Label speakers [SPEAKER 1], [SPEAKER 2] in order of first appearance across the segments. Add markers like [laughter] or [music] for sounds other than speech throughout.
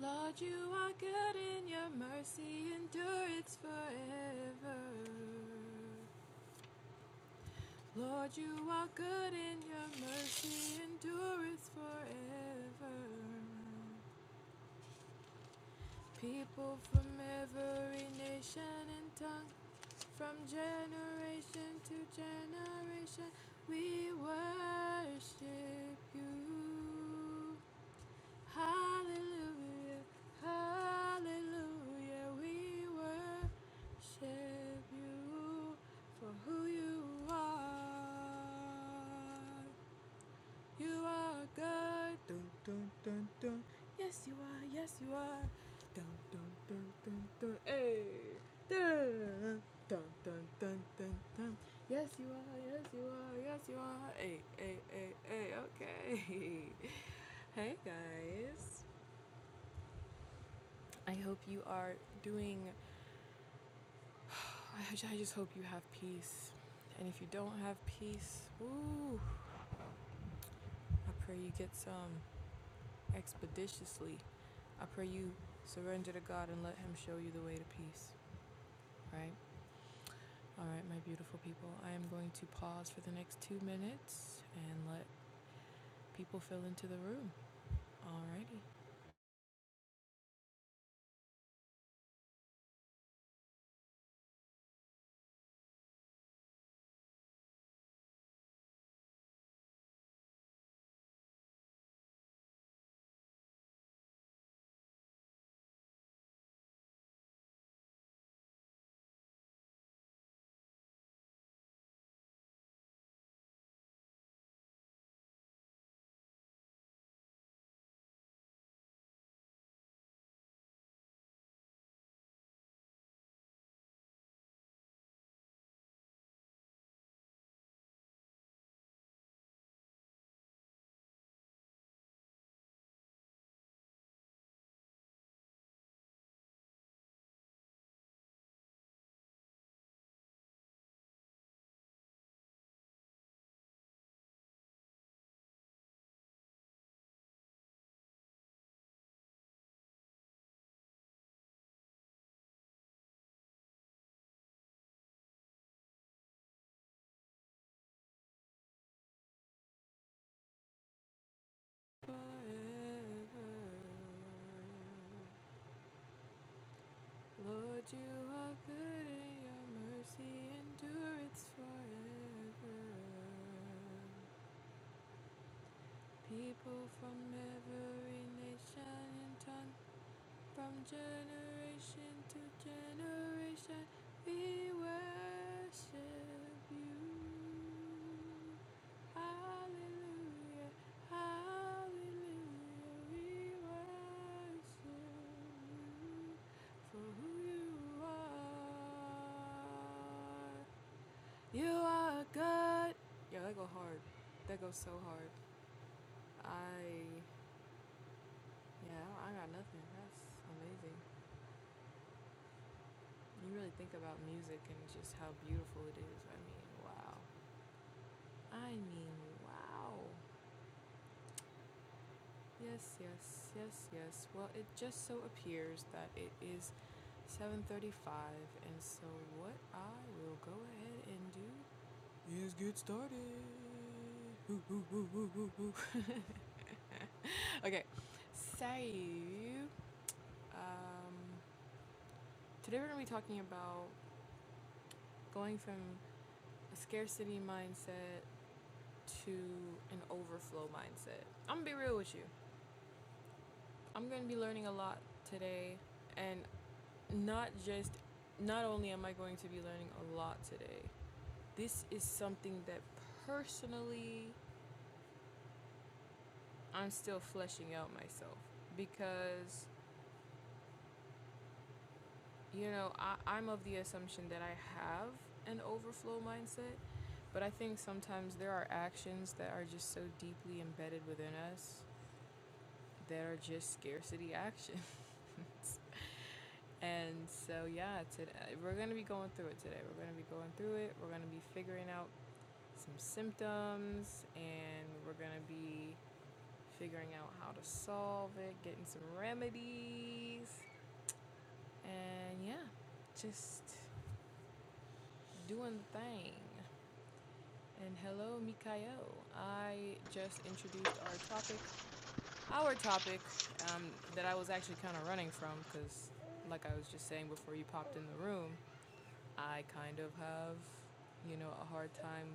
[SPEAKER 1] Lord, you are good and your mercy endureth forever. Lord, you are good and your mercy endureth forever. People from every nation and tongue, from generation to generation, we worship you. Hallelujah, hallelujah, we worship you for who you are. You are good. Dun, dun, dun, dun. Yes, you are, yes, you are. Dun, dun, dun, dun, dun. Hey. Dun, dun, dun, dun, dun, dun. Yes, you are, yes, you are, yes, you are. Hey, hey, hey, hey, okay. [laughs] hey, guys. I hope you are doing. [sighs] I just hope you have peace. And if you don't have peace, woo, I pray you get some expeditiously. I pray you surrender to God and let Him show you the way to peace, right? All right, my beautiful people, I am going to pause for the next two minutes and let people fill into the room. Alrighty. Forever. Lord, you are good and your mercy endureth forever. People from every nation and tongue from generation to generation, we worship you. Hallelujah, hallelujah, we worship you for who you are. You are good. Yeah, that go hard. That goes so hard. I, yeah, I got nothing. That's amazing. You really think about music and just how beautiful it is. I mean, wow. I mean, wow. Yes, yes, yes, yes. Well, it just so appears that it is 7:35, and so what I will go ahead and do is get started. Woo, woo, woo, woo, woo, woo. [laughs] okay. So, um, today we're going to be talking about going from a scarcity mindset to an overflow mindset. I'm gonna be real with you. I'm gonna be learning a lot today, and not just, not only am I going to be learning a lot today, this is something that personally I'm still fleshing out myself because, you know, I, I'm of the assumption that I have an overflow mindset, but I think sometimes there are actions that are just so deeply embedded within us that are just scarcity actions. [laughs] And so, yeah, today, we're going to be going through it today. We're going to be going through it. We're going to be figuring out some symptoms and we're going to be figuring out how to solve it, getting some remedies, and yeah, just doing the thing. And hello, Mikayo. I just introduced our topic. Our topic um, that I was actually kind of running from because, like I was just saying before you popped in the room, I kind of have, you know, a hard time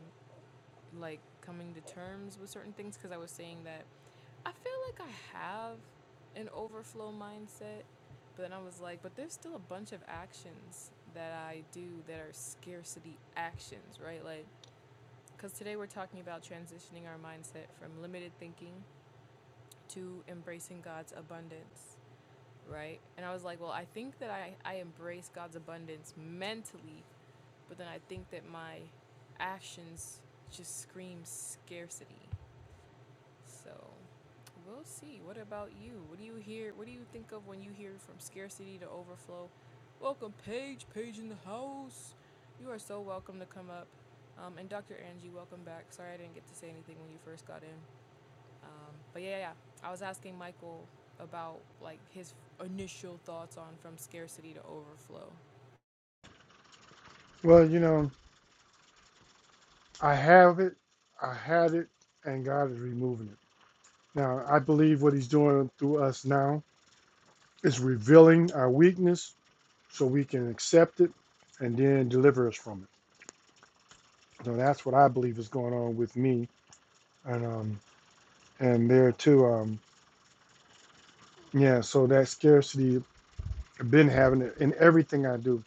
[SPEAKER 1] like coming to terms with certain things because I was saying that I feel like I have an overflow mindset, but then I was like, but there's still a bunch of actions that I do that are scarcity actions, right? Like, because today we're talking about transitioning our mindset from limited thinking to embracing God's abundance, right? And I was like, well, I think that I, I embrace God's abundance mentally but then I think that my actions just scream scarcity. So we'll see. What about you? What do you hear? What do you think of when you hear from scarcity to overflow? Welcome, Paige. Paige in the house. You are so welcome to come up. Um, and Dr. Angie, welcome back. Sorry I didn't get to say anything when you first got in. Um, but yeah, yeah, yeah. I was asking Michael about like his initial thoughts on from scarcity to overflow.
[SPEAKER 2] Well, you know, I have it, I had it, and God is removing it. Now, I believe what He's doing through us now is revealing our weakness so we can accept it and then deliver us from it. So that's what I believe is going on with me. And um and there too, um, yeah, so that scarcity I've been having it in everything I do.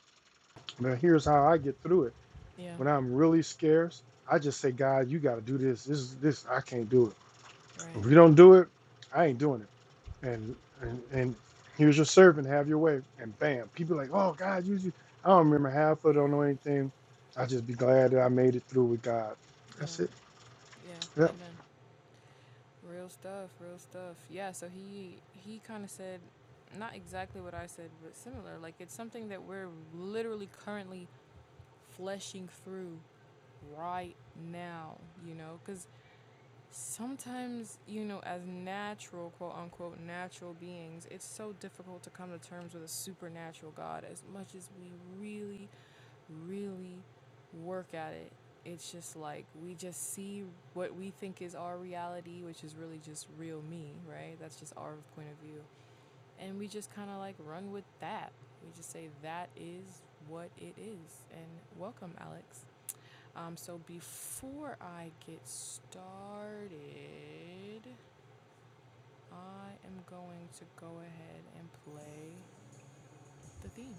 [SPEAKER 2] Now here's how I get through it.
[SPEAKER 1] Yeah,
[SPEAKER 2] When I'm really scarce, I just say, God, you gotta do this. This is this I can't do it. If
[SPEAKER 1] right.
[SPEAKER 2] you don't do it, I ain't doing it. And and, and here's your servant, have your way. And bam, people like, oh God, you, you. I don't remember half of it, don't know anything. I just be glad that I made it through with God.
[SPEAKER 1] Yeah,
[SPEAKER 2] That's it.
[SPEAKER 1] yeah.
[SPEAKER 2] Yep.
[SPEAKER 1] Amen. Real stuff, real stuff. Yeah, so he he kind of said not exactly what I said, but similar. Like it's something that we're literally currently fleshing through right now, you know, cuz sometimes, you know, as natural, quote unquote, natural beings, it's so difficult to come to terms with a supernatural God as much as we really really work at it. It's just like we just see what we think is our reality, which is really just real me, right? That's just our point of view. And we just kind of like run with that. We just say that is what it is. And welcome, Alex. Um, so before I get started, I am going to go ahead and play the theme.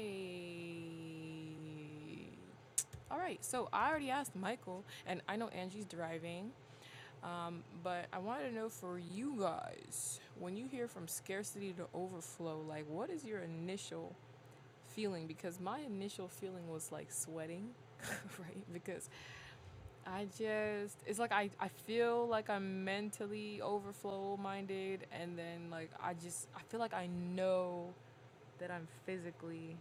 [SPEAKER 1] Okay. All right, so I already asked Michael, and I know Angie's driving, um, but I wanted to know for you guys, when you hear from scarcity to overflow, like what is your initial feeling? Because my initial feeling was like sweating, [laughs] right? Because I just, it's like I, I feel like I'm mentally overflow minded, and then like I just, I feel like I know that I'm physically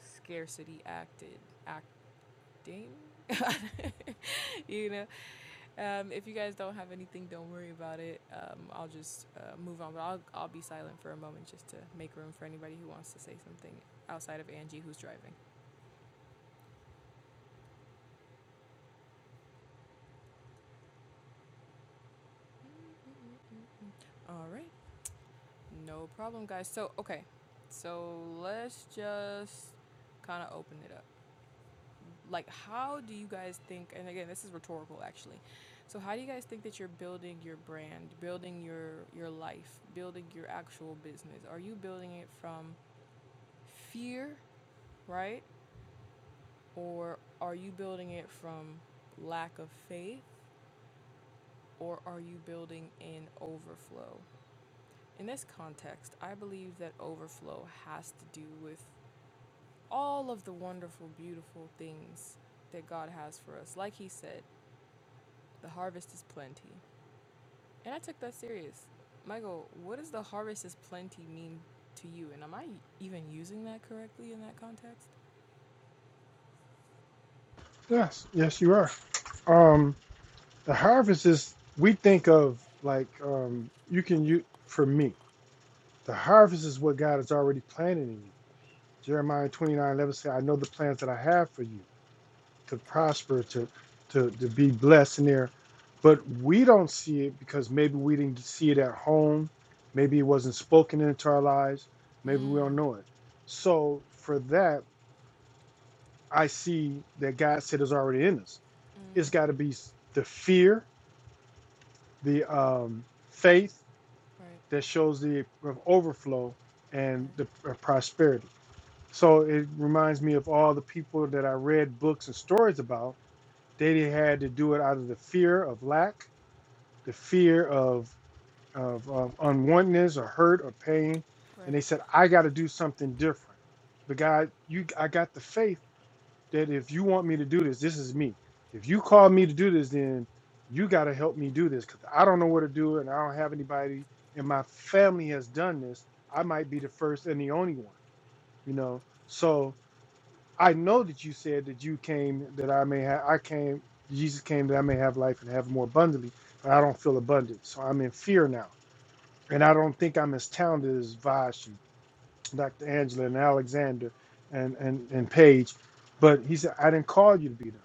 [SPEAKER 1] scarcity acted, acting. [laughs] you know Um, if you guys don't have anything, don't worry about it. Um, I'll just uh, move on, but I'll, I'll be silent for a moment just to make room for anybody who wants to say something outside of Angie who's driving. All right, no problem, guys. So, okay, so let's just kind of open it up. Like, how do you guys think, and again, this is rhetorical actually. So, how do you guys think that you're building your brand, building your your life, building your actual business? Are you building it from fear right? Or are you building it from lack of faith or are you building in overflow? In this context, I believe that overflow has to do with all of the wonderful, beautiful things that God has for us. Like He said, the harvest is plenty. And I took that serious. Michael, what does the harvest is plenty mean to you? And am I even using that correctly in that context?
[SPEAKER 2] Yes. Yes, you are. Um, the harvest is we think of like um you can you for me, the harvest is what God is already planning in you. Jeremiah 29 11 says, I know the plans that I have for you. to prosper, to to to be blessed in there. But we don't see it because maybe we didn't see it at home. Maybe it wasn't spoken into our lives. Maybe we
[SPEAKER 1] Mm,
[SPEAKER 2] don't know it. So for that, I see that God said is already in us. It's
[SPEAKER 1] mm,
[SPEAKER 2] got to be s- the fear, the um, faith
[SPEAKER 1] right,
[SPEAKER 2] that shows the overflow and the
[SPEAKER 1] right,
[SPEAKER 2] uh, prosperity. So it reminds me of all the people that I read books and stories about They had to do it out of the fear of lack, the fear of of, of unwantedness or hurt or pain, and
[SPEAKER 1] right,
[SPEAKER 2] they said, "I got to do something different." But God, you, I got the faith that if you want me to do this, this is me. If you call me to do this, then you got to help me do this because I don't know what to do, and I don't have anybody in my family has done this. I might be the first and the only one, you know. So I know that you said that you came that I may have I came Jesus came that I may have life and have it more abundantly, but I don't feel abundant. So I'm in fear now. And I don't think I'm as talented as Vash and Dr. Angela and Alexander and, and, and Paige. But he said, I didn't call you to be them.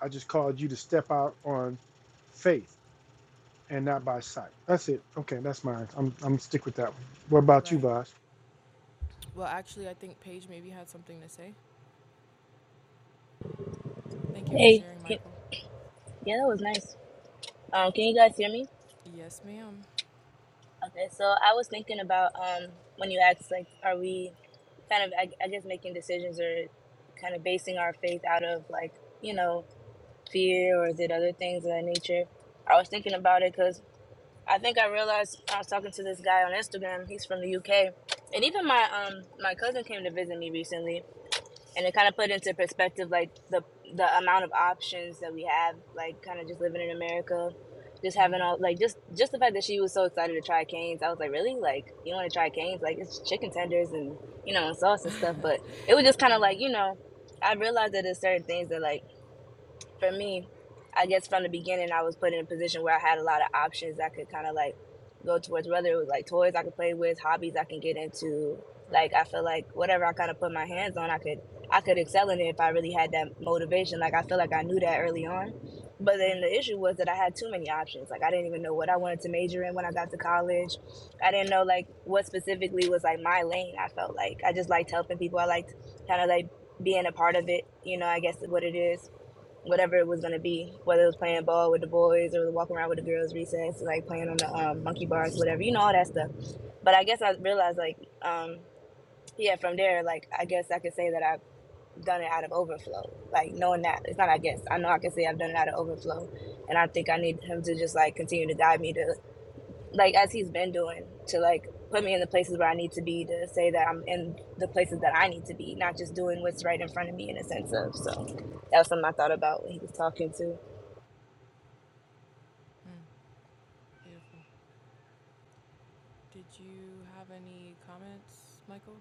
[SPEAKER 2] I just called you to step out on faith and not by sight. That's it. Okay, that's mine. I'm I'm stick with that one. What about you,
[SPEAKER 1] right.
[SPEAKER 2] Vash?
[SPEAKER 1] Well, actually, I think Paige maybe had something to say. Thank you for
[SPEAKER 3] Hey,
[SPEAKER 1] sharing,
[SPEAKER 3] can,
[SPEAKER 1] Michael.
[SPEAKER 3] yeah, that was nice. Um, can you guys hear me?
[SPEAKER 1] Yes, ma'am.
[SPEAKER 3] Okay, so I was thinking about um when you asked like, are we kind of I, I guess making decisions or kind of basing our faith out of like you know fear or is it other things of that nature? I was thinking about it because I think I realized I was talking to this guy on Instagram. He's from the UK, and even my um my cousin came to visit me recently, and it kind of put into perspective like the the amount of options that we have like kind of just living in america just having
[SPEAKER 1] Mm.
[SPEAKER 3] all like just just the fact that she was so excited to try canes i was like really like you want to try canes like it's chicken tenders and you know and sauce and stuff but it was just kind of
[SPEAKER 1] Yeah,
[SPEAKER 3] like you know i realized that there's certain things that like for me, I guess from the beginning, I was put in a position where I had a lot of options I could kind of like go towards, whether it was like toys I could play with, hobbies I can get into.
[SPEAKER 1] right,
[SPEAKER 3] Like I feel like whatever I kind of put my hands on, I could I could excel in it if I really had that motivation. Like I feel like I knew that early on, but then
[SPEAKER 1] right,
[SPEAKER 3] the issue was that I had too many options. Like I didn't even know what I
[SPEAKER 1] mm.
[SPEAKER 3] wanted to major in when I got to college. I didn't know like what specifically was like my lane. I felt like I just liked helping people. I liked kind of like being a part of it. You know, I guess what it is whatever it was gonna be, whether it was
[SPEAKER 1] right.
[SPEAKER 3] playing ball with the boys or walking around with the girls recess, like playing on the um, monkey bars, whatever, you know, all that stuff. But I guess I realized like, um, yeah, from there, like I guess I could say that I've done it out of overflow. Like knowing that it's not I guess. I know I can say I've done it out of overflow. And I think I need him to just like continue to guide me to like as he's been doing, to like put me in the places where I need to be to say that I'm in the places that I need to be, not just doing what's right in front of me in a sense of so that was something I thought about when he was talking to.
[SPEAKER 1] Mm. Beautiful. Did you have any comments, Michael?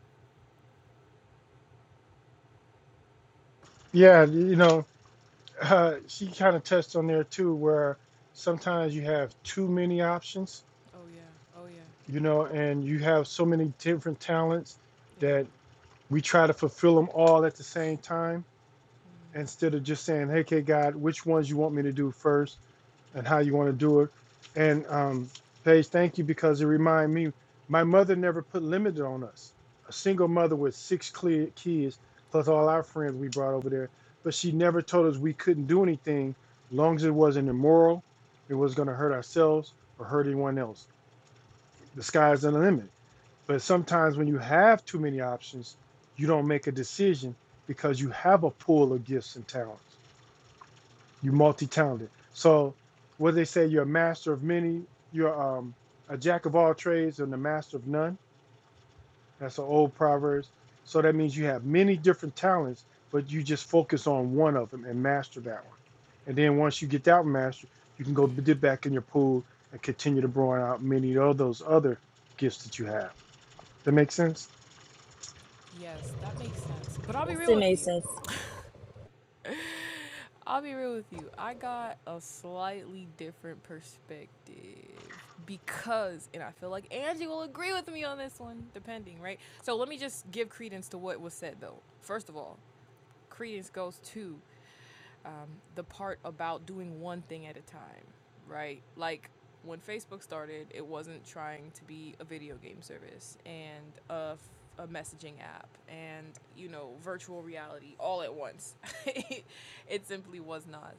[SPEAKER 2] Yeah, you know, uh, she kind of touched on there too, where sometimes you have too many options,
[SPEAKER 1] Oh, yeah, oh, yeah,
[SPEAKER 2] you know, and you have so many different talents
[SPEAKER 1] yeah.
[SPEAKER 2] that we try to fulfill them all at the same time
[SPEAKER 1] Mm.
[SPEAKER 2] instead of just saying, "Hey, okay, God, which ones you want me to do first?
[SPEAKER 1] All right.
[SPEAKER 2] and how you want to do it. And um, Paige, thank you because it reminded me my mother never put limit on us. A single mother with six clear kids, plus all our friends we brought over there, but she never told us we couldn't do anything, long as it wasn't immoral, it was going to hurt ourselves or hurt anyone else. The sky's the limit. But sometimes when you have too many options, you don't make a decision because you have a pool of gifts and talents. You're multi-talented. So what they say, you're a master of many. You're um, a jack of all trades and a master of none. That's an old proverb. So that means you have many different talents, but you just focus on one of them and master that one. And then once you get that master, you can go dip back in your pool and continue to broaden out many of those other gifts that you have. That make sense?
[SPEAKER 1] Yes, that makes sense. But I'll be
[SPEAKER 3] Yes,
[SPEAKER 1] real
[SPEAKER 3] it
[SPEAKER 1] with
[SPEAKER 3] made
[SPEAKER 1] you.
[SPEAKER 3] sense.
[SPEAKER 1] I'll be real with you. I got a slightly different perspective because, and I feel like Angie will agree with me on this one, depending, right? So let me just give credence to what was said, though. First of all, credence goes to um, the part about doing one thing at a time, right? Like when Facebook started, it wasn't trying to be a video game service and a f- a messaging app and you know virtual reality all at once [laughs] it simply was not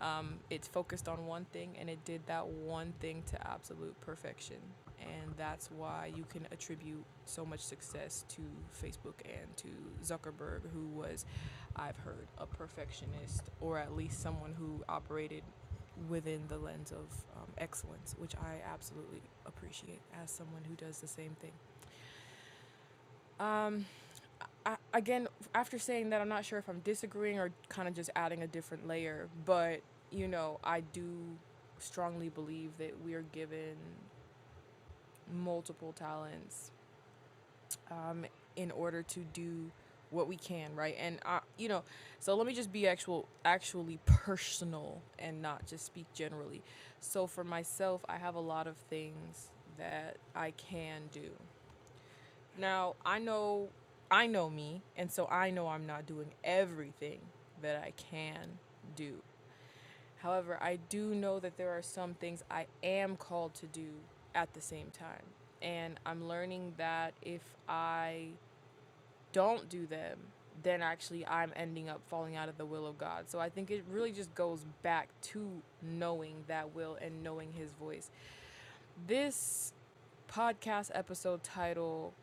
[SPEAKER 1] um, it's focused on one thing and it did that one thing to absolute perfection. And that's why you can attribute so much success to Facebook and to Zuckerberg, who was, I've heard, a perfectionist or at least someone who operated within the lens of um, excellence, which I absolutely appreciate as someone who does the same thing. Um, I, again, after saying that, I'm not sure if I'm disagreeing or kind of just adding a different layer, but you know, I do strongly believe that we are given multiple talents um, in order to do what we can, right? And I, you know, so let me just be actual, actually personal and not just speak generally. So for myself, I have a lot of things that I can do. Now, I know I know me, and so I know I'm not doing everything that I can do. However, I do know that there are some things I am called to do at the same time. And I'm learning that if I don't do them, then actually I'm ending up falling out of the will of God. So I think it really just goes back to knowing that will and knowing his voice. This podcast episode title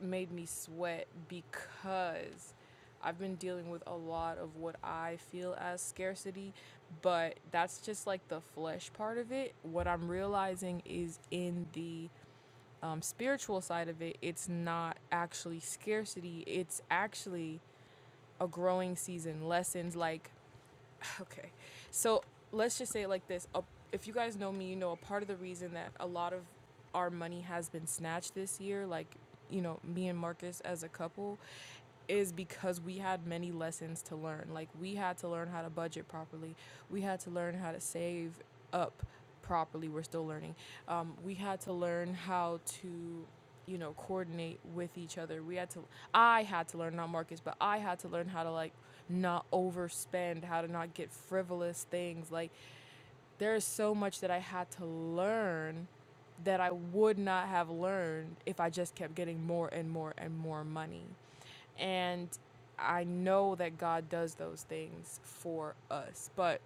[SPEAKER 1] made me sweat because I've been dealing with a lot of what I feel as scarcity, but that's just like the flesh part of it. What I'm realizing is in the um, spiritual side of it, it's not actually scarcity, it's actually a growing season, lessons like [laughs] okay. So let's just say it like this: if you guys know me, you know a part of the reason that a lot of our money has been snatched this year, like you know me and Marcus as a couple, is because we had many lessons to learn. Like we had to learn how to budget properly. We had to learn how to save up properly. We're still learning. Um, we had to learn how to you know, coordinate with each other. We had to, I had to learn, not Marcus, but I had to learn how to like not overspend, how to not get frivolous things. Like, there is so much that I had to learn that I would not have learned if I just kept getting more and more and more money. And I know that God does those things for us, but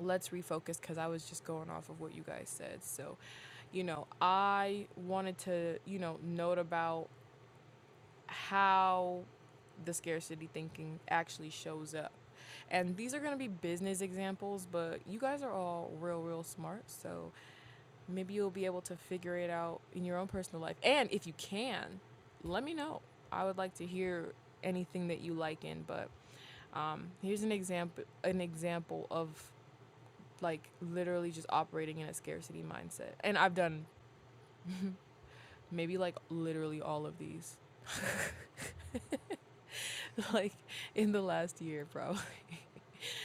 [SPEAKER 1] let's refocus because I was just going off of what you guys said. So, you know, I wanted to, you know, note about how the scarcity thinking actually shows up. And these are going to be business examples, but you guys are all real, real smart. So maybe you'll be able to figure it out in your own personal life. And if you can, let me know. I would like to hear anything that you like in. But um, here's an example, an example of like literally just operating in a scarcity mindset. And I've done maybe like literally all of these. [laughs] [laughs] like in the last year, probably.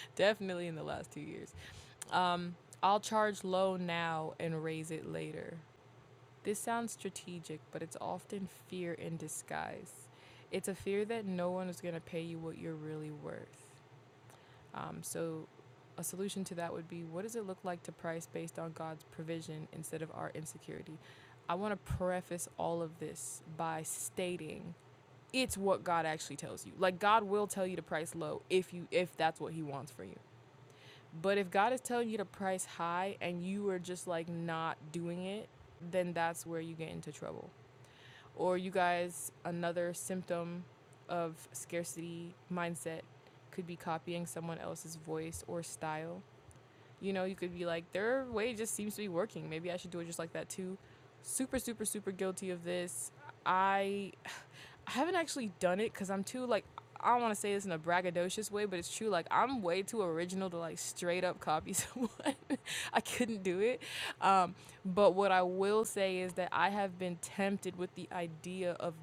[SPEAKER 1] [laughs] Definitely in the last two years. Um, I'll charge low now and raise it later. This sounds strategic, but it's often fear in disguise. It's a fear that no one is going to pay you what you're really worth. Um, so, a solution to that would be what does it look like to price based on God's provision instead of our insecurity? I want to preface all of this by stating it's what God actually tells you. Like God will tell you to price low if you if that's what he wants for you. But if God is telling you to price high and you are just like not doing it, then that's where you get into trouble. Or you guys another symptom of scarcity mindset could be copying someone else's voice or style you know, you could be like, their way just seems to be working. Maybe I should do it just like that too. Super, super, super guilty of this. I, [sighs] I haven't actually done it because I'm too like I don't want to say this in a braggadocious way, but it's true. Like I'm way too original to like straight up copy someone. [laughs] I couldn't do it um, but what I will say is that I have been tempted with the idea of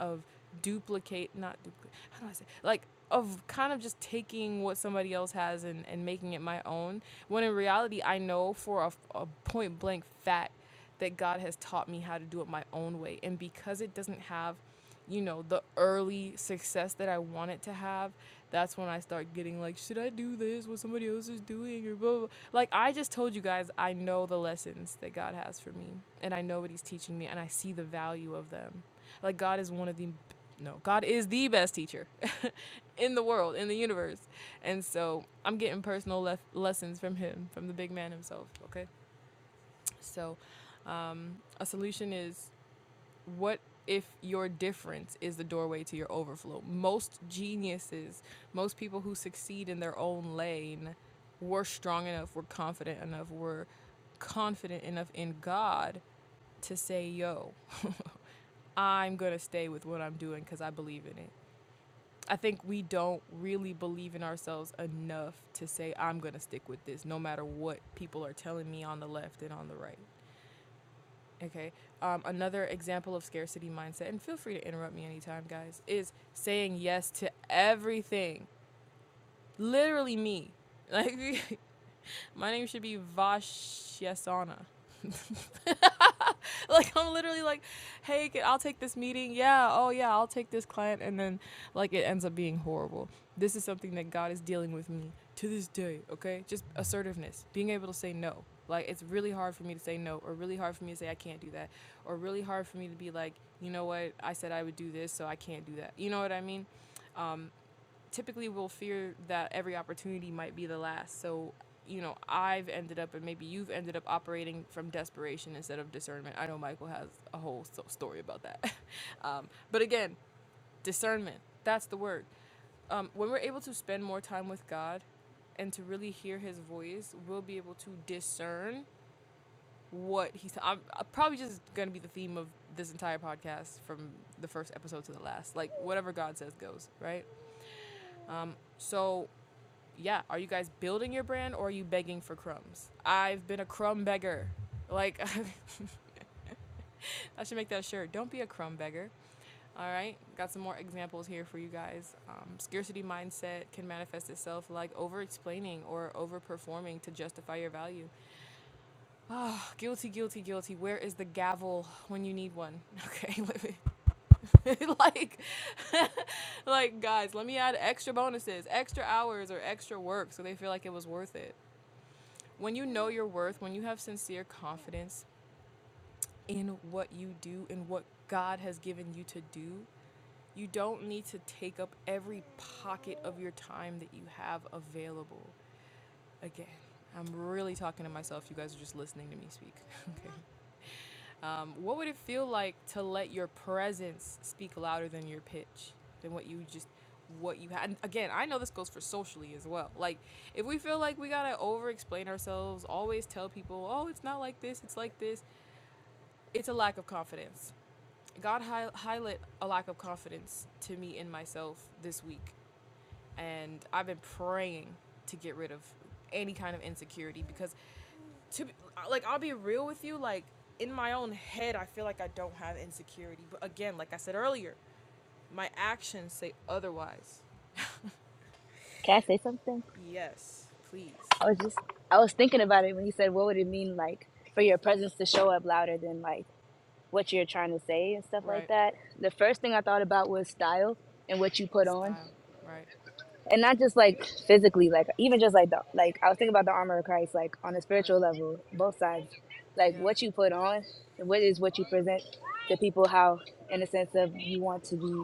[SPEAKER 1] of duplicate not duplicate how do I say like of kind of just taking what somebody else has and, and making it my own when in reality I know for a, a point blank fact that God has taught me how to do it my own way and because it doesn't have you know, the early success that I wanted to have, that's when I start getting like, should I do this? What somebody else is doing? Or blah, blah. blah. Like, I just told you guys, I know the lessons that God has for me, and I know what He's teaching me, and I see the value of them. Like, God is one of the, no, God is the best teacher in the world, in the universe. And so I'm getting personal lef- lessons from Him, from the big man himself, okay? So, um, a solution is what if your difference is the doorway to your overflow? Most geniuses, most people who succeed in their own lane, were strong enough, were confident enough, were confident enough in God to say, yo, [laughs] I'm going to stay with what I'm doing because I believe in it. I think we don't really believe in ourselves enough to say, I'm going to stick with this no matter what people are telling me on the left and on the right. Okay. Um, another example of scarcity mindset, and feel free to interrupt me anytime, guys, is saying yes to everything. Literally me. Like [laughs] my name should be Vashyasana. [laughs] [laughs] like I'm literally like, hey, can- I'll take this meeting. Yeah, oh yeah, I'll take this client, and then like it ends up being horrible. This is something that God is dealing with me to this day. Okay, just assertiveness, being able to say no. Like it's really hard for me to say no, or really hard for me to say I can't do that, or really hard for me to be like, you know what, I said I would do this, so I can't do that. You know what I mean? typically we will fear that every opportunity might be the last. So, you know, I've ended up, and maybe you've ended up operating from desperation instead of discernment. I know Michael has a whole so- story about that. [laughs] um, but again, discernment, that's the word. Um, when we're able to spend more time with God and to really hear his voice, we'll be able to discern what he's. I'm, I'm probably just going to be the theme of this entire podcast from the first episode to the last. Like, whatever God says goes, right? Um, so yeah, are you guys building your brand or are you begging for crumbs? I've been a crumb beggar. Like, [laughs] I should make that shirt. Don't be a crumb beggar. All right, got some more examples here for you guys. Um, scarcity mindset can manifest itself like over explaining or over performing to justify your value. Oh, guilty, guilty, guilty. Where is the gavel when you need one? Okay, [laughs] like, like guys, let me add extra bonuses, extra hours, or extra work so they feel like it was worth it. When you know your worth, when you have sincere confidence in what you do and what God has given you to do, you don't need to take up every pocket of your time that you have available. Again, I'm really talking to myself. You guys are just listening to me speak. [laughs] Okay. Um, what would it feel like to let your presence speak louder than your pitch, than what you just, what you had? And Again, I know this goes for socially as well. Like, if we feel like we gotta over explain ourselves, always tell people, oh, it's not like this, it's like this, it's a lack of confidence. God hi- highlight a lack of confidence to me in myself this week. And I've been praying to get rid of any kind of insecurity because to be, like I'll be real with you, like in my own head, I feel like I don't have insecurity. But again, like I said earlier, my actions say otherwise.
[SPEAKER 3] Can I say something?
[SPEAKER 1] Yes, please.
[SPEAKER 3] I was just I was thinking about it when you said what would it mean like for your presence to show up louder than like what you're trying to say and stuff like
[SPEAKER 1] Right.
[SPEAKER 3] that. The first thing I thought about was style and what you put on.
[SPEAKER 1] Style. Right.
[SPEAKER 3] And not just like physically, like even just like the like I was thinking about the armor of Christ, like on a
[SPEAKER 1] Right.
[SPEAKER 3] spiritual level, both sides. Like
[SPEAKER 1] Yeah.
[SPEAKER 3] what you put on, and what is what you present to people, how in a sense of you want to be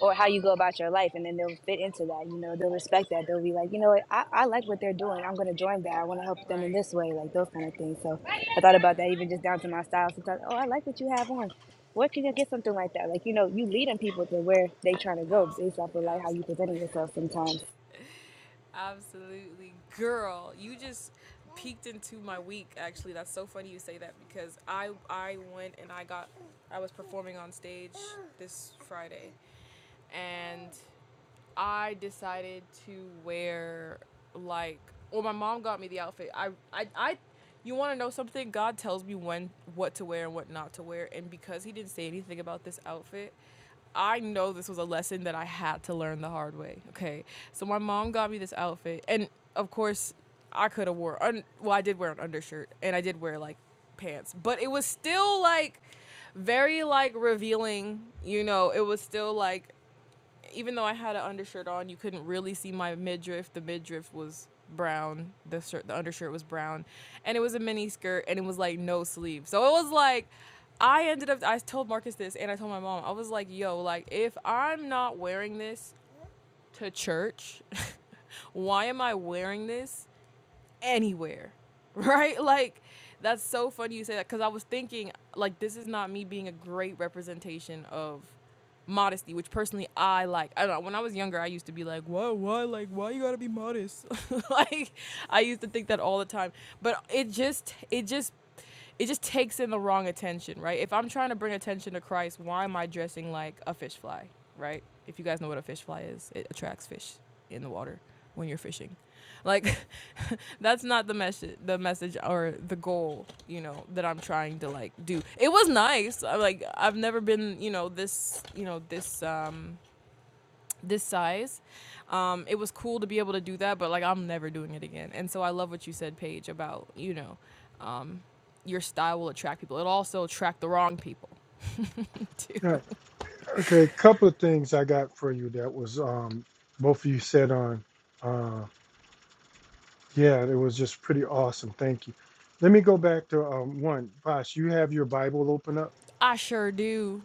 [SPEAKER 3] or how you go about your life and then they'll fit into that you know they'll respect that they'll be like you know what i, I like what they're doing i'm going to join that i want to help them
[SPEAKER 1] Right.
[SPEAKER 3] in this way like those kind of things so i thought
[SPEAKER 1] Yeah.
[SPEAKER 3] about that even just down to my style sometimes oh i like what you have on where can you get something like that like you know you leading people to where they trying to go based off
[SPEAKER 1] Absolutely.
[SPEAKER 3] of like how you
[SPEAKER 1] Absolutely.
[SPEAKER 3] presenting yourself sometimes
[SPEAKER 1] [laughs] Absolutely. Girl, you just peeked into my week actually. That's so funny you say that because I I went and I got I was performing on stage this Friday and I decided to wear like well my mom got me the outfit. I I, I you want to know something? God tells me when what to wear and what not to wear and because he didn't say anything about this outfit, I know this was a lesson that I had to learn the hard way. Okay. So my mom got me this outfit and of course I could have wore un- well I did wear an undershirt and I did wear like pants, but it was still like very like revealing, you know, it was still like even though I had an undershirt on, you couldn't really see my midriff. The midriff was brown. The shirt, the undershirt was brown, and it was a mini skirt, and it was like no sleeve. So it was like, I ended up. I told Marcus this, and I told my mom. I was like, "Yo, like if I'm not wearing this to church, [laughs] why am I wearing this anywhere, [laughs] right? Like, that's so funny you say that because I was thinking, like, this is not me being a great representation of modesty, which personally I like. I don't know. When I was younger, I used to be like, why, why, like, why you gotta be modest? [laughs] like, I used to think that all the time. But it just, it just, it just takes in the wrong attention, right? If I'm trying to bring attention to Christ, why am I dressing like a fish fly, right? If you guys know what a fish fly is, it attracts fish in the water when you're fishing. Like [laughs] that's not the message the message or the goal, you know, that I'm trying to like do. It was nice. I, like I've never been, you know, this, you know, this um this size. Um it was cool to be able to do that, but like I'm never doing it again. And so I love what you said Paige about, you know, um your style will attract people. it also attract the wrong people [laughs] too.
[SPEAKER 2] All right. Okay. A couple of things I got for you that was um, both of you said on. uh, Yeah, it was just pretty awesome. Thank you. Let me go back to um, one. Bosh, you have your Bible open up?
[SPEAKER 1] I sure do.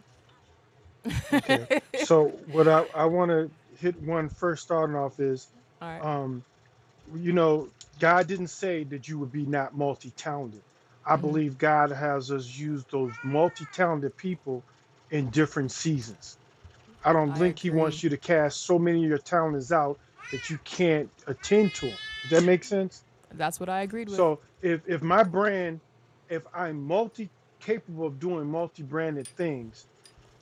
[SPEAKER 2] Okay. So, what I, I want to hit one first starting off is,
[SPEAKER 1] All right.
[SPEAKER 2] um, you know, God didn't say that you would be not multi talented. I believe God has us use those multi talented people in different seasons. I don't
[SPEAKER 1] I
[SPEAKER 2] think He
[SPEAKER 1] agree.
[SPEAKER 2] wants you to cast so many of your talents out that you can't attend to them. Does that make sense?
[SPEAKER 1] That's what I agreed with.
[SPEAKER 2] So if if my brand, if I'm multi capable of doing multi branded things,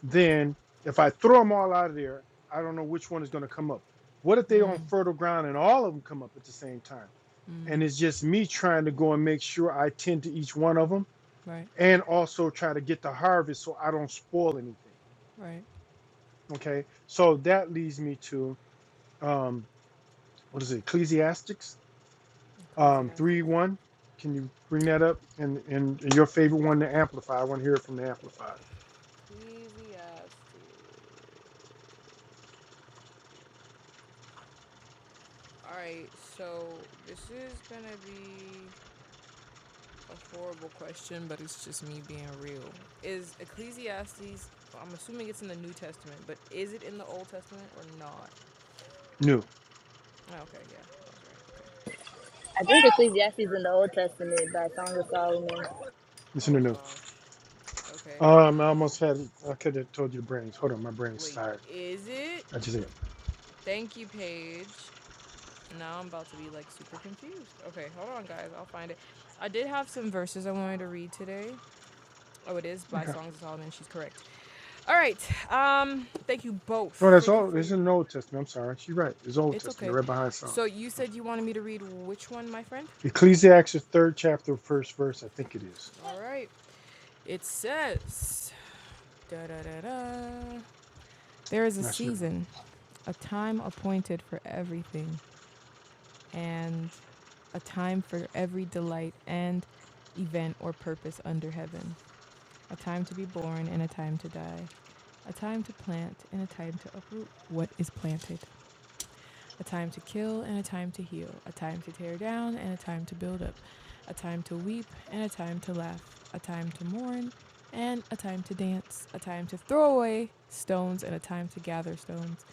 [SPEAKER 2] then if I throw them all out of there, I don't know which one is going to come up. What if they
[SPEAKER 1] Mm,
[SPEAKER 2] on fertile ground and all of them come up at the same time?
[SPEAKER 1] mm,
[SPEAKER 2] And it's just me trying to go and make sure I tend to each one of them
[SPEAKER 1] right,
[SPEAKER 2] and also try to get the harvest so I don't spoil anything.
[SPEAKER 1] right.
[SPEAKER 2] Okay. So that leads me to um, what is it, Ecclesiastics? Um, three
[SPEAKER 1] Ecclesiastes.
[SPEAKER 2] one, can you bring that up? And, and and your favorite one, the amplifier. I want to hear it from the amplified.
[SPEAKER 1] Ecclesiastes. All right, so this is gonna be a horrible question, but it's just me being real. Is Ecclesiastes? I'm assuming it's in the New Testament, but is it in the Old Testament or not?
[SPEAKER 2] New.
[SPEAKER 1] Oh, Okay, yeah, I was right.
[SPEAKER 3] i think
[SPEAKER 1] Okay.
[SPEAKER 3] ecclesiastes in the old testament by song of solomon
[SPEAKER 2] Listen to
[SPEAKER 1] Oh
[SPEAKER 2] new.
[SPEAKER 1] gosh. Okay.
[SPEAKER 2] Um, I almost
[SPEAKER 1] Um.
[SPEAKER 2] had. I could have told you the brains. Hold on, my brain's
[SPEAKER 1] Wait.
[SPEAKER 2] tired.
[SPEAKER 1] Is it?
[SPEAKER 2] I just ate.
[SPEAKER 1] Thank you, Paige. Now I'm about to be like super confused. Okay, hold on, guys. I'll find it. I did have some verses I wanted to read today. Oh, it is by
[SPEAKER 2] Okay.
[SPEAKER 1] Songs of Solomon. She's correct. All right. Um, thank you both.
[SPEAKER 2] No, that's
[SPEAKER 1] Thank you
[SPEAKER 2] all.
[SPEAKER 1] for
[SPEAKER 2] It's is
[SPEAKER 1] your.
[SPEAKER 2] an Old Testament. I'm sorry. She's right. It's Old
[SPEAKER 1] It's
[SPEAKER 2] Testament,
[SPEAKER 1] okay.
[SPEAKER 2] right behind Psalm.
[SPEAKER 1] So you said you wanted me to read which one, my friend?
[SPEAKER 2] Ecclesiastes third chapter, first verse. I think it is.
[SPEAKER 1] All right. It says. Da da da da. There is a
[SPEAKER 2] Not sure.
[SPEAKER 1] season, a time appointed for everything, and a time for every delight and event or purpose under heaven. A time to be born and a time to die. A time to plant and a time to uproot what is planted. a time to kill and a time to heal, a time to tear down and a time to build up, a time to weep and a time to laugh, a time to mourn and a time to dance, a time to throw away stones and a time to gather stones,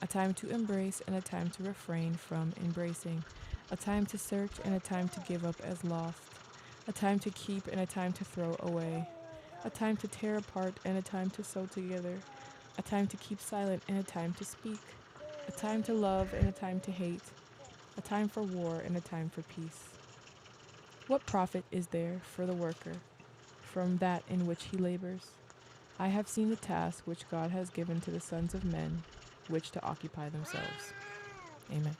[SPEAKER 1] a time to embrace and a time to refrain from embracing, a time to search and a time to give up as lost, a time to keep and a time to throw away, a time to tear apart and a time to sew together, a time to keep silent and a time to speak, a time to love and a time to hate, a time for war and a time for peace. What profit is there for the worker from that in which he labors? I have seen the task which God has given to the sons of men, which to occupy themselves. Amen.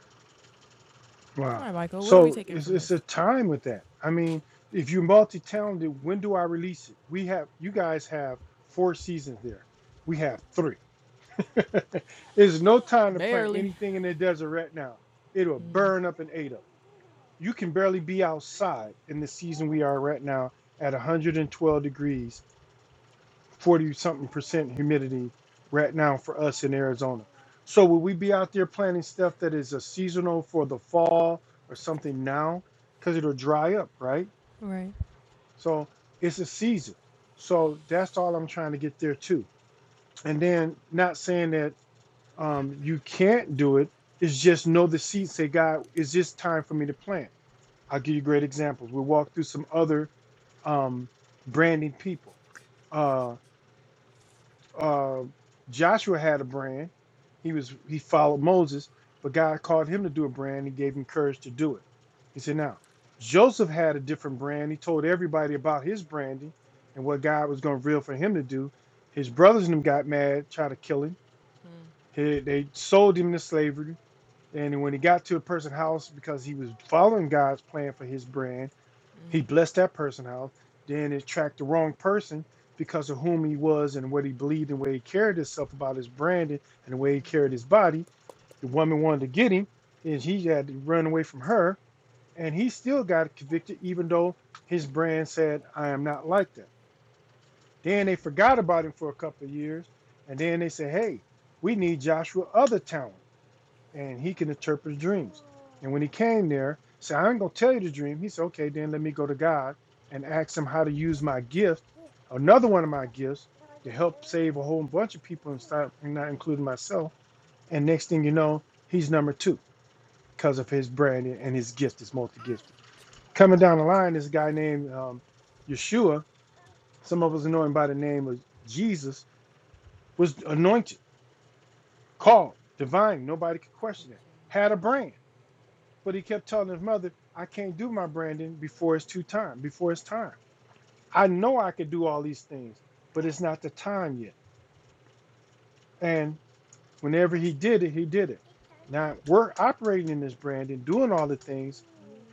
[SPEAKER 1] All
[SPEAKER 2] Wow.
[SPEAKER 1] right, Michael, what are we
[SPEAKER 2] So
[SPEAKER 1] taking
[SPEAKER 2] it's
[SPEAKER 1] from
[SPEAKER 2] it's
[SPEAKER 1] this?
[SPEAKER 2] a time with that. I mean, if you're multi-talented, when do I release it? We have you guys have four seasons there. We have three. [laughs] There's no time to plant
[SPEAKER 1] Barely.
[SPEAKER 2] anything in the desert right now. It'll burn up and ate up. You can barely be outside in the season we are right now at 112 degrees 40 something percent humidity right now for us in Arizona. So will we be out there planting stuff that is a seasonal for the fall or something now? Because it'll dry up, right?
[SPEAKER 1] Right.
[SPEAKER 2] So it's a season. So that's all I'm trying to get there too. And then not saying that um, you can't do it, it's just know the seed, say, God, is this time for me to plant? I'll give you great examples. We'll walk through some other um, branding people Uh, uh, Joshua had a brand. He was he followed Moses, but God called him to do a brand. He gave him courage to do it. He said, "Now Joseph had a different brand. He told everybody about his branding and what God was going to reveal for him to do. His brothers and them got mad, tried to kill him.
[SPEAKER 1] Mm-hmm.
[SPEAKER 2] He, they sold him into slavery. And when he got to a person's house because he was following God's plan for his brand." He blessed that person house. Then it tracked the wrong person because of whom he was and what he believed and where he carried himself about his branding and the way he carried his body. The woman wanted to get him, and he had to run away from her. And he still got convicted, even though his brand said, "I am not like them." Then they forgot about him for a couple of years, and then they said, "Hey, we need Joshua other talent." and he can interpret dreams. And when he came there, he said, I ain't gonna tell you the dream. He said, Okay, then let me go to God and ask him how to use my gift, another one of my gifts, to help save a whole bunch of people and stop and not including myself. And next thing you know, he's number two because of his brand and his gift is multi-gifted. Coming down the line, this guy named um, Yeshua, some of us know him by the name of Jesus, was anointed, called, divine. Nobody could question that. Had a brand But he kept telling his mother, I can't do my branding before it's too time, before it's time. I know I could do all these things, but it's not the time yet. And whenever he did it, he did it. Now we're operating in this branding, doing all the things.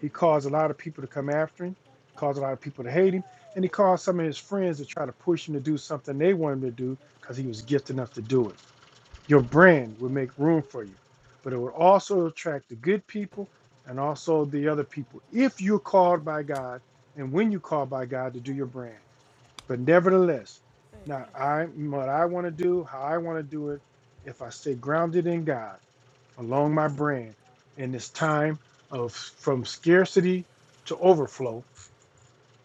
[SPEAKER 2] He caused a lot of people to come after him, caused a lot of people to hate him, and he caused some of his friends to try to push him to do something they wanted him to do because he was gifted enough to do it. Your brand will make room for you, but it will also attract the good people and also the other people if you're called by God and when you're called by God to do your brand. But nevertheless, not I what I want to do, how I want to do it, if I stay grounded in God along my brand in this time of from scarcity to overflow,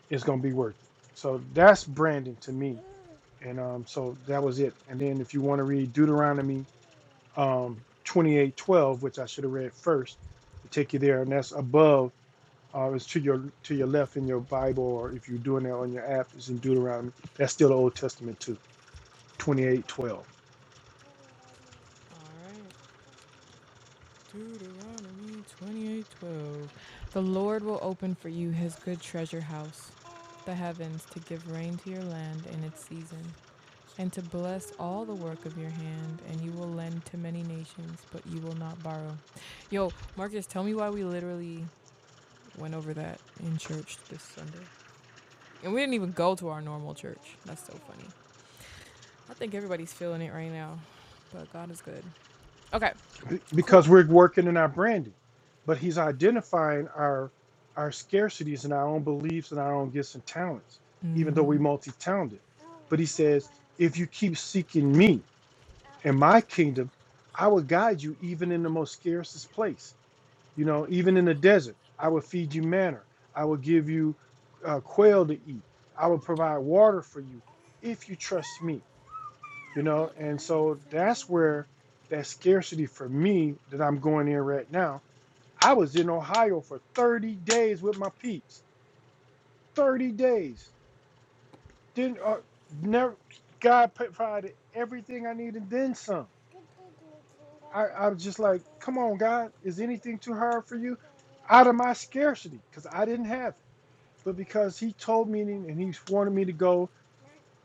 [SPEAKER 2] it's gonna be worth it. So that's branding to me. And um, so that was it. And then if you want to read Deuteronomy um, 2812, which I should have read first, to take you there, and that's above. Uh, it's to your to your left in your Bible, or if you're doing that on your app, it's in Deuteronomy. That's still the Old Testament too, 2812.
[SPEAKER 1] All right. Deuteronomy 28:12 The Lord will open for you his good treasure house, the heavens to give rain to your land in its season, and to bless all the work of your hand, and you will lend to many nations, but you will not borrow. Yo, Marcus, tell me why we literally went over that in church this Sunday. And we didn't even go to our normal church. That's so funny. I think everybody's feeling it right now, but God is good. Okay,
[SPEAKER 2] Be- Because
[SPEAKER 1] cool.
[SPEAKER 2] we're working in our branding, but he's identifying our our scarcities and our own beliefs and our own gifts and talents,
[SPEAKER 1] mm
[SPEAKER 2] even though
[SPEAKER 1] Mhm.
[SPEAKER 2] we multi-talented. But he says, if you keep seeking me and my kingdom, I will guide you even in the most scarcest place You know, even in the desert, I will feed you manna. I will give you uh, quail to eat. I will provide water for you if you trust me. You know, and so that's where that scarcity for me that I'm going in right now. I was in Ohio for 30 days with my peeps. 30 days. Didn't uh, never. God provided everything I needed, then some. I, I was just like, come on, God, is anything too hard for you? Out of my scarcity, because I didn't have it. but because he told me and and he wanted me to go,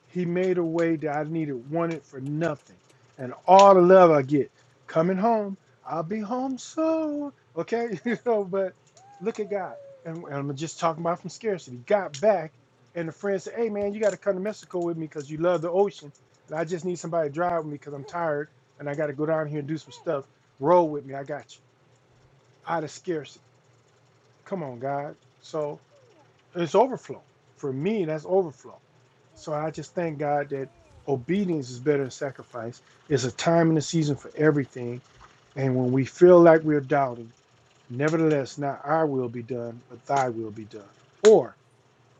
[SPEAKER 2] he made a way that I needed wanted for nothing. And all the love I get coming home, I'll be home soon. Okay, [laughs] you know, but look at God. And, and I'm just talking about from scarcity. Got back, and the friend said, Hey man, you got to come to Mexico with me because you love the ocean. And I just need somebody to drive with me because I'm tired and I got to go down here and do some stuff. Roll with me. I got you. Out of scarcity. Come on, God. So it's overflow for me that's overflow so i just thank god that obedience is better than sacrifice it's a time and a season for everything and when we feel like we're doubting nevertheless not our will be done but thy will be done or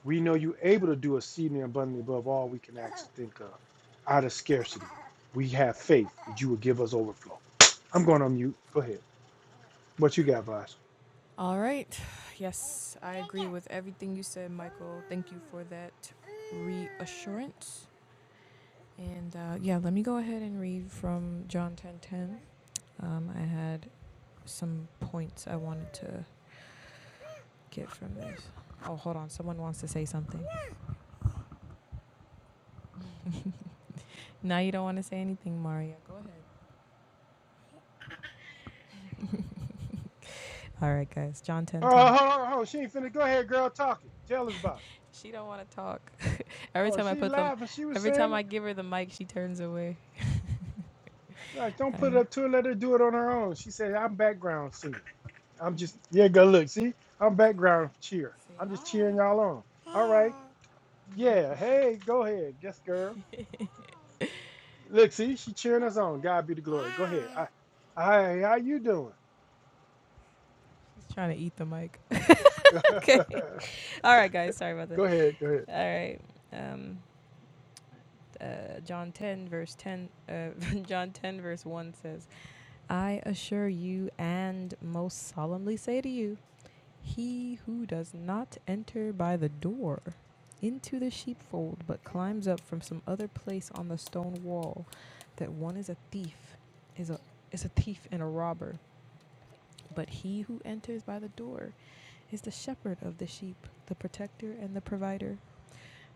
[SPEAKER 2] we know you are able to do exceedingly abundantly above all we can ask or think of out of scarcity we have faith that you will give us overflow i'm going on mute go ahead what you got boss
[SPEAKER 1] All right. Yes, I agree with everything you said, Michael. Thank you for that reassurance. And uh, yeah, let me go ahead and read from John 10:10. Um, I had some points I wanted to get from this. Oh, hold on. Someone wants to say something. Now you don't want to say anything, Maria. Go ahead. All right, guys. John
[SPEAKER 2] oh
[SPEAKER 1] 10:10.
[SPEAKER 2] hold on, hold on. she ain't finna go ahead girl talking tell us about it
[SPEAKER 1] She don't want to talk. [laughs] Every
[SPEAKER 2] Oh,
[SPEAKER 1] time I
[SPEAKER 2] she
[SPEAKER 1] put them,
[SPEAKER 2] live and she was
[SPEAKER 1] every time
[SPEAKER 2] saying it.
[SPEAKER 1] I give her the mic, she turns away.
[SPEAKER 2] Like, don't
[SPEAKER 1] All
[SPEAKER 2] put it
[SPEAKER 1] right.
[SPEAKER 2] up to her. Let her do it on her own. She said, I'm background singer. I'm just, yeah, go look. See, I'm
[SPEAKER 1] Say,
[SPEAKER 2] background cheer.
[SPEAKER 1] say
[SPEAKER 2] I'm
[SPEAKER 1] hi.
[SPEAKER 2] just cheering y'all on. All right. Yeah. Hey, go ahead. Yes, girl. Look, see, she cheering us on. God be the glory. Go ahead. I, I, how you doing?
[SPEAKER 1] She's trying to eat the mic.
[SPEAKER 2] [laughs] go
[SPEAKER 1] [laughs] okay. All right, guys. Sorry about that.
[SPEAKER 2] ahead. Go ahead.
[SPEAKER 1] All right. Um, uh, John 10, verse 10, uh, [laughs] John 10, verse 1 says, I assure you and most solemnly say to you, he who does not enter by the door into the sheepfold, but climbs up from some other place on the stone wall, that one is a thief, is a is a thief and a robber. But he who enters by the door is the shepherd of the sheep, the protector and the provider.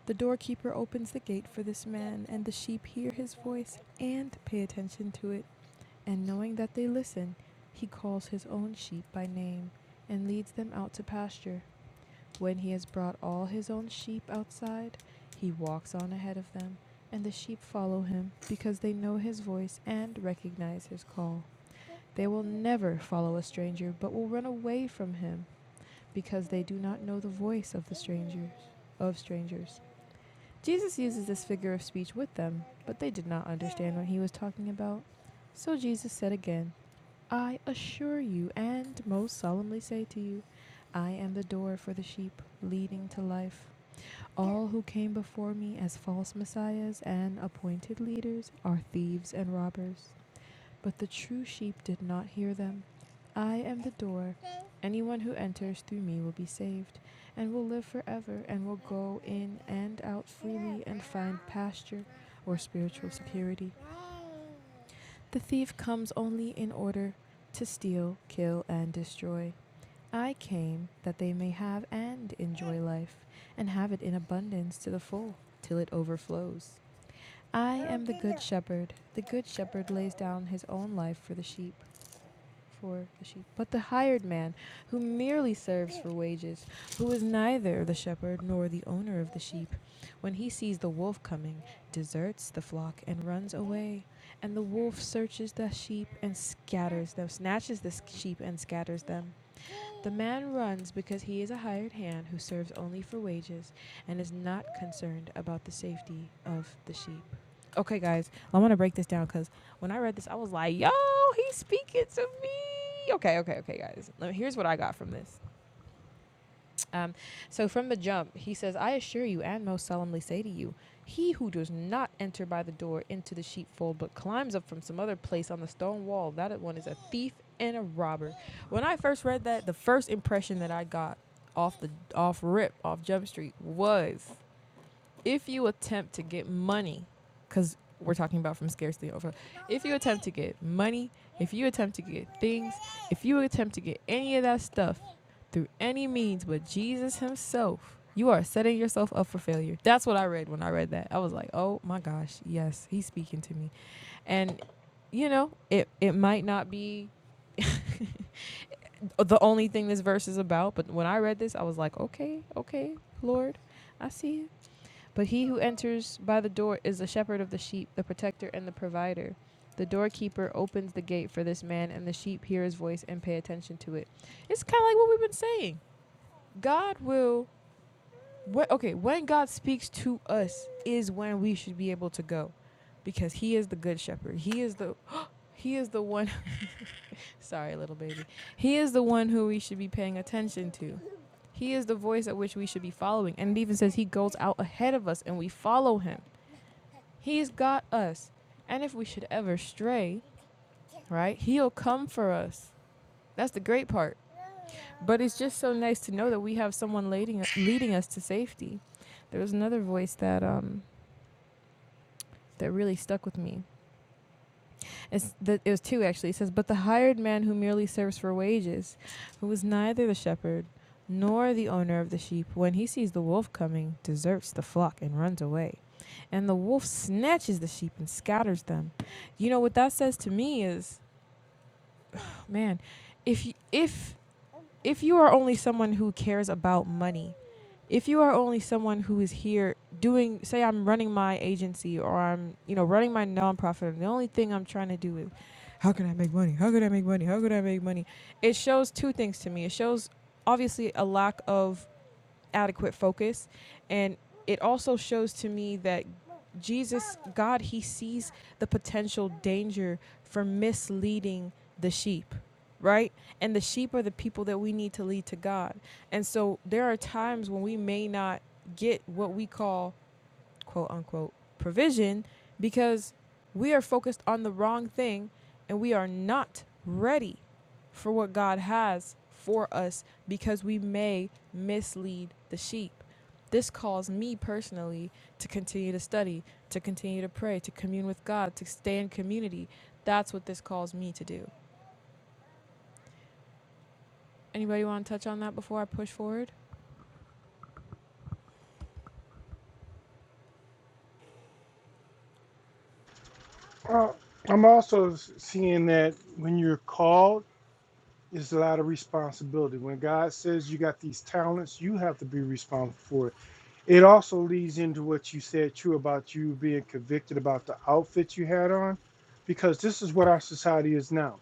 [SPEAKER 1] The doorkeeper opens the gate for this man, and the sheep hear his voice and pay attention to it. And knowing that they listen, he calls his own sheep by name and leads them out to pasture. When he has brought all his own sheep outside, he walks on ahead of them, and the sheep follow him because they know his voice and recognize his call. They will never follow a stranger, but will run away from him because they do not know the voice of the strangers, of strangers. Jesus uses this figure of speech with them, but they did not understand what he was talking about. So Jesus said again, I assure you and most solemnly say to you, I am the door for the sheep, leading to life. All who came before me as false messiahs and appointed leaders are thieves and robbers. But the true sheep did not hear them. I am the door. Anyone who enters through me will be saved, and will live forever, and will go in and out freely and find pasture or spiritual security. The thief comes only in order to steal, kill, and destroy. I came that they may have and enjoy life, and have it in abundance to the full, till it overflows. I am the good shepherd. The good shepherd lays down his own life for the sheep, for the sheep. But the hired man, who merely serves for wages, who is neither the shepherd nor the owner of the sheep, when he sees the wolf coming, deserts the flock and runs away. And the wolf searches the sheep and scatters them, snatches the s- sheep and scatters them. The man runs because he is a hired hand who serves only for wages and is not concerned about the safety of the sheep. Okay, guys, I want to break this down because when I read this, I was like, "Yo, he's speaking to me." Okay, okay, okay, guys. here's what I got from this. Um, so from the jump, he says, I assure you and most solemnly say to you, he who does not enter by the door into the sheepfold, but climbs up from some other place on the stone wall, that one is a thief and a robber. When I first read that, the first impression that I got off the off rip off Jump Street was if you attempt to get money, because we're talking about from scarcity over, if you attempt to get money, if you attempt to get things, if you attempt to get any of that stuff through any means but Jesus Himself, you are setting yourself up for failure. That's what I read when I read that. I was like, oh my gosh, yes, He's speaking to me. And, you know, it, it might not be. [laughs] the only thing this verse is about, but when I read this, I was like, okay, okay, Lord, I see you. But he who enters by the door is the shepherd of the sheep, the protector and the provider. The doorkeeper opens the gate for this man, and the sheep hear his voice and pay attention to it. It's kind of like what we've been saying. God will. Wh- okay, when God speaks to us is when we should be able to go, because He is the good shepherd. He is the. [gasps] He is the one. [laughs] Sorry, little baby. He is the one who we should be paying attention to. He is the voice at which we should be following. And it even says He goes out ahead of us, and we follow Him. He's got us. And if we should ever stray, right, he'll come for us. That's the great part. But it's just so nice to know that we have someone leading us, leading us to safety. There was another voice that um that really stuck with me. It's the, it was two actually. It says, "But the hired man who merely serves for wages, who is neither the shepherd nor the owner of the sheep, when he sees the wolf coming, deserts the flock and runs away." And the wolf snatches the sheep and scatters them. You know what that says to me is Man, if you, if if you are only someone who cares about money, if you are only someone who is here doing, say, I'm running my agency or I'm you know running my nonprofit, and the only thing I'm trying to do is, how can I make money? How can I make money? How can I make money? It shows two things to me. It shows obviously a lack of adequate focus. And it also shows to me that Jesus, God, He sees the potential danger for misleading the sheep, right? And the sheep are the people that we need to lead to God. And so there are times when we may not get what we call quote unquote provision because we are focused on the wrong thing and we are not ready for what God has for us because we may mislead the sheep. This calls me personally to continue to study, to continue to pray, to commune with God, to stay in community. That's what this calls me to do. Anybody want to touch on that before I push forward?
[SPEAKER 2] Uh, I'm also s- seeing that when you're called, it's a lot of responsibility. When God says you got these talents, you have to be responsible for it It also leads into what you said too about you being convicted about the outfit you had on, because this is what our society is now.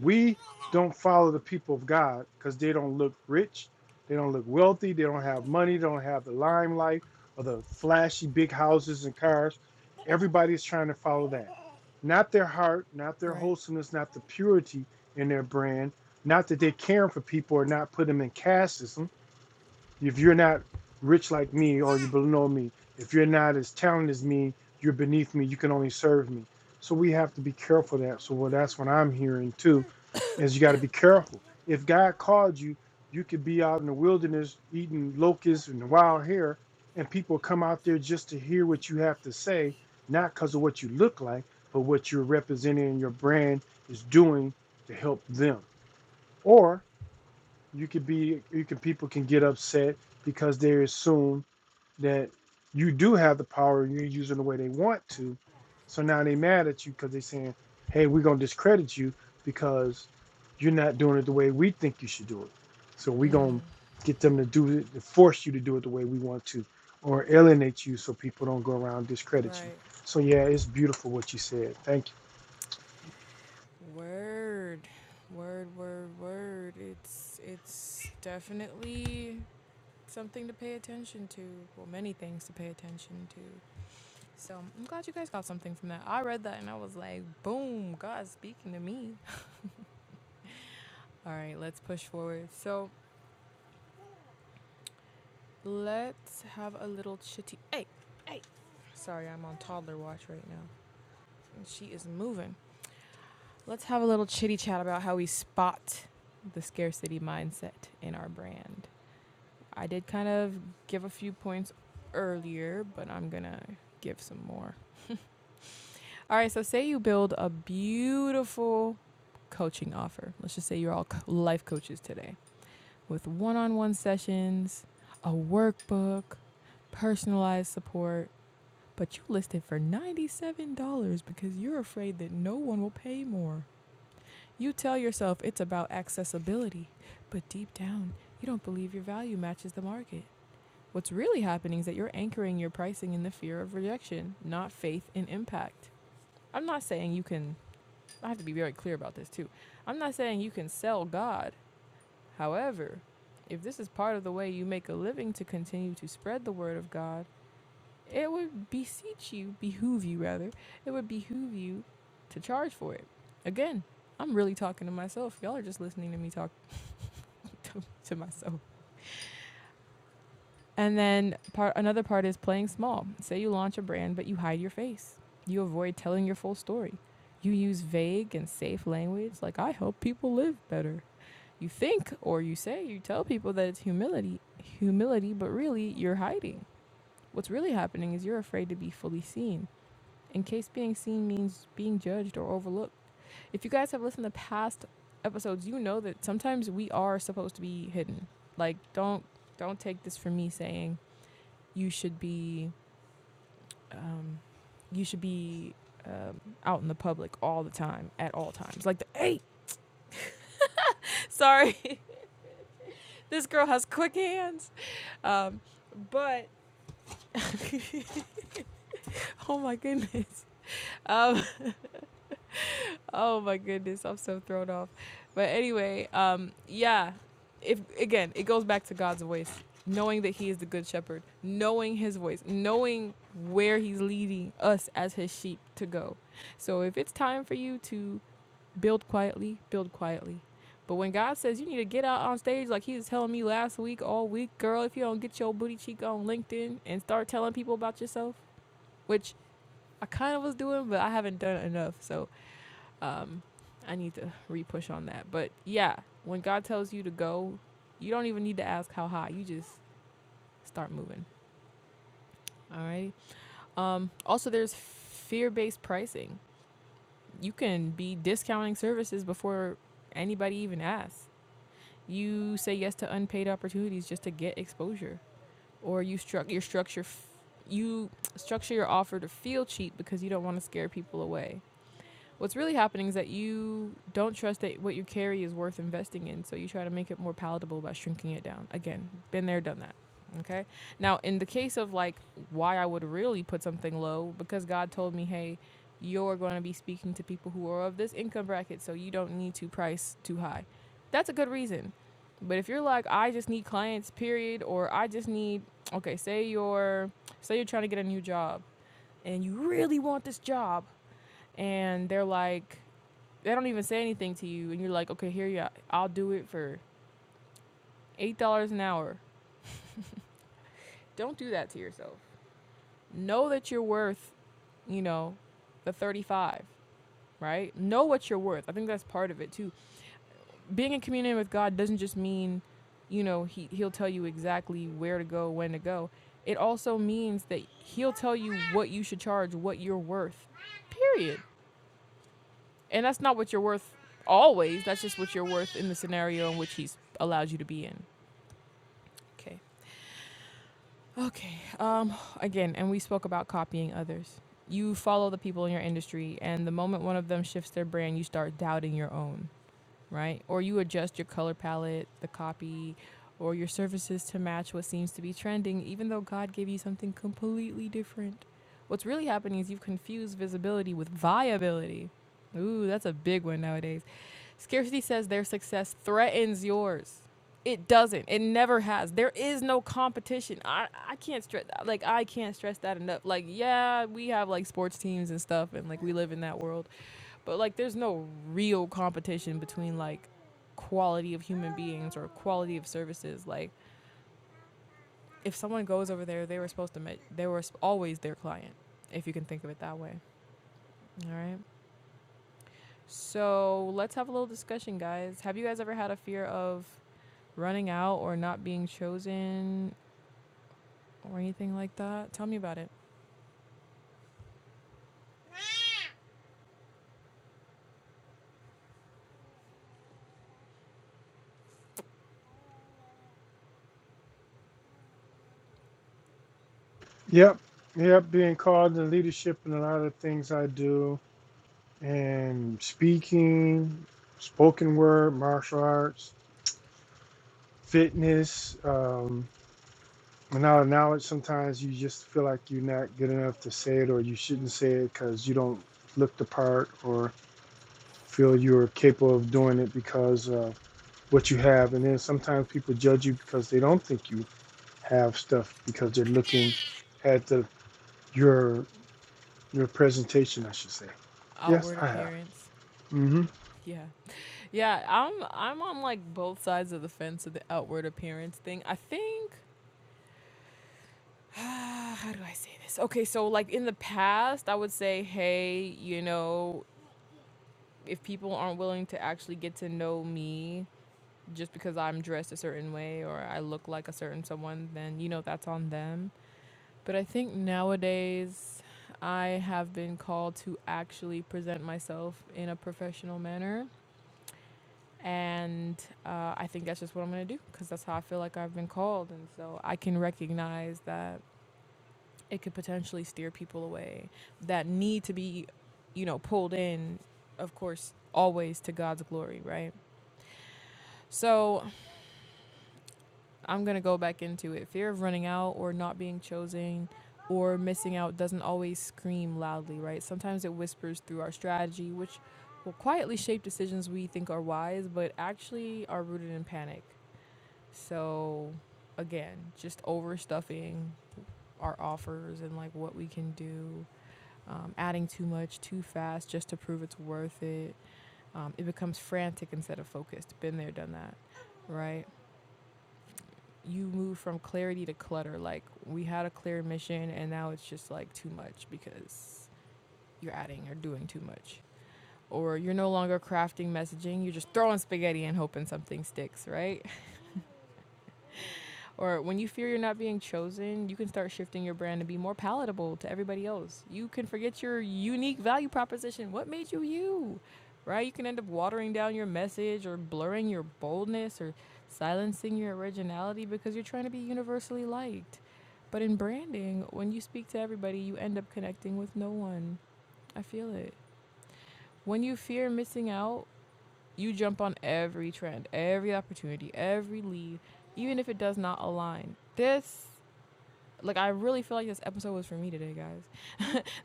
[SPEAKER 2] We don't follow the people of God because they don't look rich, they don't look wealthy, they don't have money, they don't have the limelight or the flashy big houses and cars. Everybody is trying to follow that. Not their heart, not their
[SPEAKER 1] Right.
[SPEAKER 2] wholesomeness, not the purity in their brand, not that they're caring for people or not put them in casteism if you're not rich like me or you're below me, if you're not as talented as me, you're beneath me, you can only serve me. So we have to be careful of that. So well, that's what I'm hearing too, is you got to be careful. If God called you, you could be out in the wilderness eating locusts and wild hair, and people come out there just to hear what you have to say, not because of what you look like, but what you're representing and your brand is doing to help them. or you could be you could people can get upset because they assume that you do have the power and you're using the way they want to so now they mad at you because they're saying hey we're going to discredit you because you're not doing it the way we think you should do it so we're
[SPEAKER 1] Mm.
[SPEAKER 2] going to get them to do it to force you to do it the way we want to or alienate you so people don't go around and discredit you
[SPEAKER 1] Right.
[SPEAKER 2] so yeah it's beautiful what you said thank
[SPEAKER 1] Word, word, word, word. It's it's definitely something to pay attention to. Well, many things to pay attention to. So I'm glad you guys got something from that. I read that and I was like, boom, God's speaking to me. All right, let's push forward. So let's have a little chitty. Hey, hey. Sorry, I'm on toddler watch right now, and she is moving. Let's have a little chitty chat about how we spot the scarcity mindset in our brand. I did kind of give a few points earlier, but I'm gonna give some more. All right, so say you build a beautiful coaching offer. Let's just say you're all life coaches today with one on one sessions, a workbook, personalized support, but you list it for $97 because you're afraid that no one will pay more. You tell yourself it's about accessibility, but deep down, you don't believe your value matches the market. What's really happening is that you're anchoring your pricing in the fear of rejection, not faith in impact. I'm not saying you can, I have to be very clear about this too. I'm not saying you can sell God. However, if this is part of the way you make a living to continue to spread the word of God, it would beseech you, behoove you rather, it would behoove you to charge for it. Again, I'm really talking to myself. Y'all are just listening to me talk [laughs] to, myself. And then part another part is playing small. Say you launch a brand, but you hide your face. You avoid telling your full story. You use vague and safe language like I help people live better. You think or you say you tell people that it's humility, humility, but really you're hiding. What's really happening is you're afraid to be fully seen. In case being seen means being judged or overlooked. If you guys have listened to past episodes, you know that sometimes we are supposed to be hidden. Like don't don't take this from me saying you should be um, you should be um, out in the public all the time at all times like the hey sorry [laughs] this girl has quick hands um, but [laughs] oh my goodness um, [laughs] oh my goodness i'm so thrown off but anyway um, yeah if again it goes back to god's voice knowing that he is the good shepherd knowing his voice knowing where he's leading us as his sheep to go so if it's time for you to build quietly, build quietly. But when God says you need to get out on stage, like He was telling me last week, all week, girl, if you don't get your booty cheek on LinkedIn and start telling people about yourself, which I kind of was doing, but I haven't done enough. So um, I need to re push on that. But yeah, when God tells you to go, you don't even need to ask how high. You just start moving. All right. Um, also, there's fear based pricing. You can be discounting services before anybody even asks. You say yes to unpaid opportunities just to get exposure, or you struck your structure. F- you structure your offer to feel cheap because you don't want to scare people away. What's really happening is that you don't trust that what you carry is worth investing in, so you try to make it more palatable by shrinking it down. Again, been there, done that. Okay. Now, in the case of like why I would really put something low, because God told me, hey, you're going to be speaking to people who are of this income bracket, so you don't need to price too high. That's a good reason. But if you're like, I just need clients, period, or I just need, okay, say you're, say you're trying to get a new job and you really want this job, and they're like, they don't even say anything to you, and you're like, okay, here you, are. I'll do it for eight dollars an hour. Don't do that to yourself. Know that you're worth, you know, the thirty-five. Right? Know what you're worth. I think that's part of it too. Being in communion with God doesn't just mean, you know, he he'll tell you exactly where to go, when to go. It also means that he'll tell you what you should charge, what you're worth. Period. And that's not what you're worth always. That's just what you're worth in the scenario in which he's allowed you to be in. Okay. Okay. Um, again, and we spoke about copying others. You follow the people in your industry, and the moment one of them shifts their brand, you start doubting your own, right? Or you adjust your color palette, the copy, or your services to match what seems to be trending, even though God gave you something completely different. What's really happening is you've confused visibility with viability. Ooh, that's a big one nowadays. Scarcity says their success threatens yours. It doesn't. It never has. There is no competition. I, I can't stress like I can't stress that enough. Like yeah, we have like sports teams and stuff and like we live in that world. But like there's no real competition between like quality of human beings or quality of services. Like if someone goes over there, they were supposed to make they were always their client if you can think of it that way. All right. So let's have a little discussion, guys. Have you guys ever had a fear of running out or not being chosen or anything like that? Tell me about it.
[SPEAKER 2] you yep yep being called in leadership and a lot of things i do and speaking, spoken word, martial arts, fitness. Um, and now, now it's sometimes you just feel like you're not good enough to say it or you shouldn't say it because you don't look the part or feel you're capable of doing it because of what you have. And then sometimes people judge you because they don't think you have stuff because they're looking at the your your presentation, I should say. Yes,
[SPEAKER 1] Outward
[SPEAKER 2] I have.
[SPEAKER 1] appearance.
[SPEAKER 2] hmm
[SPEAKER 1] Yeah. Yeah, I'm I'm on like both sides of the fence of the outward appearance thing. I think [sighs] how do I say this? Okay, so like in the past, I would say, "Hey, you know, if people aren't willing to actually get to know me just because I'm dressed a certain way or I look like a certain someone, then you know that's on them." But I think nowadays I have been called to actually present myself in a professional manner. And uh, I think that's just what I'm going to do because that's how I feel like I've been called. And so I can recognize that it could potentially steer people away that need to be, you know, pulled in, of course, always to God's glory, right? So I'm going to go back into it. Fear of running out or not being chosen or missing out doesn't always scream loudly, right? Sometimes it whispers through our strategy, which will quietly shape decisions we think are wise, but actually are rooted in panic. So, again, just overstuffing our offers and like what we can do, um, adding too much too fast just to prove it's worth it. Um, it becomes frantic instead of focused. Been there, done that, right? you move from clarity to clutter. Like we had a clear mission and now it's just like too much because you're adding or doing too much. Or you're no longer crafting messaging, you're just throwing spaghetti and hoping something sticks, right? Or when you fear you're not being chosen, you can start shifting your brand to be more palatable to everybody else. You can forget your unique value proposition. What made you you? Right? You can end up watering down your message or blurring your boldness or silencing your originality because you're trying to be universally liked. But in branding, when you speak to everybody, you end up connecting with no one. I feel it. When you fear missing out, you jump on every trend, every opportunity, every lead, even if it does not align. This like I really feel like this episode was for me today, guys.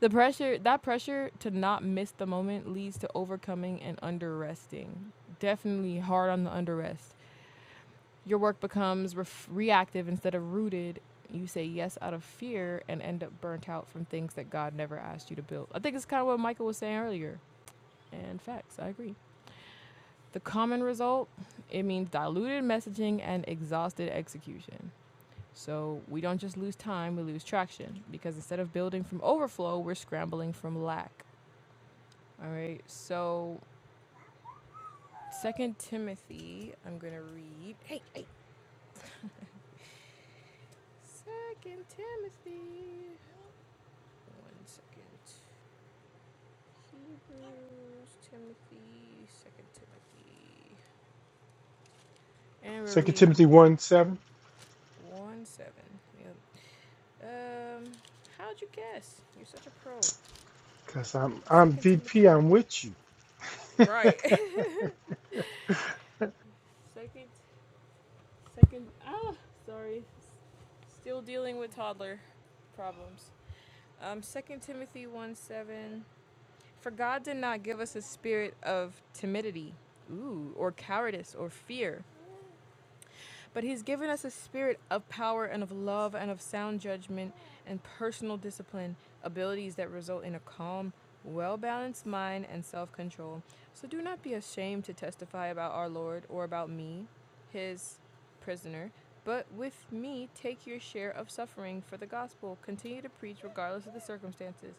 [SPEAKER 1] The pressure, that pressure to not miss the moment leads to overcoming and underresting. Definitely hard on the underrest. Your work becomes ref- reactive instead of rooted. You say yes out of fear and end up burnt out from things that God never asked you to build. I think it's kind of what Michael was saying earlier. And facts, I agree. The common result, it means diluted messaging and exhausted execution. So we don't just lose time, we lose traction because instead of building from overflow, we're scrambling from lack. All right. So Second Timothy, I'm gonna read. Hey, Second Timothy. One second. Hebrews, Timothy, Second Timothy, and we're
[SPEAKER 2] Second
[SPEAKER 1] reading
[SPEAKER 2] Timothy 1 7.
[SPEAKER 1] one seven. Yep. Um, how'd you guess? You're such a pro.
[SPEAKER 2] Cause I'm I'm
[SPEAKER 1] Second
[SPEAKER 2] VP.
[SPEAKER 1] Timothy.
[SPEAKER 2] I'm with you. [laughs]
[SPEAKER 1] Right. [laughs] Second Second, ah, sorry. Still dealing with toddler problems. Um, Second Timothy one seven. For God did not give us a spirit of timidity, ooh, or cowardice or fear, but he's given us a spirit of power and of love and of sound judgment and personal discipline, abilities that result in a calm, well balanced mind and self control. So do not be ashamed to testify about our Lord or about me, his prisoner. But with me, take your share of suffering for the gospel. Continue to preach regardless of the circumstances,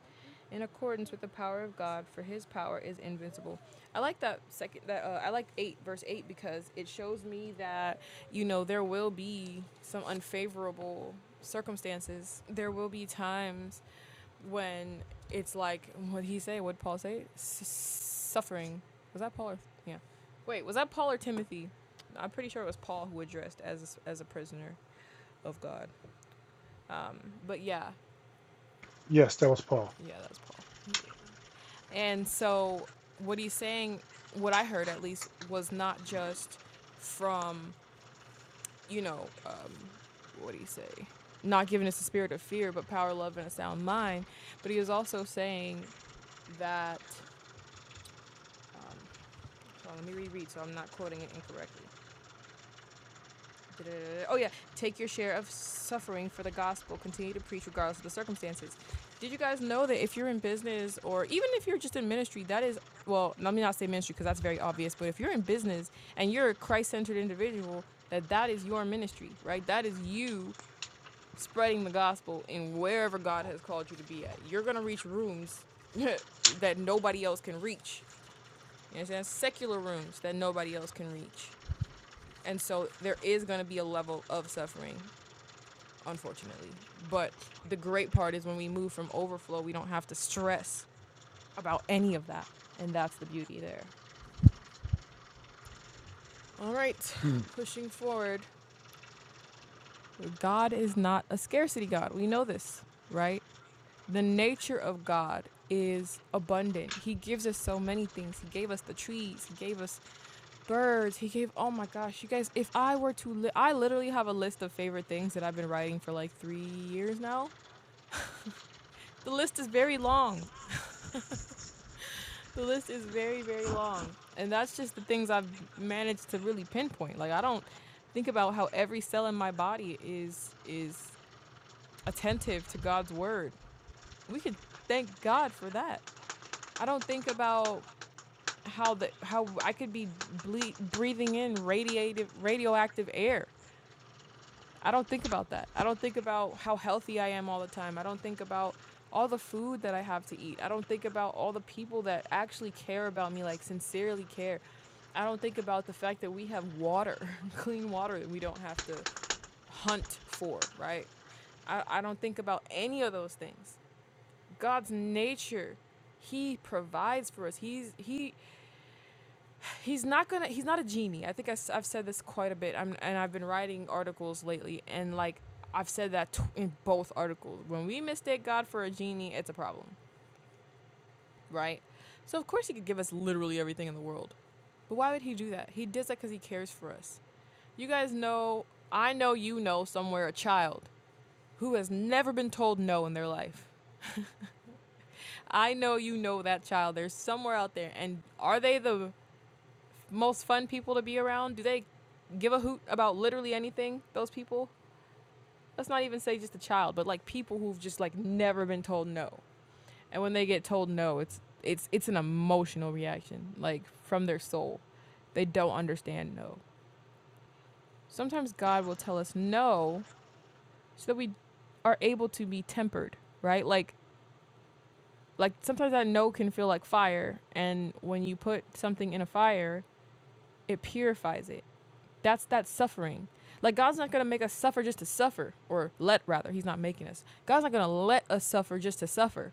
[SPEAKER 1] in accordance with the power of God, for His power is invincible. I like that second. That uh, I like eight, verse eight, because it shows me that you know, there will be some unfavorable circumstances. There will be times when it's like, what did he say? What did Paul say? suffering. Was that Paul or, yeah. Wait, was that Paul or Timothy? I'm pretty sure it was Paul who addressed as a, as a prisoner of God. Um, but yeah,
[SPEAKER 2] Yes, that was Paul.
[SPEAKER 1] yeah, that's Paul. He- and so what he's saying, what I heard at least, was not just from you know, um, what do you say? Not giving us the spirit of fear, but power, love, and a sound mind. But he was also saying that. Um, hold on, let me reread so I'm not quoting it incorrectly. Oh yeah, take your share of suffering for the gospel. Continue to preach regardless of the circumstances. Did you guys know that if you're in business or even if you're just in ministry, that is well, no, let me not say ministry because that's very obvious. But if you're in business and you're a Christ-centered individual, that that is your ministry, right? That is you spreading the gospel in wherever God has called you to be at. You're gonna reach rooms [laughs] that nobody else can reach. You understand? Secular rooms that nobody else can reach. And so there is gonna be a level of suffering, unfortunately. But the great part is when we move from overflow, we don't have to stress about any of that. And that's the beauty there. All right,
[SPEAKER 2] Hmm.
[SPEAKER 1] pushing forward. God is not a scarcity God. We know this, right? The nature of God is abundant. He gives us so many things. He gave us the trees. He gave us birds. He gave oh my gosh, you guys, if I were to li- I literally have a list of favorite things that I've been writing for like 3 years now. The list is very long. The list is very very long. And that's just the things I've managed to really pinpoint. Like I don't think about how every cell in my body is is attentive to God's word. We can thank God for that. I don't think about how the how I could be ble- breathing in radiative radioactive air. I don't think about that. I don't think about how healthy I am all the time. I don't think about all the food that I have to eat. I don't think about all the people that actually care about me, like sincerely care. I don't think about the fact that we have water, [laughs] clean water that we don't have to hunt for, right? I, I don't think about any of those things. God's nature, He provides for us. He's He He's not gonna. He's not a genie. I think I, have said this quite a bit. I'm and I've been writing articles lately, and like I've said that t- in both articles. When we mistake God for a genie, it's a problem, right? So of course he could give us literally everything in the world, but why would he do that? He does that because he cares for us. You guys know. I know you know somewhere a child who has never been told no in their life. I know you know that child. There's somewhere out there, and are they the most fun people to be around? Do they give a hoot about literally anything? Those people? Let's not even say just a child, but like people who've just like never been told no. And when they get told no, it's it's it's an emotional reaction, like from their soul. They don't understand no. Sometimes God will tell us no so that we are able to be tempered, right? Like like sometimes that no can feel like fire and when you put something in a fire, it purifies it That's that suffering. Like God's not gonna make us suffer just to suffer, or let rather. He's not making us. God's not gonna let us suffer just to suffer.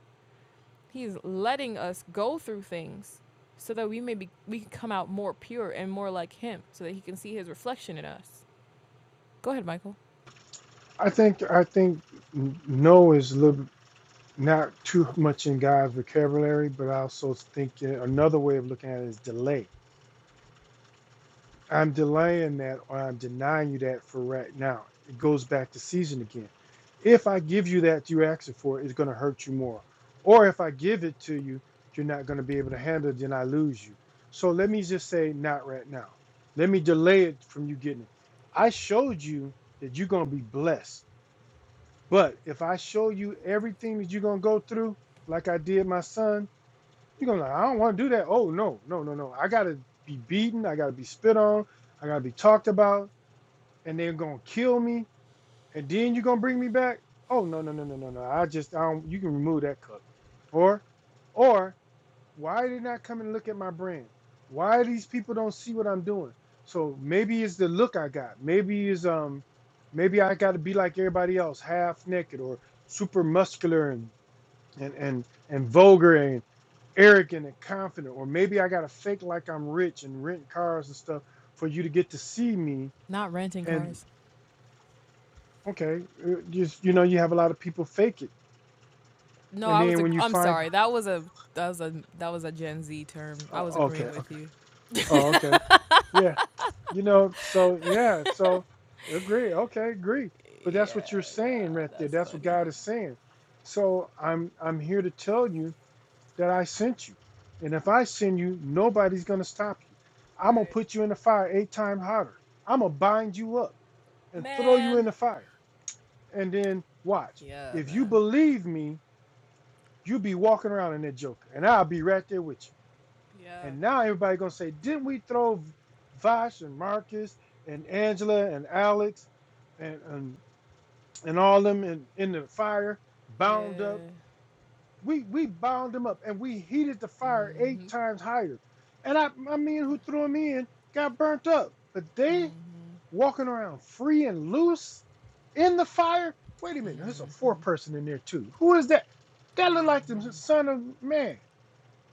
[SPEAKER 1] He's letting us go through things so that we may be we can come out more pure and more like Him, so that He can see His reflection in us. Go ahead, Michael.
[SPEAKER 2] I think I think no is a little bit- not too much in God's vocabulary, but I also think another way of looking at it is delay. I'm delaying that or I'm denying you that for right now. It goes back to season again. If I give you that you are asking for, it's going to hurt you more. Or if I give it to you, you're not going to be able to handle it, then I lose you. So let me just say, not right now. Let me delay it from you getting it. I showed you that you're going to be blessed. But if I show you everything that you're going to go through, like I did my son, you're gonna be like, I don't want to do that. Oh no, no, no, no. I gotta be beaten. I gotta be spit on. I gotta be talked about, and they're gonna kill me. And then you're gonna bring me back. Oh no, no, no, no, no, no. I just, I don't. You can remove that cup, or, or why they not come and look at my brand? Why these people don't see what I'm doing? So maybe it's the look I got. Maybe it's um, maybe I gotta be like everybody else, half naked or super muscular and and and and vulgar and arrogant and confident, or maybe I gotta fake like I'm rich and rent cars and stuff for you to get to see me.
[SPEAKER 1] Not renting
[SPEAKER 2] And
[SPEAKER 1] cars.
[SPEAKER 2] okay, uh, just you know, you have a lot of people fake it,
[SPEAKER 1] No,
[SPEAKER 2] and
[SPEAKER 1] I was.
[SPEAKER 2] then
[SPEAKER 1] A,
[SPEAKER 2] when you
[SPEAKER 1] I'm
[SPEAKER 2] find,
[SPEAKER 1] sorry. That was a that was a that was a Gen Z term. I
[SPEAKER 2] oh,
[SPEAKER 1] was agreeing
[SPEAKER 2] okay,
[SPEAKER 1] with
[SPEAKER 2] okay,
[SPEAKER 1] you.
[SPEAKER 2] oh, okay, yeah, you know, so yeah, so agree, okay, agree. But that's
[SPEAKER 1] Yeah,
[SPEAKER 2] what you're saying
[SPEAKER 1] nah,
[SPEAKER 2] right there.
[SPEAKER 1] that's
[SPEAKER 2] That's what
[SPEAKER 1] funny.
[SPEAKER 2] God is saying. So I'm I'm here to tell you that I sent you. And if I send you, nobody's going to stop you. I'm going to
[SPEAKER 1] Right,
[SPEAKER 2] put you in the fire eight times hotter. I'm going to bind you up and throw you in
[SPEAKER 1] man.
[SPEAKER 2] the fire. And then watch.
[SPEAKER 1] Yeah,
[SPEAKER 2] If you
[SPEAKER 1] man.
[SPEAKER 2] believe me, you'll be walking around in that joker, and I'll be right there with you.
[SPEAKER 1] Yeah.
[SPEAKER 2] And now everybody's going to say, Didn't we throw Vash and Marcus and Angela and Alex and, and, and all them in, in the fire, bound up?
[SPEAKER 1] Yeah.
[SPEAKER 2] We we bound him up and we heated the fire eight
[SPEAKER 1] Mhm.
[SPEAKER 2] times higher. And I my men who threw him in got burnt up. But they walking around free and loose in the fire. Wait a minute, there's a fourth person in there too. Who is that? That look like the son of man,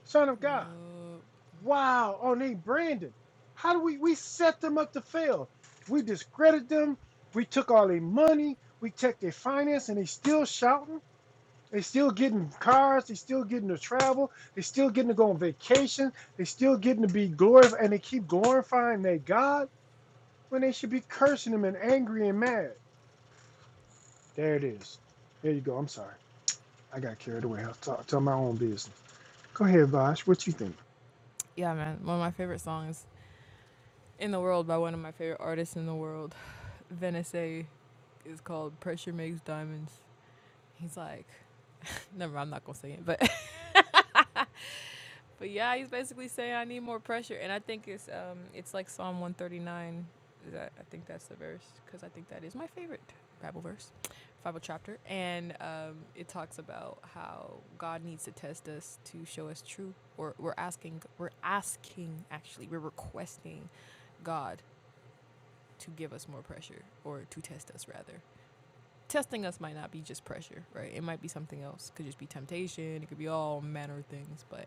[SPEAKER 2] son of God.
[SPEAKER 1] Yup.
[SPEAKER 2] Wow, oh name Brandon. How do we we set them up to fail? We discredit them. We took all their money. We took their finance, and they still shouting. They still getting cars. They still getting to travel. They still getting to go on vacation. They still getting to be glorified, and they keep glorifying their God when they should be cursing Him and angry and mad. There it is. There you go. I'm sorry. I got carried away. I'll talk, tell my own business. Go ahead, Vash. What you think?
[SPEAKER 1] Yeah, man. One of my favorite songs in the world by one of my favorite artists in the world, [sighs] Venice, is called "Pressure Makes Diamonds." He's like, never. mind, I'm not gonna say it, but [laughs] But yeah, he's basically saying I need more pressure, and I think it's um it's like Psalm one thirty nine. Is that I think that's the verse because I think that is my favorite Bible verse, Bible chapter, and um it talks about how God needs to test us to show us true, or we're asking, we're asking actually, we're requesting God to give us more pressure or to test us rather. Testing us might not be just pressure, right? It might be something else. It Could just be temptation. It could be all manner of things, but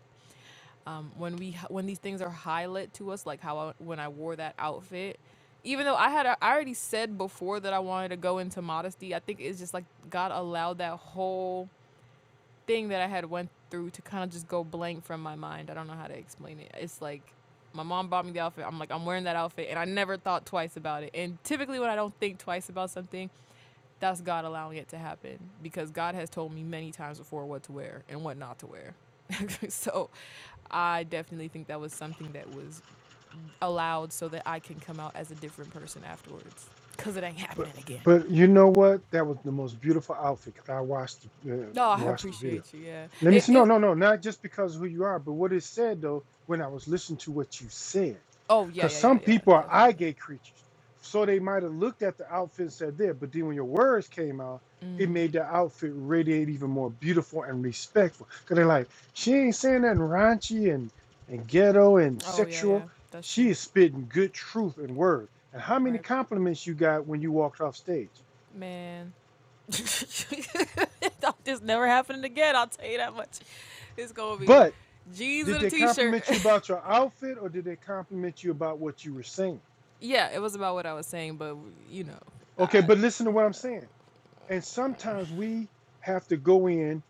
[SPEAKER 1] um, when we h- when these things are highlight to us, like how I, when I wore that outfit, even though I had a, I already said before that I wanted to go into modesty, I think it's just like God allowed that whole thing that I had went through to kind of just go blank from my mind. I don't know how to explain it. It's like my mom bought me the outfit. I'm like I'm wearing that outfit, and I never thought twice about it. And typically, when I don't think twice about something, that's God allowing it to happen because God has told me many times before what to wear and what not to wear. [laughs] so I definitely think that was something that was allowed so that I can come out as a different person afterwards. Cause it ain't
[SPEAKER 2] But
[SPEAKER 1] happening again.
[SPEAKER 2] but you know what? That was the most beautiful outfit. 'cause I watched the, uh,
[SPEAKER 1] No, I
[SPEAKER 2] watched the video.
[SPEAKER 1] appreciate you. Yeah.
[SPEAKER 2] Let me
[SPEAKER 1] It.
[SPEAKER 2] see. No,
[SPEAKER 1] It.
[SPEAKER 2] no, no. Not just because of who you are, but what it said though when I was listening to what you said.
[SPEAKER 1] Oh yeah,
[SPEAKER 2] Because
[SPEAKER 1] yeah, yeah,
[SPEAKER 2] some
[SPEAKER 1] yeah.
[SPEAKER 2] people are eye
[SPEAKER 1] Definitely.
[SPEAKER 2] gate creatures. So they might have looked at the outfit and said there, but then when your words came out, it
[SPEAKER 1] Mm.
[SPEAKER 2] made the outfit radiate even more beautiful and respectful. Because they're like, she ain't saying nothing raunchy and, and ghetto and
[SPEAKER 1] Oh yeah, yeah.
[SPEAKER 2] sexual.
[SPEAKER 1] That's
[SPEAKER 2] She
[SPEAKER 1] true.
[SPEAKER 2] is spitting good truth and word. And how many
[SPEAKER 1] Right,
[SPEAKER 2] compliments you got when you walked off stage?
[SPEAKER 1] man. [laughs] this never happening again. I'll tell you that much. It's gonna be
[SPEAKER 2] But
[SPEAKER 1] jeans
[SPEAKER 2] Did
[SPEAKER 1] and a
[SPEAKER 2] they
[SPEAKER 1] t-shirt.
[SPEAKER 2] compliment you about your outfit or did they compliment you about what you were saying?
[SPEAKER 1] [laughs] yeah, it was about what I was saying, but you know,
[SPEAKER 2] Okay,
[SPEAKER 1] I,
[SPEAKER 2] but listen to what I'm saying. And
[SPEAKER 1] yeah.
[SPEAKER 2] sometimes we have to go in,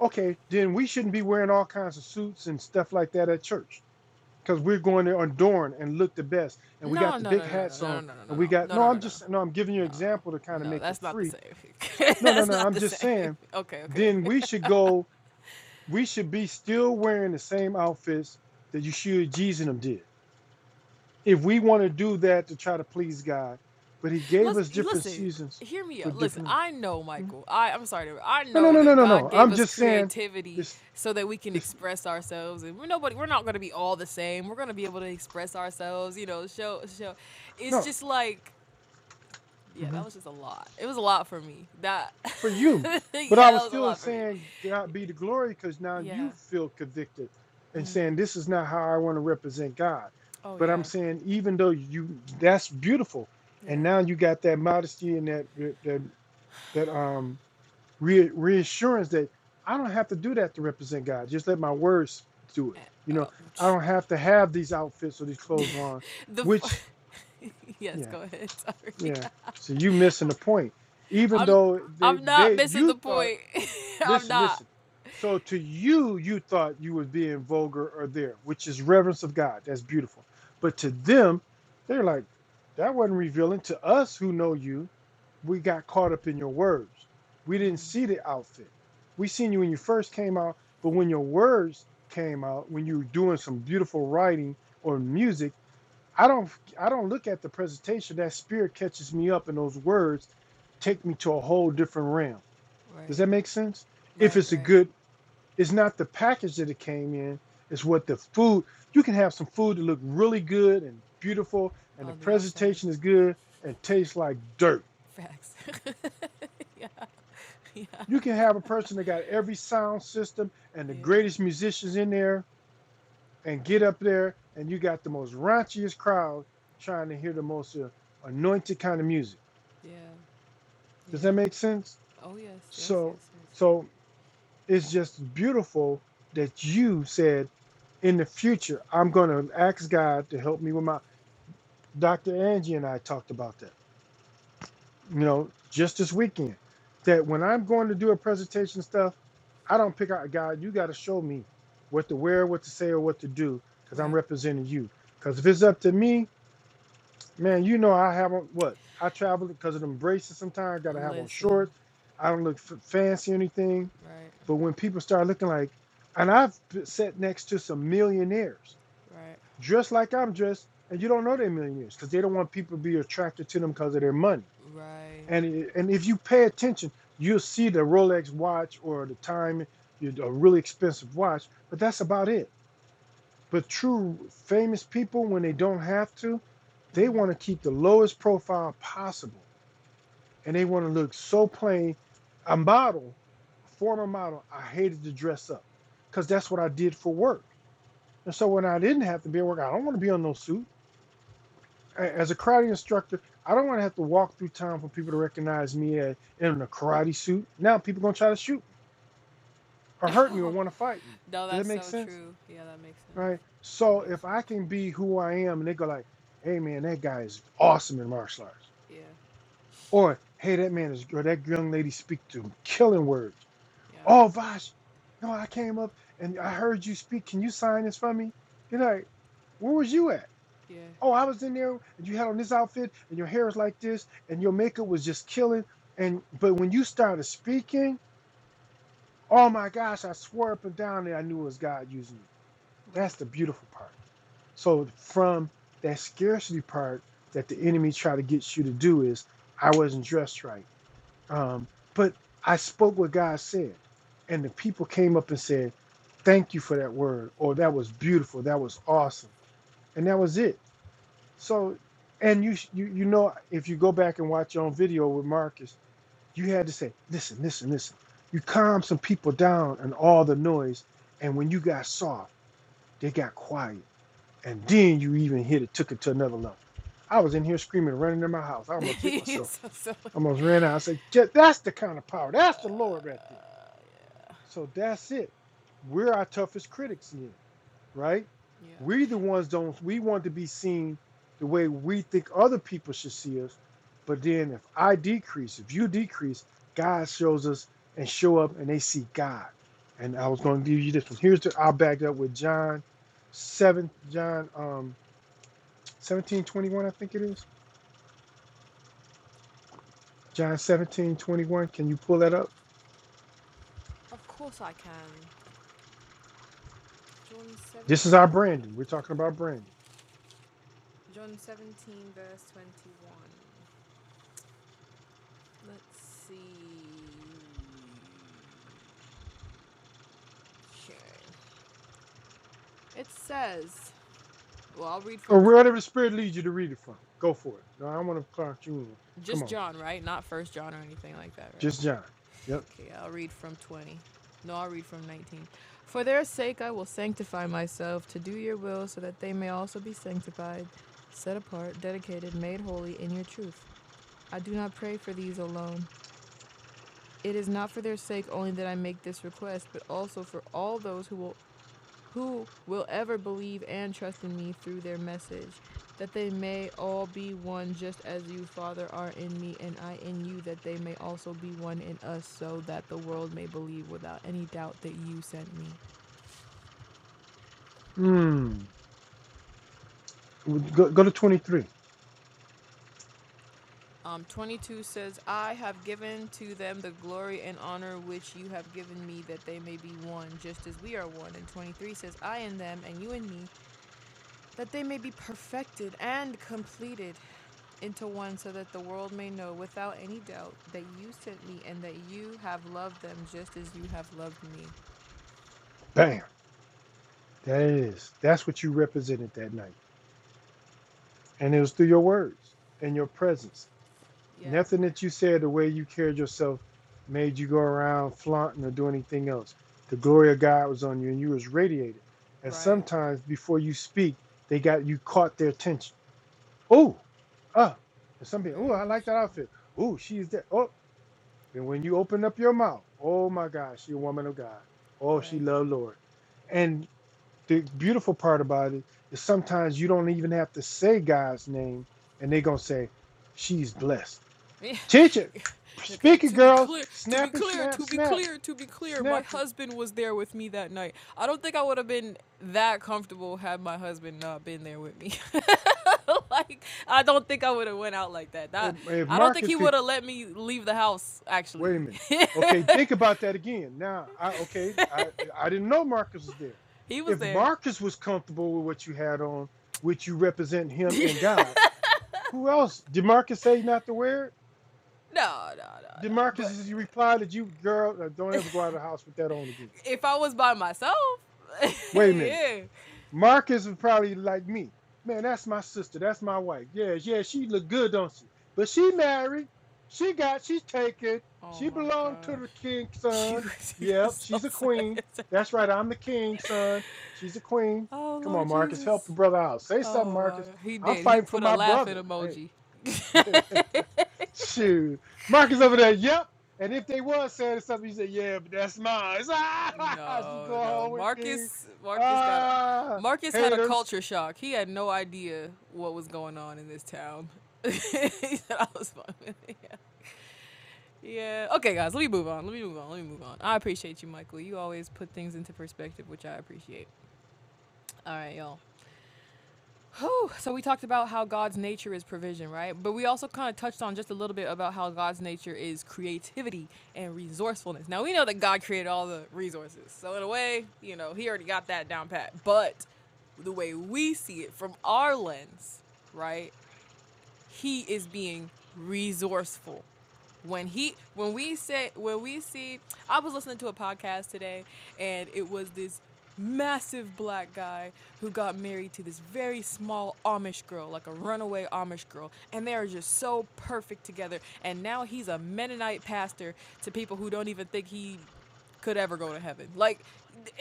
[SPEAKER 2] okay, then we shouldn't be wearing all kinds of suits and stuff like that at church because we're going there adorned and look the best. And we
[SPEAKER 1] No,
[SPEAKER 2] got the
[SPEAKER 1] no,
[SPEAKER 2] big
[SPEAKER 1] no, no, no,
[SPEAKER 2] hats
[SPEAKER 1] no, no, no,
[SPEAKER 2] on
[SPEAKER 1] no, no, no,
[SPEAKER 2] and we got,
[SPEAKER 1] no, no,
[SPEAKER 2] no,
[SPEAKER 1] no,
[SPEAKER 2] I'm
[SPEAKER 1] no,
[SPEAKER 2] just, no, I'm giving you an example to
[SPEAKER 1] no,
[SPEAKER 2] kind of
[SPEAKER 1] no.
[SPEAKER 2] make it
[SPEAKER 1] That's not the
[SPEAKER 2] free.
[SPEAKER 1] same. [laughs]
[SPEAKER 2] No, no,
[SPEAKER 1] that's
[SPEAKER 2] no,
[SPEAKER 1] not
[SPEAKER 2] I'm
[SPEAKER 1] the
[SPEAKER 2] just
[SPEAKER 1] same.
[SPEAKER 2] saying,
[SPEAKER 1] Okay, okay.
[SPEAKER 2] then
[SPEAKER 1] [laughs]
[SPEAKER 2] we should go, we should be still wearing the same outfits that Yeshua Jesus and them did if we want to do that to try to please God, but He gave
[SPEAKER 1] Let's
[SPEAKER 2] us different
[SPEAKER 1] listen.
[SPEAKER 2] seasons
[SPEAKER 1] Hear me
[SPEAKER 2] for
[SPEAKER 1] out. Listen,
[SPEAKER 2] different.
[SPEAKER 1] I know,
[SPEAKER 2] Mhm.
[SPEAKER 1] Michael. I I'm sorry. to- I
[SPEAKER 2] No, no,
[SPEAKER 1] know
[SPEAKER 2] no, no,
[SPEAKER 1] that
[SPEAKER 2] no,
[SPEAKER 1] God
[SPEAKER 2] no.
[SPEAKER 1] gave
[SPEAKER 2] I'm
[SPEAKER 1] us
[SPEAKER 2] just saying
[SPEAKER 1] creativity
[SPEAKER 2] this,
[SPEAKER 1] so that we can
[SPEAKER 2] this,
[SPEAKER 1] express ourselves, and we're nobody. We're not gonna be all the same. We're gonna be able to express ourselves. You know, show show. It's
[SPEAKER 2] no,
[SPEAKER 1] just like. Yeah, that
[SPEAKER 2] Mhm.
[SPEAKER 1] was just a lot. It was a lot for me. That,
[SPEAKER 2] for
[SPEAKER 1] [laughs]
[SPEAKER 2] you.
[SPEAKER 1] yeah,
[SPEAKER 2] But I
[SPEAKER 1] that
[SPEAKER 2] was
[SPEAKER 1] was a
[SPEAKER 2] still
[SPEAKER 1] lot for me.
[SPEAKER 2] saying God be the glory because now
[SPEAKER 1] Yeah.
[SPEAKER 2] you feel convicted and saying this is not how I want to represent God.
[SPEAKER 1] Oh
[SPEAKER 2] But
[SPEAKER 1] yeah.
[SPEAKER 2] I'm saying even though you, that's beautiful,
[SPEAKER 1] Yeah.
[SPEAKER 2] and now you got that modesty and that that that, that um re- reassurance that I don't have to do that to represent God. Just let my words do
[SPEAKER 1] Uh,
[SPEAKER 2] it. You know, I don't
[SPEAKER 1] um,
[SPEAKER 2] have to have these outfits or these clothes on,
[SPEAKER 1] [laughs] the
[SPEAKER 2] which,
[SPEAKER 1] f- [laughs] yes,
[SPEAKER 2] yeah,
[SPEAKER 1] go ahead. Sorry,
[SPEAKER 2] yeah. So you missing the point.
[SPEAKER 1] [laughs]
[SPEAKER 2] Even
[SPEAKER 1] I'm
[SPEAKER 2] though they,
[SPEAKER 1] I'm not
[SPEAKER 2] they,
[SPEAKER 1] missing the
[SPEAKER 2] you thought,
[SPEAKER 1] point. [laughs] I'm
[SPEAKER 2] listen,
[SPEAKER 1] not.
[SPEAKER 2] listen. So to you, you thought you was being vulgar or there, which is reverence of God. That's beautiful. But to them, they're like, that wasn't revealing to us who know you we got caught up in your words. We didn't
[SPEAKER 1] Mm,
[SPEAKER 2] see the outfit. We seen you when you first came out, but when your words came out, when you were doing some beautiful writing or music, I don't I don't look at the presentation. That spirit catches me up and those words take me to a whole different realm. Does
[SPEAKER 1] right,
[SPEAKER 2] that make sense? If
[SPEAKER 1] right,
[SPEAKER 2] it's a
[SPEAKER 1] right.
[SPEAKER 2] good, it's not the package that it came in, it's what the food. You can have some food that look really good and beautiful and the
[SPEAKER 1] On the outside,
[SPEAKER 2] presentation is good and tastes like dirt
[SPEAKER 1] facts. [laughs] yeah, yeah,
[SPEAKER 2] You can have a person that got every sound system and the
[SPEAKER 1] yeah,
[SPEAKER 2] greatest musicians in there and get up there and you got the most raunchiest crowd trying to hear the most uh, anointed kind of music.
[SPEAKER 1] yeah,
[SPEAKER 2] Does that
[SPEAKER 1] yeah.
[SPEAKER 2] make sense?
[SPEAKER 1] Oh yes, yes,
[SPEAKER 2] So
[SPEAKER 1] yes, yes.
[SPEAKER 2] so it's just beautiful that you said in the future I'm going to ask God to help me with my Dr. Angie and I talked about that. you know, just this weekend, that when I'm going to do a presentation stuff, I don't pick out God. You got to show me what to wear, what to say, or what to do, because I'm
[SPEAKER 1] Right.
[SPEAKER 2] representing you. Because if it's up to me, man, you know I have on what I travel because of them braces. Sometimes got to have on
[SPEAKER 1] Listen.
[SPEAKER 2] shorts. I don't look f- fancy or anything.
[SPEAKER 1] Right,
[SPEAKER 2] But when people start looking like, and I've b- sat next to some millionaires
[SPEAKER 1] right,
[SPEAKER 2] dressed like I'm dressed, and you don't know they're millionaires because they don't want people to be attracted to them because of their money
[SPEAKER 1] right.
[SPEAKER 2] and it- and if you pay attention, you'll see the Rolex watch or the time, you know, a really expensive watch, but that's about it. But true famous people, when they don't have to, they want to
[SPEAKER 1] Mm-hmm.
[SPEAKER 2] keep the lowest profile possible, and they want to look so plain. A model, a former model, I hated to dress up, because that's what I did for work. And so when I didn't have to be at work, I don't want to be on no suit. as a karate instructor, I don't want to have to walk through town for people to recognize me a- in a karate suit. Now people gonna try to shoot me or hurt me
[SPEAKER 1] [laughs]
[SPEAKER 2] or
[SPEAKER 1] Oh,
[SPEAKER 2] want to fight me.
[SPEAKER 1] no,
[SPEAKER 2] Does that
[SPEAKER 1] that's
[SPEAKER 2] make
[SPEAKER 1] so
[SPEAKER 2] sense?
[SPEAKER 1] true. Yeah, that makes sense.
[SPEAKER 2] Right.
[SPEAKER 1] That
[SPEAKER 2] So
[SPEAKER 1] makes
[SPEAKER 2] if I
[SPEAKER 1] sense.
[SPEAKER 2] can be who I am, and they go like, "Hey man, that guy is awesome in martial arts,"
[SPEAKER 1] Yeah,
[SPEAKER 2] or "Hey, that man is or that young lady speak to killing words."
[SPEAKER 1] yeah,
[SPEAKER 2] Oh, Vash, no, I came up and I heard you speak. Can you sign this for me? You're like, where was you at?
[SPEAKER 1] yeah.
[SPEAKER 2] oh, I was in there and you had on this outfit and your hair was like this and your makeup was just killing. And but when you started speaking, oh my gosh, I swore up and down that I knew it was God using you.
[SPEAKER 1] Right.
[SPEAKER 2] That's the beautiful part. So from that scarcity part that the enemy tried to get you to do is I wasn't dressed right. Um, but I spoke what God said. And the people came up and said, Thank you for that word, or that was beautiful, that was awesome. And that was it So, and you, you, you know, if you go back and watch your own video with Marcus, you had to say, listen, listen, listen. You calm some people down and all the noise, and when you got soft, they got quiet, and then you even hit it, took it to another level. I was in here screaming, running in my house. I
[SPEAKER 1] [laughs]
[SPEAKER 2] almost hit
[SPEAKER 1] You're
[SPEAKER 2] myself.
[SPEAKER 1] so silly.
[SPEAKER 2] I almost ran out. I said, "Ja- that's the kind of power.
[SPEAKER 1] Uh,
[SPEAKER 2] That's the Lord right there. So that's it. We're our toughest critics. Again right?
[SPEAKER 1] yeah.
[SPEAKER 2] We the ones don't we want to be seen the way we think other people should see us. But then if I decrease, if you decrease, God shows us and show up and they see God. And I was going to give you this one. Here's the I'll back it up with John seven John um seventeen twenty one, I think it is. John seventeen twenty one. Can you pull that up?
[SPEAKER 1] Of course I can. John 17.
[SPEAKER 2] This is our branding. We're talking about branding.
[SPEAKER 1] John 17, verse 21. Let's see. Okay. It says, well, I'll read
[SPEAKER 2] Or
[SPEAKER 1] from tw-
[SPEAKER 2] wherever the spirit leads you to read it from. Go for it. No, I don't want to clock you in. Come
[SPEAKER 1] just
[SPEAKER 2] on.
[SPEAKER 1] John, right? Not first John or anything like that, right?
[SPEAKER 2] Just John. Yep.
[SPEAKER 1] Okay, I'll read from 20. No, I'll read from 19. For their sake I will sanctify myself to do your will, so that they may also be sanctified, set apart, dedicated, made holy in your truth. I do not pray for these alone. It is not for their sake only that I make this request, but also for all those who will who will ever believe and trust in me through their message? That they may all be one, just as you, Father, are in me and I in you, that they may also be one in us, so that the world may believe without any doubt that you sent me.
[SPEAKER 2] Hmm. Go, go to 23.
[SPEAKER 1] Um, 22 says, I have given to them the glory and honor which you have given me, that they may be one, just as we are one. And 23 says, I in them, and you in me, that they may be perfected and completed into one, so that the world may know without any doubt that you sent me and that you have loved them just as you have loved me.
[SPEAKER 2] Bam. That is. That's what you represented that night. And it was through your words and your presence.
[SPEAKER 1] Yeah,
[SPEAKER 2] Nothing that you said, the way you carried yourself, made you go around flaunting or do anything else. The glory of God was on you and you was radiated. And
[SPEAKER 1] right.
[SPEAKER 2] sometimes before you speak, they got you caught their attention. Oh, ah. And some people, oh,
[SPEAKER 1] Very
[SPEAKER 2] I
[SPEAKER 1] much
[SPEAKER 2] like that
[SPEAKER 1] so.
[SPEAKER 2] outfit. Oh, she's there. Oh, then when you open up your mouth, oh my God, she a woman of God. Oh, she
[SPEAKER 1] Right.
[SPEAKER 2] loved Lord the beautiful part about it is sometimes you don't even have to say God's name, and they're gonna say, "She's blessed." Teacher,
[SPEAKER 1] [laughs] okay,
[SPEAKER 2] speak it,
[SPEAKER 1] to be
[SPEAKER 2] girls.
[SPEAKER 1] clear, to be
[SPEAKER 2] Snap and
[SPEAKER 1] clear,
[SPEAKER 2] snap,
[SPEAKER 1] to be
[SPEAKER 2] snap,
[SPEAKER 1] clear, to be clear, my
[SPEAKER 2] snap.
[SPEAKER 1] husband was there with me that night. I don't think I would have been that comfortable had my husband not been there with me. [laughs] like I don't think I would have went out like that.
[SPEAKER 2] If,
[SPEAKER 1] That
[SPEAKER 2] if
[SPEAKER 1] I don't think
[SPEAKER 2] Marcus
[SPEAKER 1] he
[SPEAKER 2] can,
[SPEAKER 1] would have let me leave the house.
[SPEAKER 2] wait
[SPEAKER 1] Actually,
[SPEAKER 2] a minute. Okay, think about that again. Now, I okay, I I didn't know Marcus was there.
[SPEAKER 1] [laughs] he was
[SPEAKER 2] If
[SPEAKER 1] there.
[SPEAKER 2] Marcus was comfortable with what you had on, which you represent
[SPEAKER 1] [laughs] no,
[SPEAKER 2] him and God, who else did Marcus say not to wear it?
[SPEAKER 1] no, no,
[SPEAKER 2] Did
[SPEAKER 1] no.
[SPEAKER 2] Marcus
[SPEAKER 1] But
[SPEAKER 2] as you reply that you girl uh, don't ever go out of the house with that on again?
[SPEAKER 1] if I was by myself, [laughs]
[SPEAKER 2] Wait a minute.
[SPEAKER 1] yeah.
[SPEAKER 2] Marcus was probably like me. Man, that's my sister. That's my wife. Yeah, yeah, she look good, don't she? But she married. She got, she's taken.
[SPEAKER 1] Oh
[SPEAKER 2] She
[SPEAKER 1] my
[SPEAKER 2] belonged to the king's
[SPEAKER 1] gosh, [laughs] you
[SPEAKER 2] son. Yep,
[SPEAKER 1] is so
[SPEAKER 2] she's a
[SPEAKER 1] sad. [laughs]
[SPEAKER 2] queen. That's right. I'm the king's son. She's a queen.
[SPEAKER 1] Oh
[SPEAKER 2] Come
[SPEAKER 1] Lord
[SPEAKER 2] on, Marcus. Help
[SPEAKER 1] Jesus.
[SPEAKER 2] the brother out. Say something,
[SPEAKER 1] Oh my
[SPEAKER 2] Marcus.
[SPEAKER 1] God. He
[SPEAKER 2] I'm
[SPEAKER 1] did. He
[SPEAKER 2] fighting for
[SPEAKER 1] put a
[SPEAKER 2] my
[SPEAKER 1] laughing
[SPEAKER 2] brother. Hey.
[SPEAKER 1] emoji.
[SPEAKER 2] [laughs] Shoot. Marcus over there, yep. And if they was saying something, you say, yeah, but that's mine. [laughs] Ah, she
[SPEAKER 1] No,
[SPEAKER 2] go
[SPEAKER 1] no.
[SPEAKER 2] home with me.
[SPEAKER 1] Marcus Marcus got a,
[SPEAKER 2] Ah,
[SPEAKER 1] Marcus had a
[SPEAKER 2] haters.
[SPEAKER 1] culture shock. He had no idea what was going on in this town. [laughs] he said I was fine. [laughs] yeah. yeah. Okay guys, let me move on. Let me move on. Let me move on. I appreciate you, Michael. You always put things into perspective, which I appreciate. All right, y'all. Whew. So we talked about how God's nature is provision, right? But we also kind of touched on just a little bit about how God's nature is creativity and resourcefulness. Now we know that God created all the resources. So in a way, you know, he already got that down pat. But the way we see it from our lens, right? he is being resourceful. When he when we say when we see I was listening to a podcast today and it was this massive black guy who got married to this very small Amish girl, like a runaway Amish girl, and they are just so perfect together. And now he's a Mennonite pastor to people who don't even think he could ever go to heaven. Like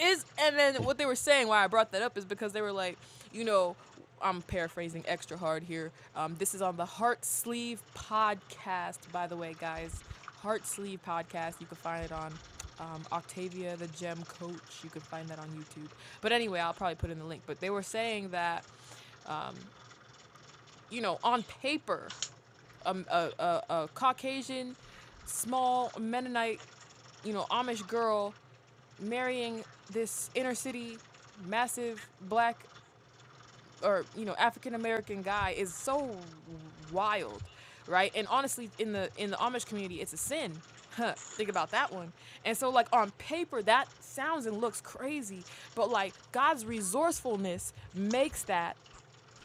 [SPEAKER 1] is and then what they were saying why I brought that up is because they were like, you know, I'm paraphrasing extra hard here. Um, this is on the Heart Sleeve podcast, by the way, guys. Heart Sleeve podcast. You can find it on um, Octavia the Gem Coach. You can find that on YouTube. But anyway, I'll probably put in the link. But they were saying that, you know, on paper, um, a, a, a Caucasian, small Mennonite, you know, Amish girl marrying this inner city massive black or you know African American guy is so wild, right? And honestly, in the in the Amish community, it's a sin. Huh, think about that one. And so like on paper that sounds and looks crazy, but like God's resourcefulness makes that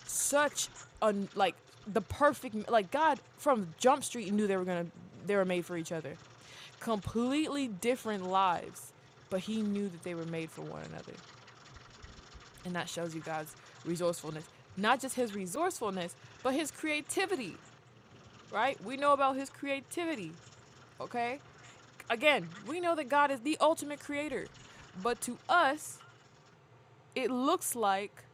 [SPEAKER 1] such a like the perfect like God from Jump Street knew they were gonna they were made for each other. Completely different lives, but he knew that they were made for one another. And that shows you God's resourcefulness. Not just his resourcefulness, but his creativity, right? We know about his creativity, okay? Again, we know that God is the ultimate creator. But to us, it looks like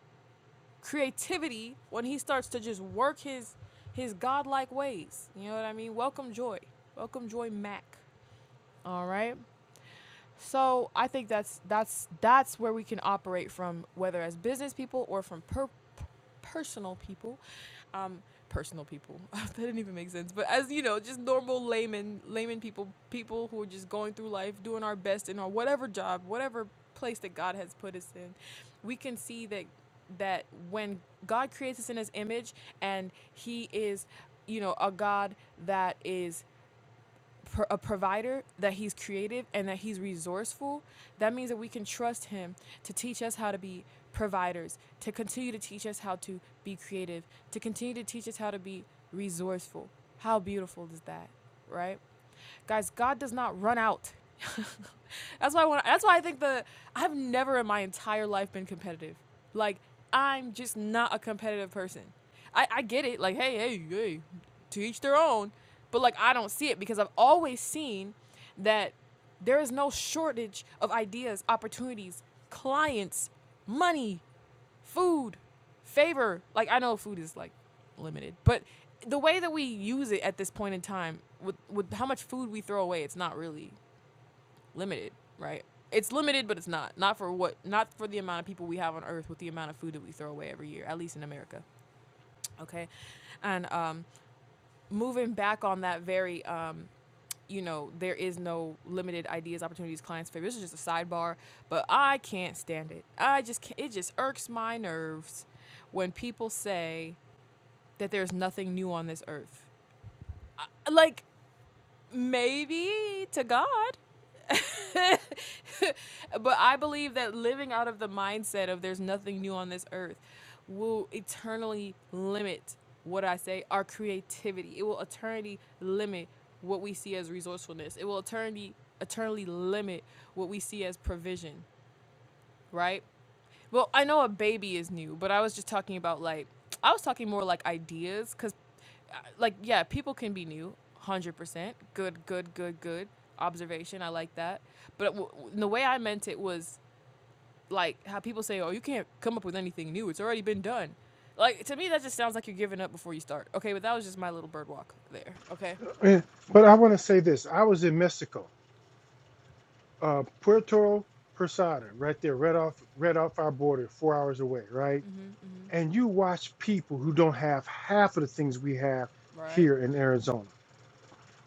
[SPEAKER 1] creativity when he starts to just work his his godlike ways. You know what I mean? Welcome Joy. Welcome Joy Mack. All right. So I think that's that's that's where we can operate from, whether as business people or from per- personal people, um, personal people. [laughs] that didn't even make sense. But as you know, just normal layman layman people, people who are just going through life, doing our best in our whatever job, whatever place that God has put us in, we can see that that when God creates us in His image and He is, you know, a God that is pro- a provider, that he's creative and that he's resourceful, that means that we can trust him to teach us how to be providers, to continue to teach us how to be creative, to continue to teach us how to be resourceful. How beautiful is that, right? Guys, God does not run out. [laughs] that's why I want that's why I think the I've never in my entire life been competitive. Like I'm just not a competitive person. I, I get it, like hey, hey, hey, to each their own. But like I don't see it because I've always seen that there is no shortage of ideas, opportunities, clients, money, food, favor. Like I know food is like limited, but the way that we use it at this point in time with with how much food we throw away, it's not really limited, right? It's limited, but it's not. Not for what not for the amount of people we have on earth with the amount of food that we throw away every year, at least in America. Okay? And um moving back on that very um you know, there is no limited ideas, opportunities, clients, favor. This is just a sidebar, but I can't stand it. I just can't, it just irks my nerves when people say that there's nothing new on this earth. Like maybe to God, [laughs] but I believe that living out of the mindset of there's nothing new on this earth will eternally limit what I say, our creativity. It will eternally limit what we see as resourcefulness. It will eternally eternally limit what we see as provision, right? Well, I know a baby is new, but I was just talking about like I was talking more like ideas cuz like yeah, people can be new, 100%. Good, good, good, good observation. I like that. But w- w- the way I meant it was like how people say, "Oh, you can't come up with anything new. It's already been done." Like to me that just sounds like you're giving up before you start. Okay, but that was just my little bird walk there. Okay?
[SPEAKER 2] Man, But I want to say this. I was in Mexico, uh, Puerto Posada, right there, right off, right off our border, four hours away, right?
[SPEAKER 1] Mhm. Mhm.
[SPEAKER 2] And you watch people who don't have half of the things we have
[SPEAKER 1] Right.
[SPEAKER 2] here in Arizona.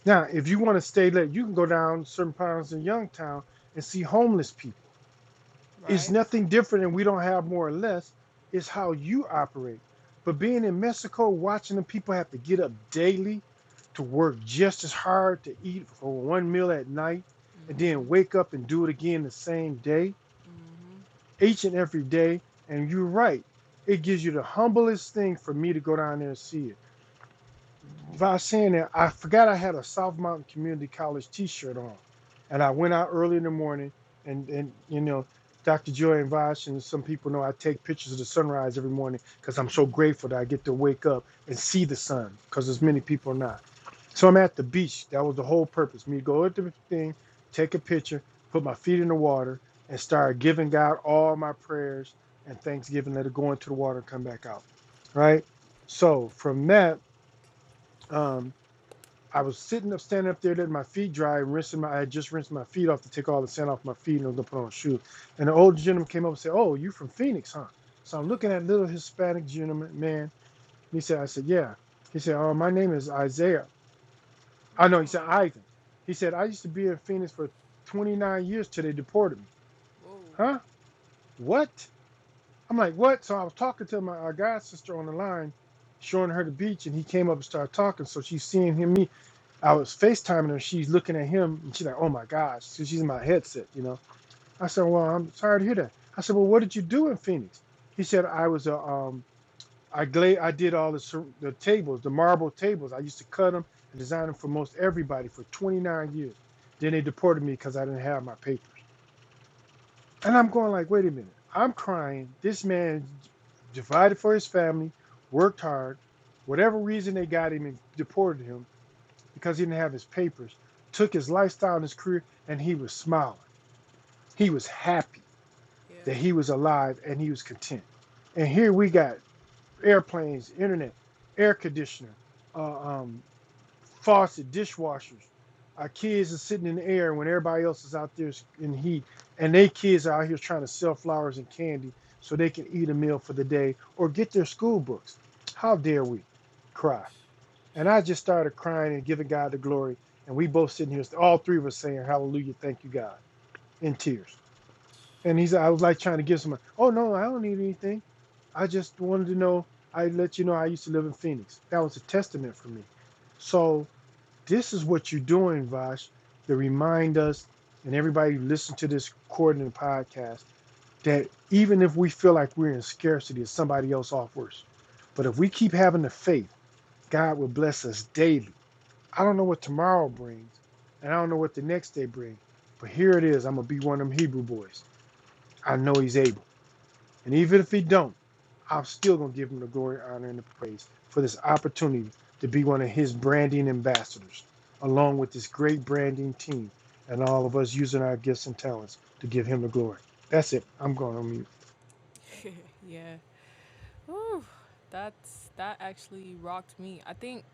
[SPEAKER 2] Now, if you want to stay late, you can go down certain parts in Youngtown and see homeless people It's
[SPEAKER 1] Right.
[SPEAKER 2] nothing different, and we don't have more or less. It's how you operate. But being in Mexico, watching the people have to get up daily to work just as hard to eat for one meal at night and then
[SPEAKER 1] Mhm.
[SPEAKER 2] wake up and do it again the same day,
[SPEAKER 1] Mhm.
[SPEAKER 2] each and every day. And you're right, it gives you the humblest thing for me to go down there and see it without saying that, I forgot I had a South Mountain Community College T-shirt on, and I went out early in the morning, and and you know, Dr. Joy and Vash and some people know I take pictures of the sunrise every morning because I'm so grateful that I get to wake up and see the sun because
[SPEAKER 1] Mhm.
[SPEAKER 2] as
[SPEAKER 1] Mhm.
[SPEAKER 2] many people are not. So I'm at the beach. That was the whole purpose. Me go at the thing, take a picture, put my feet in the water, and start giving God all my prayers and thanksgiving. Let it go into the water and come back out, right? So from that. Um, I was sitting up, standing up there, letting my feet dry, and rinsing my. I had just rinsed my feet off to take all the sand off my feet, and I was gonna put on a shoe. And the old gentleman came up and said, "Oh, you from Phoenix, huh?" So I'm looking
[SPEAKER 1] Uh-huh.
[SPEAKER 2] at little Hispanic gentleman man. And he said, "I said, yeah." He said, "Oh, my name is Isaiah." I know. He said,
[SPEAKER 1] Oh.
[SPEAKER 2] "Ivan." He said, "I used to be in Phoenix for 29 years till they deported me."
[SPEAKER 1] Whoa.
[SPEAKER 2] Huh? What? I'm like, what? So I was talking to my our god sister on the line, showing her the beach, and he came up and started talking. So she's seeing him, me. I was FaceTiming her. She's looking at him, and she's like, oh my gosh. So she's in my headset, you know. I said, well, I'm sorry to hear that. I said, well, what did you do in Phoenix? He said, I was a, um, I gla- I did all the cer- the tables, the marble tables. I used to cut them and design them for most everybody for 29 years. Then they deported me because I didn't have my papers. And I'm going like, wait a minute. I'm crying. This man divided for his family, worked hard. Whatever reason they got him and deported him because he didn't have his papers, took his lifestyle and his career, and he was smiling. He was happy
[SPEAKER 1] Yeah.
[SPEAKER 2] that he was alive and he was content. And here
[SPEAKER 1] Yeah.
[SPEAKER 2] we got airplanes, internet, air conditioner, uh, um, faucet, dishwashers. Our kids are sitting in the air when everybody else is out there in heat, and they kids are out here trying to sell flowers and candy so they can eat a meal for the day or get their school books. How dare we cry? And I just started crying and giving God the glory. And we both sitting here, all three of us saying, Hallelujah, thank you, God, in tears. And he's, I was like trying to give someone, Oh, no, I don't need anything. I just wanted to know, I let you know I used to live in Phoenix. That was a testament for me. So, this is what you're doing, Vash, to remind us and everybody who listens to this recording and podcast that even if we feel like we're in scarcity, it's somebody else off worse. But if we keep having the faith, God will bless us daily. I don't know what tomorrow brings, and I don't know what the next day brings, but here it is. I'm going to be one of them Hebrew boys. I know He's able. And even if he don't, I'm still gonna give him the glory, honor, and the praise for this opportunity to be one of his branding ambassadors, along with this great branding team and all of us using our gifts and talents to give him the glory. That's it. I'm going on mute.
[SPEAKER 1] Yeah. Whew. That's that actually rocked me. I think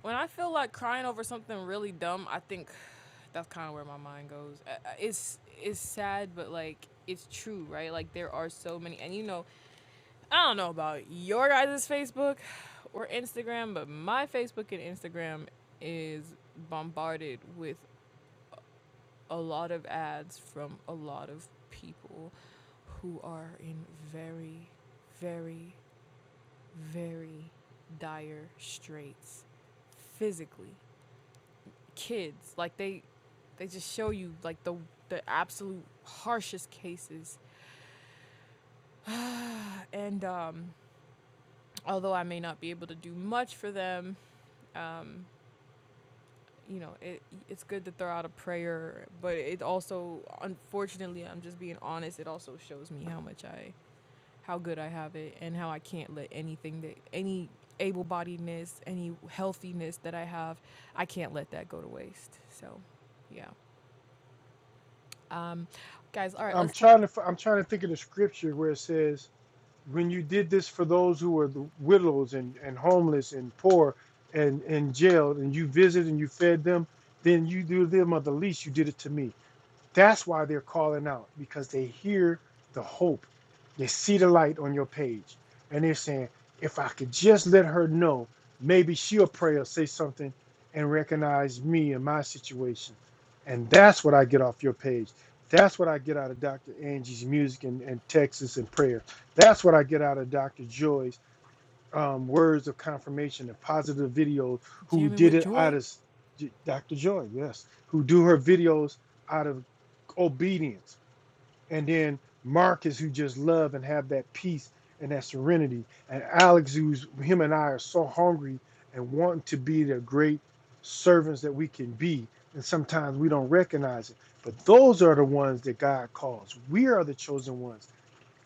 [SPEAKER 1] when I feel like crying over something really dumb, I think [sighs] that's kind of where my mind goes. Uh, uh, It's it's sad, but like it's true, right? Like there are so many, and you know, I don't know about your guys' Facebook [sighs] or Instagram, but my Facebook and Instagram is bombarded with a lot of ads from a lot of people who are in very, very very dire straits physically. Kids, like they they just show you like the the absolute harshest cases. And um although I may not be able to do much for them, you know, it it's good to throw out a prayer, but it also unfortunately, I'm just being honest, it also shows me how much I how good I have it and how I can't let anything that any able bodiedness, any healthiness that I have, I can't let that go to waste. So, yeah. Um, guys, all right,
[SPEAKER 2] I'm
[SPEAKER 1] let's talk.
[SPEAKER 2] trying to I'm trying to think of the scripture where it says, "When you did this for those who were the widows and, and homeless and poor and and jailed, and you visited and you fed them, then you do them of the least. You did it to me." That's why they're calling out because they hear the hope. They see the light on your page and they're saying, if I could just let her know, maybe she'll pray or say something and recognize me and my situation. And that's what I get off your page. That's what I get out of Dr. Angie's music and, and Texas and prayer. That's what I get out of Dr. Joy's um, words of confirmation and positive videos who
[SPEAKER 1] Jamming
[SPEAKER 2] did
[SPEAKER 1] with
[SPEAKER 2] it out
[SPEAKER 1] joy.
[SPEAKER 2] of J- Dr. Joy, yes, who do her videos out of obedience. And then Marcus, who just love and have that peace and that serenity. And Alex, who's him and I are so hungry and wanting to be the great servants that we can be. And sometimes we don't recognize it. But those are the ones that God calls. We are the chosen ones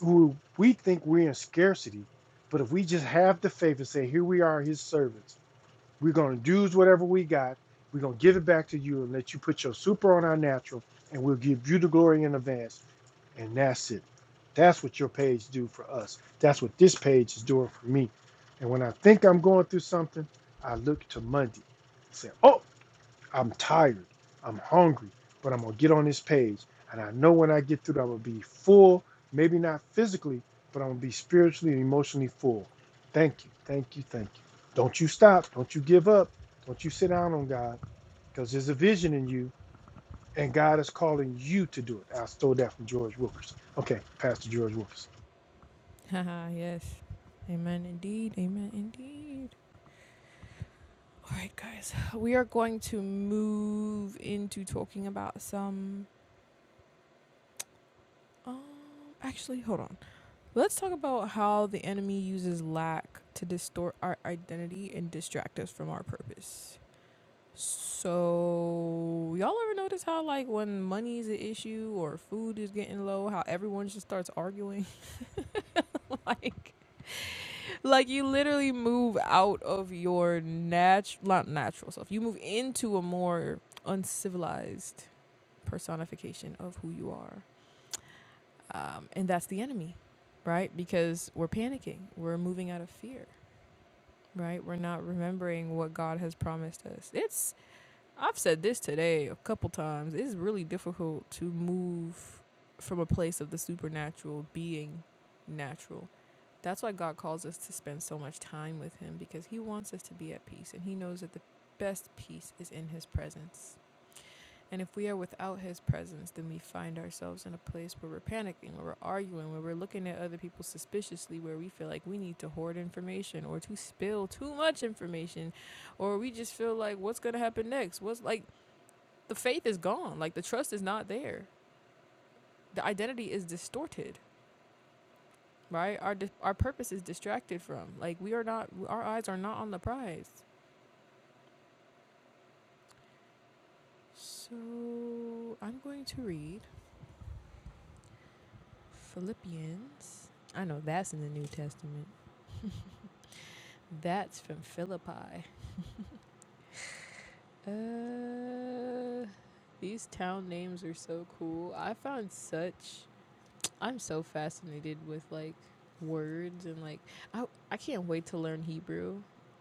[SPEAKER 2] who we think we're in scarcity, but if we just have the faith and say, Here we are, his servants, we're going to do whatever we got, we're going to give it back to you and let you put your super on our natural, and we'll give you the glory in advance. And that's it. That's what your page do for us. That's what this page is doing for me. And when I think I'm going through something, I look to Monday. I say, Oh, I'm tired. I'm hungry, but I'm gonna get on this page. And I know when I get through, I'm gonna be full. Maybe not physically, but I'm gonna be spiritually and emotionally full. Thank you, thank you, thank you. Don't you stop. Don't you give up. Don't you sit down on God, because there's a vision in you, and God is calling you to do it. I stole that from George Wilkerson. Okay, Pastor George Wilkerson.
[SPEAKER 1] Haha, [laughs] yes. Amen indeed. Amen indeed. All right, guys, we are going to move into talking about some. Um, actually, hold on. Let's talk about how the enemy uses lack to distort our identity and distract us from our purpose. So y'all ever notice how like when money is an issue or food is getting low, how everyone just starts arguing? [laughs] like like you literally move out of your natural not natural self. You move into a more uncivilized personification of who you are. Um, and that's the enemy, right? Because we're panicking. We're moving out of fear, right? We're not remembering what God has promised us. It's I've said this today a couple times. It's really difficult to move from a place of the supernatural being natural. That's why God calls us to spend so much time with Him because He wants us to be at peace and He knows that the best peace is in His presence. And if we are without His presence, then we find ourselves in a place where we're panicking, where we're arguing, where we're looking at other people suspiciously, where we feel like we need to hoard information or to spill too much information or we just feel like what's going to happen next what's like the faith is gone. Like the trust is not there. The identity is distorted, right? Our di- our purpose is distracted from. Like we are not. Our eyes are not on the prize. So I'm going to read Philippians. I know that's in the New Testament. That's from Philippi. Uh, these town names are so cool. I found such I'm so fascinated with like words and like I I can't wait to learn Hebrew.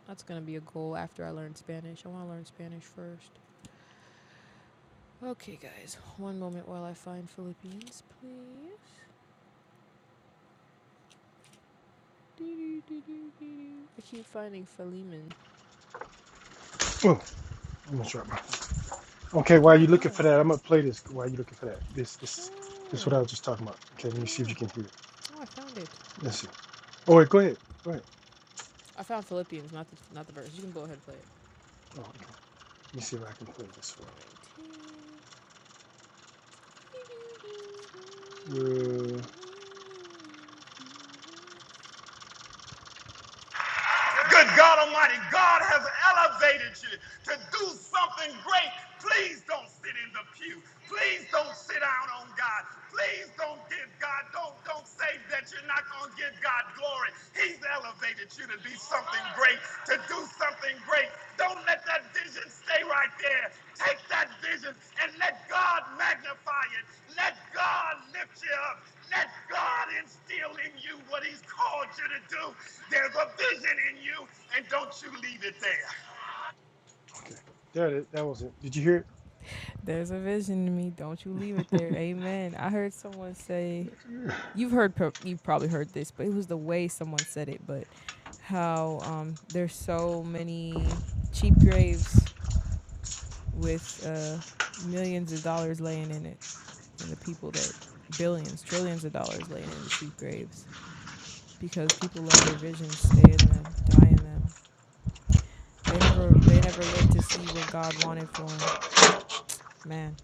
[SPEAKER 1] That's gonna be a goal after I learn Spanish. I want to learn Spanish first. Okay, guys, one moment while I find Philippians, please. I keep finding Philemon.
[SPEAKER 2] Oh, I'm gonna drop Okay,
[SPEAKER 1] Oh
[SPEAKER 2] while
[SPEAKER 1] my
[SPEAKER 2] you're looking
[SPEAKER 1] gosh.
[SPEAKER 2] for that, I'm gonna play this. While you're looking for that, this, this, this is what
[SPEAKER 1] Sure.
[SPEAKER 2] I was just talking about. Okay, let me see if
[SPEAKER 1] Yeah.
[SPEAKER 2] you can hear it.
[SPEAKER 1] Oh, I found it.
[SPEAKER 2] Let's see. Oh wait, go ahead. Go ahead.
[SPEAKER 1] I found Philippians, not the not the verse. You can go ahead and play it.
[SPEAKER 2] Oh, okay. Let me see if I can play this for
[SPEAKER 1] Four nineteen.
[SPEAKER 2] you. Uh, Good God Almighty, God has elevated you to do something great. Please don't sit in the pew. Please don't sit down on God. Please don't give God, don't, don't say that you're not going to give God glory. He's elevated you to be something great, to do something great. Don't let that vision stay right there. Take that vision and let God magnify it. Let God lift you up. Let God instill in you what He's called you to do. There's a vision in you, and don't you leave it there. Okay. That it. is. That was it. Did you hear it?
[SPEAKER 1] There's a vision in me. Don't you leave it there. Amen. I heard someone say you've heard pro- you've probably heard this, but it was the way someone said it. But how um, there's so many cheap graves with uh, millions of dollars laying in it, and the people that billions, trillions of dollars laying in the cheap graves because people let their visions stay in them, die in them. They never they never lived to see what God wanted for them. Man.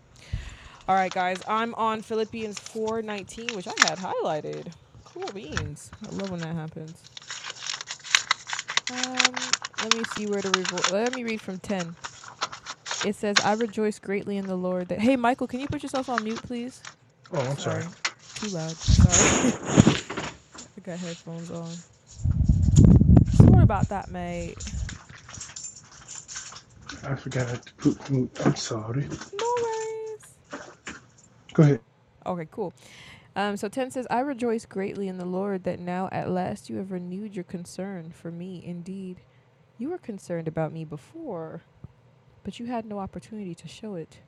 [SPEAKER 1] All right, guys. I'm on Philippians 4:19, which I had highlighted. Cool beans. I love when that happens. Um, let me see where to revor Let me read from 10. It says, I rejoice greatly in the Lord that. Hey, Michael, can you put yourself on mute, please?
[SPEAKER 2] Oh, I'm sorry.
[SPEAKER 1] Sorry. Too loud. Sorry. [laughs] I got headphones on. Sorry about that, mate.
[SPEAKER 2] I forgot to put. mute. I'm sorry.
[SPEAKER 1] No worries.
[SPEAKER 2] Go ahead.
[SPEAKER 1] Okay, cool. Um, so 10 says, I rejoice greatly in the Lord that now at last you have renewed your concern for me. Indeed, you were concerned about me before, but you had no opportunity to show it.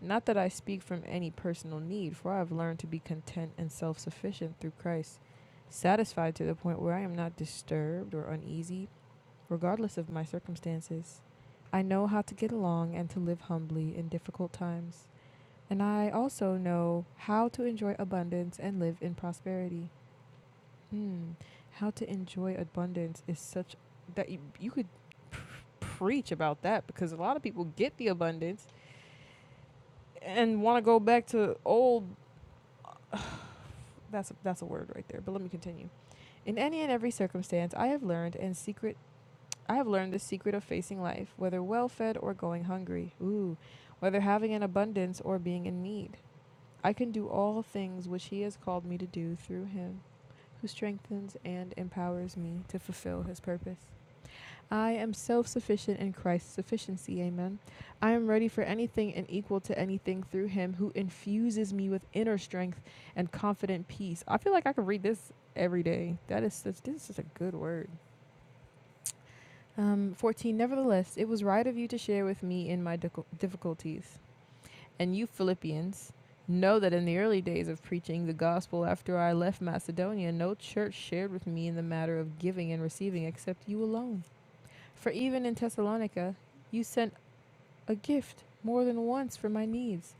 [SPEAKER 1] Not that I speak from any personal need, for I have learned to be content and self sufficient through Christ, satisfied to the point where I am not disturbed or uneasy, regardless of my circumstances. I know how to get along and to live humbly in difficult times, and I also know how to enjoy abundance and live in prosperity. Hmm, how to enjoy abundance is such that you, you could preach about that because a lot of people get the abundance and want to go back to old [sighs] That's a, that's a word right there. But let me continue. In any and every circumstance, I have learned and secret I have learned the secret of facing life, whether well-fed or going hungry. Ooh, whether having an abundance or being in need. I can do all things which he has called me to do through him who strengthens and empowers me to fulfill his purpose. I am self sufficient in Christ's sufficiency. Amen. I am ready for anything and equal to anything through Him who infuses me with inner strength and confident peace. I feel like I could read this every day. That is such, this is a good word. Um, 14. Nevertheless, it was right of you to share with me in my difficulties. And you, Philippians, know that in the early days of preaching the gospel after I left Macedonia, no church shared with me in the matter of giving and receiving except you alone. For even in Thessalonica, you sent a gift more than once for my needs.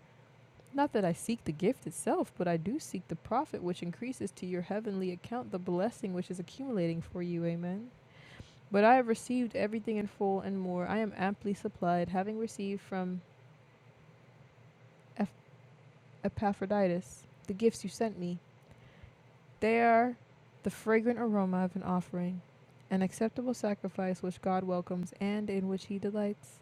[SPEAKER 1] Not that I seek the gift itself, but I do seek the profit which increases to your heavenly account the blessing which is accumulating for you. Amen. But I have received everything in full and more. I am amply supplied, having received from Eph- Epaphroditus the gifts you sent me. They are the fragrant aroma of an offering, an acceptable sacrifice which God welcomes and in which he delights.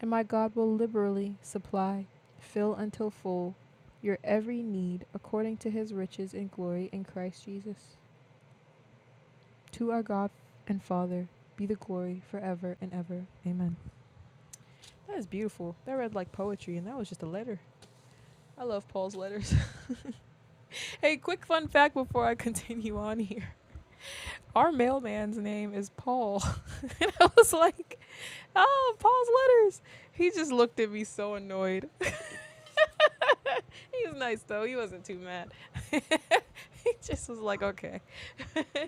[SPEAKER 1] And my God will liberally supply, fill until full, your every need according to his riches and glory in Christ Jesus. To our God and Father be the glory forever and ever. Amen. That is beautiful. That read like poetry, and that was just a letter. I love Paul's letters. [laughs] hey, quick fun fact before I continue on here. Our mailman's name is Paul. [laughs] I was like, Oh, Paul's letters. He just looked at me so annoyed. [laughs] he was nice though. He wasn't too mad. [laughs] he just was like, okay. [laughs]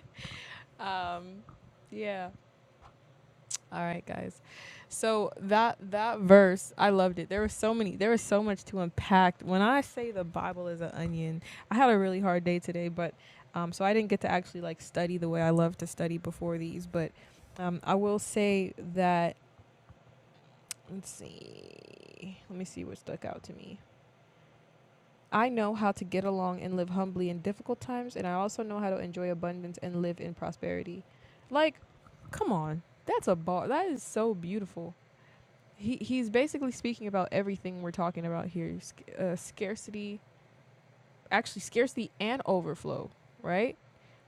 [SPEAKER 1] Um, yeah. All right, guys. So that that verse, I loved it. There was so many. There was so much to unpack. When I say the Bible is an onion, I had a really hard day today, but um, so I didn't get to actually like study the way I love to study before these. But um, I will say that Let's see. Let me see what stuck out to me. I know how to get along and live humbly in difficult times, and I also know how to enjoy abundance and live in prosperity. Like, come on, that's a bar. That is so beautiful. He he's basically speaking about everything we're talking about here: Sc- uh, scarcity, actually scarcity and overflow, right?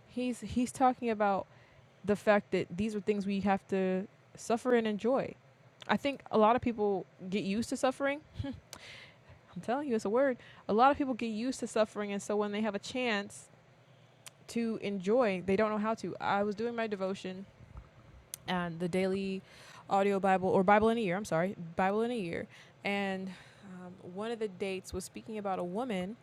[SPEAKER 1] He's he's talking about the fact that these are things we have to suffer and enjoy. I think a lot of people get used to suffering I'm telling you, it's a word. A lot of people get used to suffering, and so when they have a chance to enjoy, they don't know how to. I was doing my devotion and the daily audio Bible or Bible in a year. I'm sorry, Bible in a year, and um, one of the dates was speaking about a woman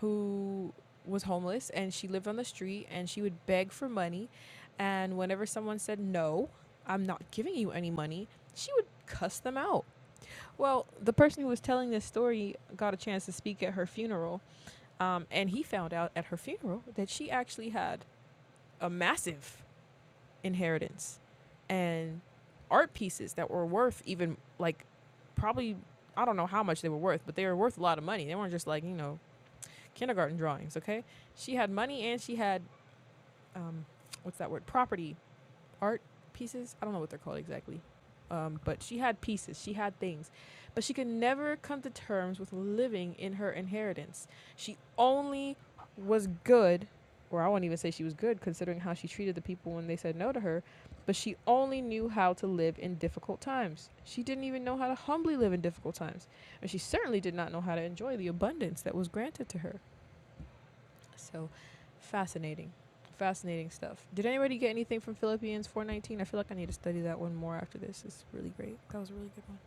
[SPEAKER 1] who was homeless and she lived on the street and she would beg for money, and whenever someone said no, I'm not giving you any money, she would cuss them out. Well, the person who was telling this story got a chance to speak at her funeral um, and he found out at her funeral that she actually had a massive inheritance and art pieces that were worth even like probably I don't know how much they were worth, but they were worth a lot of money. They weren't just like you know kindergarten drawings. Okay, she had money and she had um, what's that word? Property art pieces. I don't know what they're called exactly. Um, but she had pieces, she had things, but she could never come to terms with living in her inheritance. She only was good, or I won't even say she was good considering how she treated the people when they said no to her, but she only knew how to live in difficult times. She didn't even know how to humbly live in difficult times, and she certainly did not know how to enjoy the abundance that was granted to her. So fascinating. Fascinating stuff. Did anybody get anything from Philippians 4:19? I feel like I need to study that one more after this. It's really great. That was a really good one.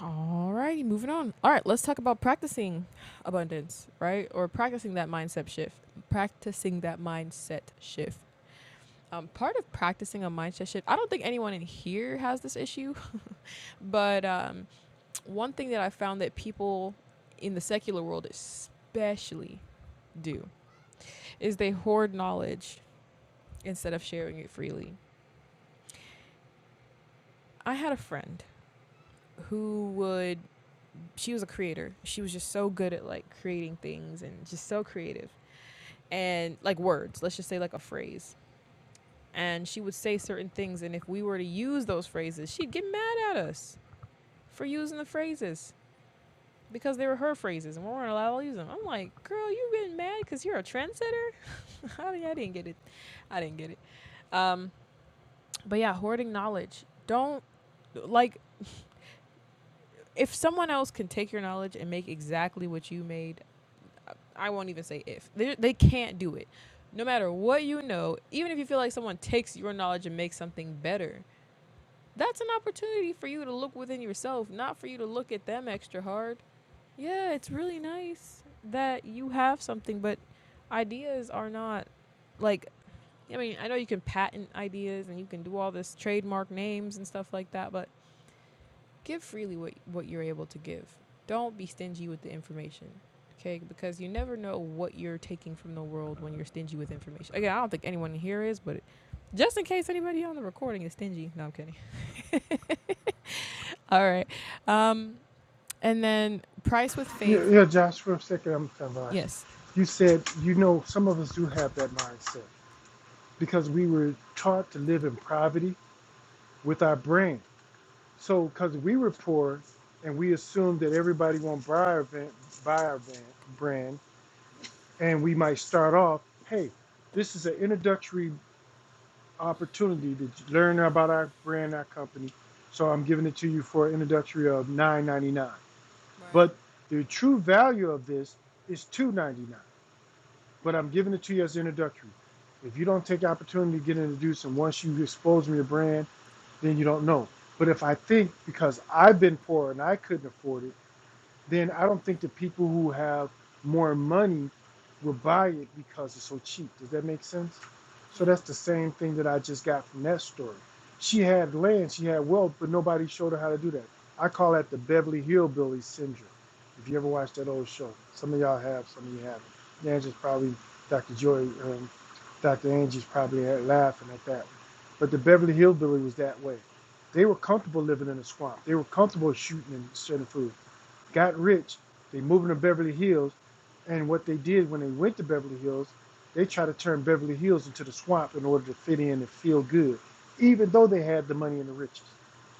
[SPEAKER 1] All righty, moving on. All right, let's talk about practicing abundance, right? Or practicing that mindset shift. Practicing that mindset shift. Um, part of practicing a mindset shift, I don't think anyone in here has this issue, [laughs] but um, one thing that I found that people in the secular world especially do is they hoard knowledge instead of sharing it freely. I had a friend who would, she was a creator. She was just so good at like creating things and just so creative and like words, let's just say like a phrase. And she would say certain things, and if we were to use those phrases, she'd get mad at us for using the phrases because they were her phrases and we weren't allowed to use them. I'm like, girl, you getting mad because you're a trendsetter? [laughs] I, didn't get it. I didn't get it. Um, But yeah, hoarding knowledge. Don't like if someone else can take your knowledge and make exactly what you made. I won't even say if they they can't do it. No matter what you know, even if you feel like someone takes your knowledge and makes something better, that's an opportunity for you to look within yourself, not for you to look at them extra hard. Yeah, it's really nice that you have something, but ideas are not like I mean, I know you can patent ideas and you can do all this trademark names and stuff like that, but give freely what, what you're able to give. Don't be stingy with the information. Okay, because you never know what you're taking from the world when you're stingy with information. Again, I don't think anyone here is, but just in case anybody on the recording is stingy. No, I'm kidding. [laughs] All right. Um, and then price with
[SPEAKER 2] Yeah,
[SPEAKER 1] faith.
[SPEAKER 2] yeah, Josh. For a second, I'm I'm lost.
[SPEAKER 1] Yes.
[SPEAKER 2] You said you know some of us do have that mindset. because we were taught to live in poverty with our brain. So, because we were poor and we assumed that everybody won't buy our, van, buy our van, brand, and we might start off, hey, this is an introductory opportunity to learn about our brand, our company. So I'm giving it to you for an introductory of nine ninety nine,
[SPEAKER 1] Right.
[SPEAKER 2] But the true value of this is two ninety nine. But I'm giving it to you as introductory. If you don't take the opportunity to get introduced, and once you expose me to your brand then you don't know. But if I think because I've been poor and I couldn't afford it, then I don't think the people who have more money will buy it because it's so cheap. Does that make sense?
[SPEAKER 1] Yeah.
[SPEAKER 2] So that's the same thing that I just got from that story. She had land, she had wealth, but nobody showed her how to do that. I call that the Beverly Hillbillies syndrome. If you ever watched that old show, some of y'all have, some of you haven't. Angie's probably, Dr. Joy, um, Dr. Angie's probably laughing at that one. But the Beverly Hillbilly was that way. They were comfortable living in a swamp. They were comfortable shooting and certain food got rich, they moved to Beverly Hills, and what they did when they went to Beverly Hills, they tried to turn Beverly Hills into the swamp in order to fit in and feel good, even though they had the money and the riches.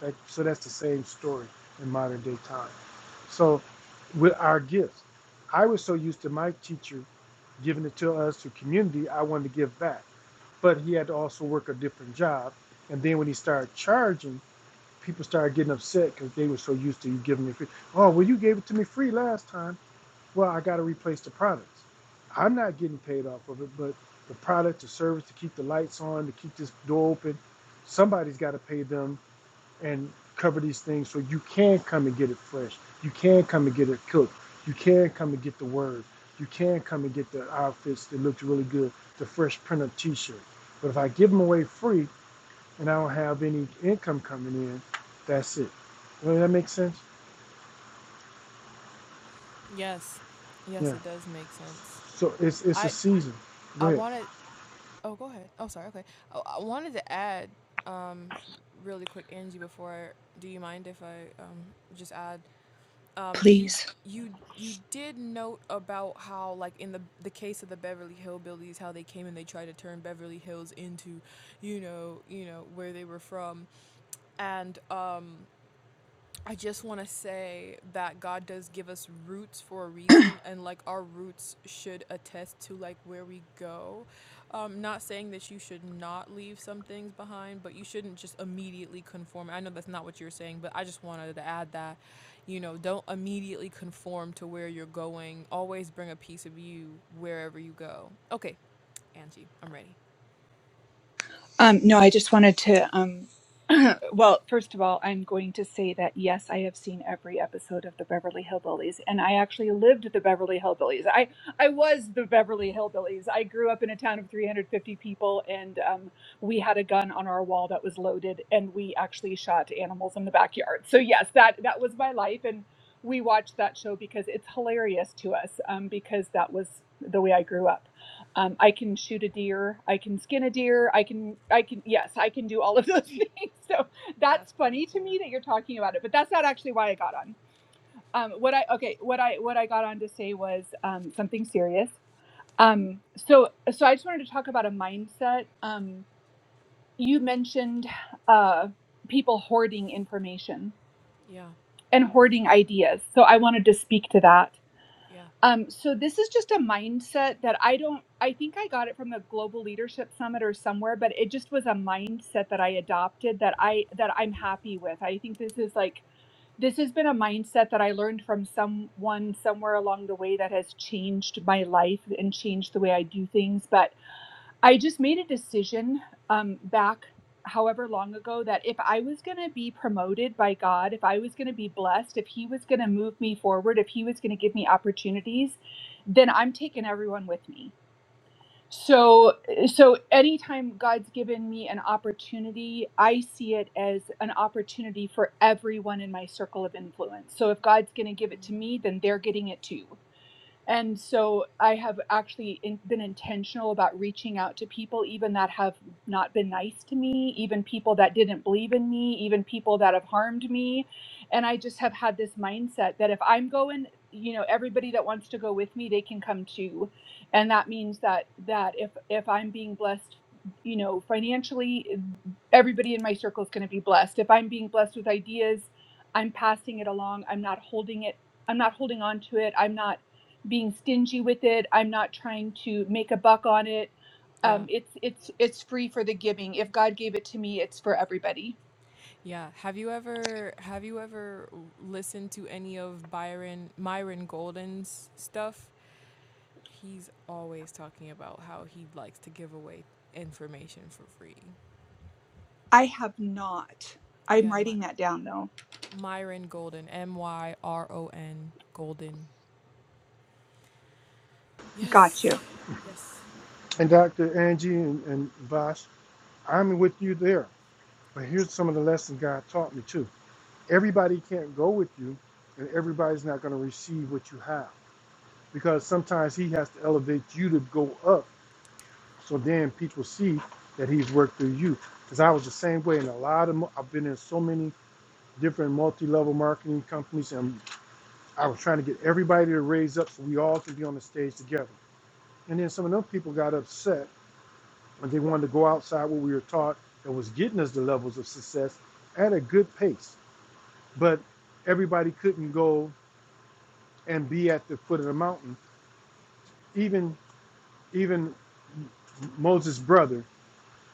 [SPEAKER 2] That, so that's the same story in modern day time. So with our gifts, I was so used to my teacher giving it to us to community, I wanted to give back. But he had to also work a different job. And then when he started charging people started getting upset because they were so used to you giving me free. Oh, well, you gave it to me free last time. Well, I got to replace the products. I'm not getting paid off of it, but the product, the service to keep the lights on, to keep this door open, somebody's got to pay them and cover these things so you can come and get it fresh. You can come and get it cooked. You can come and get the word. You can come and get the outfits that looked really good, the fresh print of t shirt. But if I give them away free, and I don't have any income coming in, that's it. Does that make sense?
[SPEAKER 1] Yes. Yes,
[SPEAKER 2] Yeah.
[SPEAKER 1] it does make sense.
[SPEAKER 2] So it's it's a
[SPEAKER 1] I
[SPEAKER 2] season. Go
[SPEAKER 1] I
[SPEAKER 2] ahead.
[SPEAKER 1] wanted. Oh, go ahead. Oh, sorry. Okay. Oh, I wanted to add, um, really quick, Angie. Before, I, do you mind if I um just add um,
[SPEAKER 4] please
[SPEAKER 1] you you you did note about how like in the the case of the Beverly Hillbillies how they came and they tried to turn Beverly Hills into you know you know where they were from and um I just want to say that God does give us roots for a reason, and like our roots should attest to like where we go. Um, not saying that you should not leave some things behind, but you shouldn't just immediately conform. I know that's not what you're saying, but I just wanted to add that, you know, don't immediately conform to where you're going. Always bring a piece of you wherever you go. Okay, Angie, I'm ready.
[SPEAKER 4] Um, no, I just wanted to. Um, [clears throat] well, first of all, I'm going to say that yes, I have seen every episode of the Beverly Hillbillies, and I actually lived the Beverly Hillbillies. I I was the Beverly Hillbillies. I grew up in a town of 350 people, and um, we had a gun on our wall that was loaded, and we actually shot animals in the backyard. So yes, that that was my life, and we watched that show because it's hilarious to us, um, because that was the way I grew up um, i can shoot a deer i can skin a deer i can i can yes i can do all of those [laughs] things so that's
[SPEAKER 1] That's pretty
[SPEAKER 4] funny to
[SPEAKER 1] cool.
[SPEAKER 4] me that you're talking about it but that's not actually why i got on um, what i okay what i what i got on to say was um, something serious um, so so i just wanted to talk about a mindset um, you mentioned uh, people hoarding information
[SPEAKER 1] Yeah,
[SPEAKER 4] and hoarding ideas so i wanted to speak to that
[SPEAKER 1] yeah,
[SPEAKER 4] Um, so this is just a mindset that I don't, I think I got it from the Global Leadership Summit or somewhere, but it just was a mindset that I adopted that I, that I'm happy with. I think this is like, this has been a mindset that I learned from someone somewhere along the way that has changed my life and changed the way I do things. But I just made a decision um, back however long ago that if I was going to be promoted by God, if I was going to be blessed, if He was going to move me forward, if He was going to give me opportunities, then I'm taking everyone with me. So, eh, so anytime God's given me an opportunity, I see it as an opportunity for everyone in my circle of influence. So, if God's going to give it to me, then they're getting it too and so I have actually in, been intentional about reaching out to people, even that have not been nice to me, even people that didn't believe in me, even people that have harmed me. And I just have had this mindset that if I'm going, you know, everybody that wants to go with me, they can come too. And that means that that if if I'm being blessed, you know, financially, everybody in my circle is going to be blessed. If I'm being blessed with ideas, I'm passing it along. I'm not holding it. I'm not holding on to it. I'm not being stingy with it. I'm not trying to make a buck on it.
[SPEAKER 1] yeah.
[SPEAKER 4] Um, it's it's it's free for the giving. If God gave it to me, it's for everybody.
[SPEAKER 1] Yeah. Have you ever have you ever listened to any of Byron Myron Golden's stuff? He's always talking about how he likes to give away information for free.
[SPEAKER 4] I have not. I'm
[SPEAKER 1] Yeah, My,
[SPEAKER 4] writing that down though.
[SPEAKER 1] Myron Golden, M Y R O N Golden.
[SPEAKER 4] Got you.
[SPEAKER 1] Yes. Yes.
[SPEAKER 2] And Dr. Angie and, and Vosh, I'm with you there. But here's some of the lessons God taught me too. Everybody can't go with you, and everybody's not going to receive what you have because sometimes He has to elevate you to go up. So then people see that He's worked through you. Because I was the same way And a lot of. mo- I've been in so many different multi-level marketing companies, and I was trying to get everybody to raise up so we all can be on the stage together. And then some of them people got upset and they wanted to go outside what we were taught that was getting us the levels of success at a good pace. But everybody couldn't go and be at the foot of the mountain. Even even Moses' brother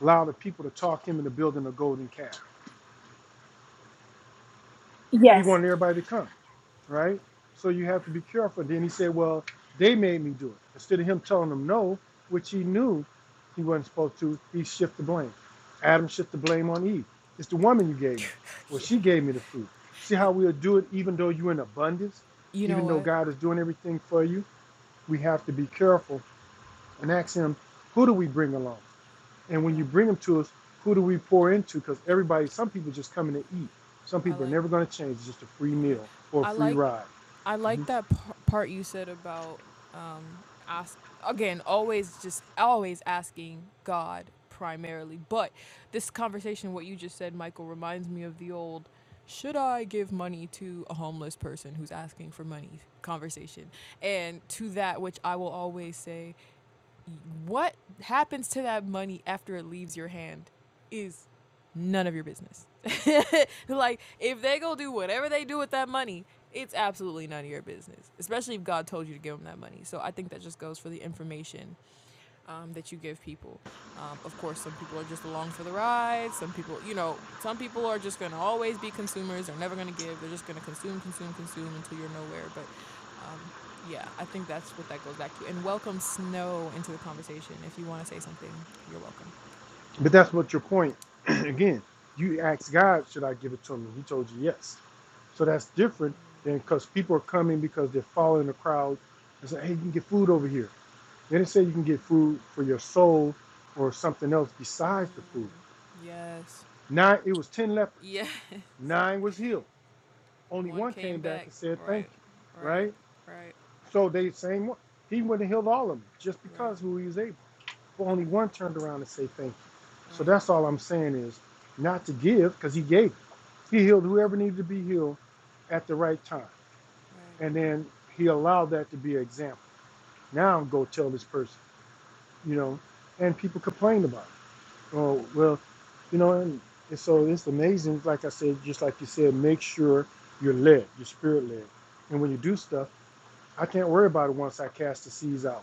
[SPEAKER 2] allowed the people to talk him into building a golden calf. He
[SPEAKER 4] Yes,
[SPEAKER 2] wanted everybody to come. right? So you have to be careful. Then he said, Well, they made me do it. Instead of him telling them no, which he knew he wasn't supposed to, he shifted the blame. Adam shifted the blame on Eve. It's the woman you gave me.
[SPEAKER 1] [laughs]
[SPEAKER 2] Well,
[SPEAKER 1] yeah.
[SPEAKER 2] she gave me the fruit. See
[SPEAKER 1] You,
[SPEAKER 2] how we'll do it even though you're in abundance,
[SPEAKER 1] you know
[SPEAKER 2] even though
[SPEAKER 1] what?
[SPEAKER 2] God is doing everything for you? We have to be careful and ask him, who do we bring along? And when you
[SPEAKER 1] Yeah.
[SPEAKER 2] bring them to us, who do we pour into? Because everybody, some people just come in to eat. Some
[SPEAKER 1] I
[SPEAKER 2] people are
[SPEAKER 1] like
[SPEAKER 2] never going to change. It's just a free
[SPEAKER 1] yeah.
[SPEAKER 2] meal or a
[SPEAKER 1] I
[SPEAKER 2] free
[SPEAKER 1] like
[SPEAKER 2] ride.
[SPEAKER 1] I
[SPEAKER 2] Mm-hmm.
[SPEAKER 1] like that par- part you said about um, ask again. Always just always asking God primarily. But this conversation, what you just said, Michael, reminds me of the old "Should I give money to a homeless person who's asking for money?" conversation. And to that, which I will always say. What happens to that money after it leaves your hand is none of your business. [laughs] like, if they go do whatever they do with that money, it's absolutely none of your business, especially if God told you to give them that money. So I think that just goes for the information um, that you give people. Um, of course, some people are just along for the ride. Some people, you know, some people are just going to always be consumers. They're never going to give. They're just going to consume, consume, consume until you're nowhere. But um, yeah, I think that's what that goes back to. And welcome snow into the conversation. If you want to say something, you're welcome.
[SPEAKER 2] But that's what your point. [clears throat] Again, you asked God, should I give it to him? And he told you yes. So that's different than because people are coming because they're following the crowd and say, hey, you can get food over here. They didn't say you can get food for your soul or something else besides the food.
[SPEAKER 1] Mm, Yes.
[SPEAKER 2] Nine, it was 10 lepers.
[SPEAKER 1] Yeah, [laughs]
[SPEAKER 2] Nine was healed. Only
[SPEAKER 1] one
[SPEAKER 2] one
[SPEAKER 1] came
[SPEAKER 2] came back
[SPEAKER 1] back.
[SPEAKER 2] and said, thank
[SPEAKER 1] Right,
[SPEAKER 2] you,
[SPEAKER 1] right,
[SPEAKER 2] right?
[SPEAKER 1] right,
[SPEAKER 2] So they same one. He wouldn't have healed all of them just
[SPEAKER 1] right,
[SPEAKER 2] because who he was able. But only one turned around and said, thank you. So
[SPEAKER 1] right,
[SPEAKER 2] that's all I'm saying is not to give because he gave. He healed whoever needed to be healed at the right time.
[SPEAKER 1] right.
[SPEAKER 2] And then he allowed that to be an example. Now go tell this person, you know, and people complained about it. Oh, well, you know, and, and so it's amazing. Like I said, just like you said, make sure you're led, you're spirit led. And when you do stuff, I can't worry about it once I cast the seeds out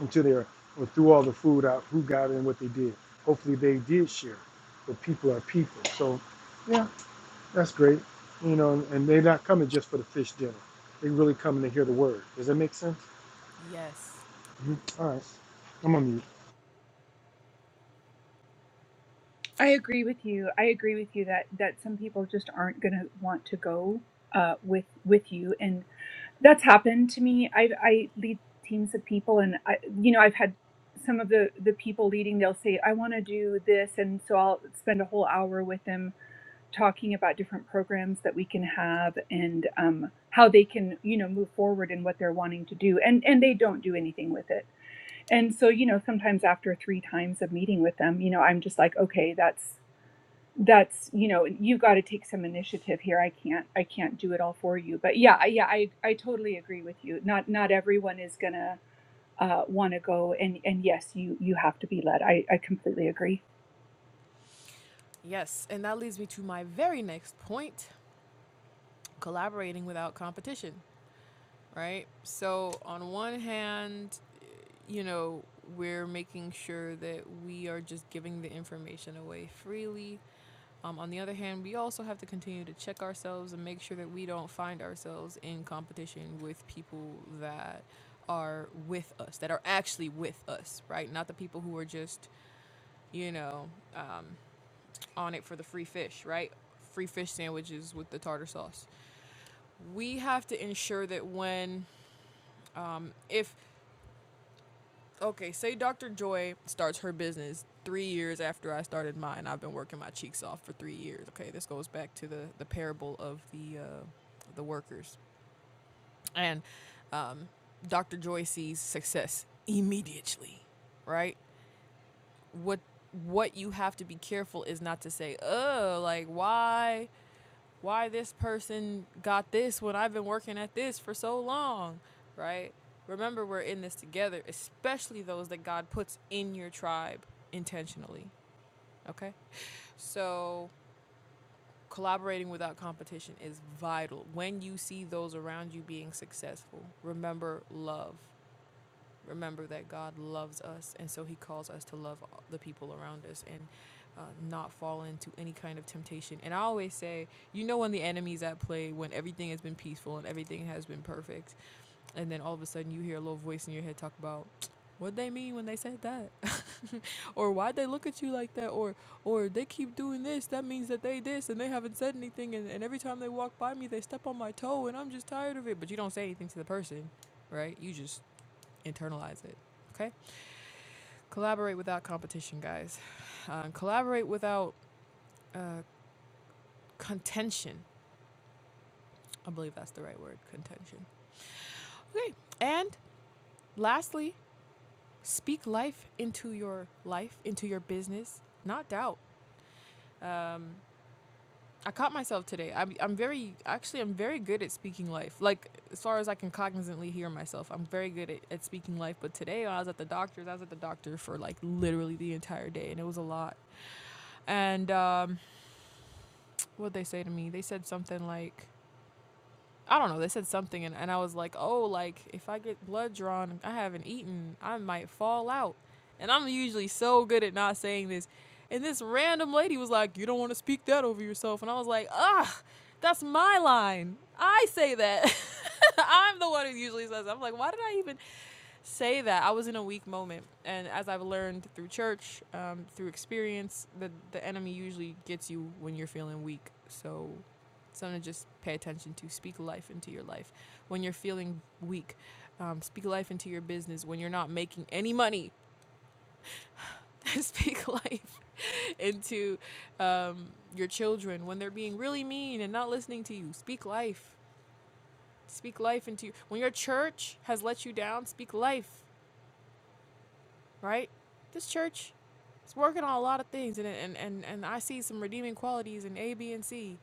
[SPEAKER 2] into there or threw all the food out, who got it and what they did. Hopefully they did share, but people are people. So, yeah, that's great. You know, and, they're not coming just for the fish dinner. They are really coming to hear the word. Does that make sense?
[SPEAKER 1] Yes.
[SPEAKER 2] Mhm. All right. I'm on mute.
[SPEAKER 4] I agree with you. I agree with you that that some people just aren't going to want to go uh, with with you, and that's happened to me. I I lead teams of people, and I you know I've had some of the the people leading. They'll say I want to do this, and so I'll spend a whole hour with them talking about different programs that we can have and um, how they can you know move forward in what they're wanting to do and and they don't do anything with it and so you know sometimes after three times of meeting with them you know i'm just like okay that's that's you know you got to take some initiative here i can't i can't do it all for you but yeah yeah i i totally agree with you not not everyone is gonna uh, want to go and and yes you you have to be led i i completely agree
[SPEAKER 1] Yes. And that leads me to my very next point, collaborating without competition, right? So, on one hand, you know, we're making sure that we are just giving the information away freely. Um, on the other hand, we also have to continue to check ourselves and make sure that we don't find ourselves in competition with people that are with us, that are actually with us, right? Not the people who are just, you know, um, on it for the free fish, right? Free fish sandwiches with the tartar sauce we have to ensure that when um, if okay say dr joy starts her business three years after i started mine i've been working my cheeks off for three years okay this goes back to the the parable of the uh, the workers and um, dr joy sees success immediately right what what you have to be careful is not to say oh like why why this person got this when I've been working at this for so long, right? Remember, we're in this together, especially those that God puts in your tribe intentionally, okay? So, collaborating without competition is vital. When you see those around you being successful, remember love remember that God loves us, and so He calls us to love the people around us and uh, not fall into any kind of temptation. And I always say, you know, when the enemy's at play, when everything has been peaceful and everything has been perfect, and then all of a sudden you hear a little voice in your head talk about. What they mean when they said that, [laughs] or why'd they look at you like that, or or they keep doing this. That means that they this, and they haven't said anything. And, and every time they walk by me, they step on my toe, and I'm just tired of it. But you don't say anything to the person, right? You just internalize it. Okay? Collaborate without competition, guys. Uh, collaborate without uh, contention. I believe that's the right word contention. Okay. And lastly, speak life into your life, into your business, not doubt. Um, I caught myself today. I'm, I'm very, actually, I'm very good at speaking life. Like, as far as I can cognizantly hear myself, I'm very good at, at speaking life. But today, when I was at the doctor's, I was at the doctor for like literally the entire day, and it was a lot. And um, what'd they say to me? They said something like, I don't know, they said something, and, and I was like, oh, like, if I get blood drawn, I haven't eaten, I might fall out. And I'm usually so good at not saying this. And this random lady was like, you don't want to speak that over yourself. And I was like, ah, that's my line. I say that. [laughs] I'm the one who usually says that. I'm like, why did I even say that I was in a weak moment, and as I've learned through church, um, through experience, that the enemy usually gets you when you're feeling weak. So, something to just pay attention to. Speak life into your life when you're feeling weak. Um, speak life into your business when you're not making any money. [laughs] speak life into um, your children when they're being really mean and not listening to you. Speak life. Speak life into you when your church has let you down. Speak life right? This church is working on a lot of things, and and and, and I see some redeeming qualities in A, B, and C.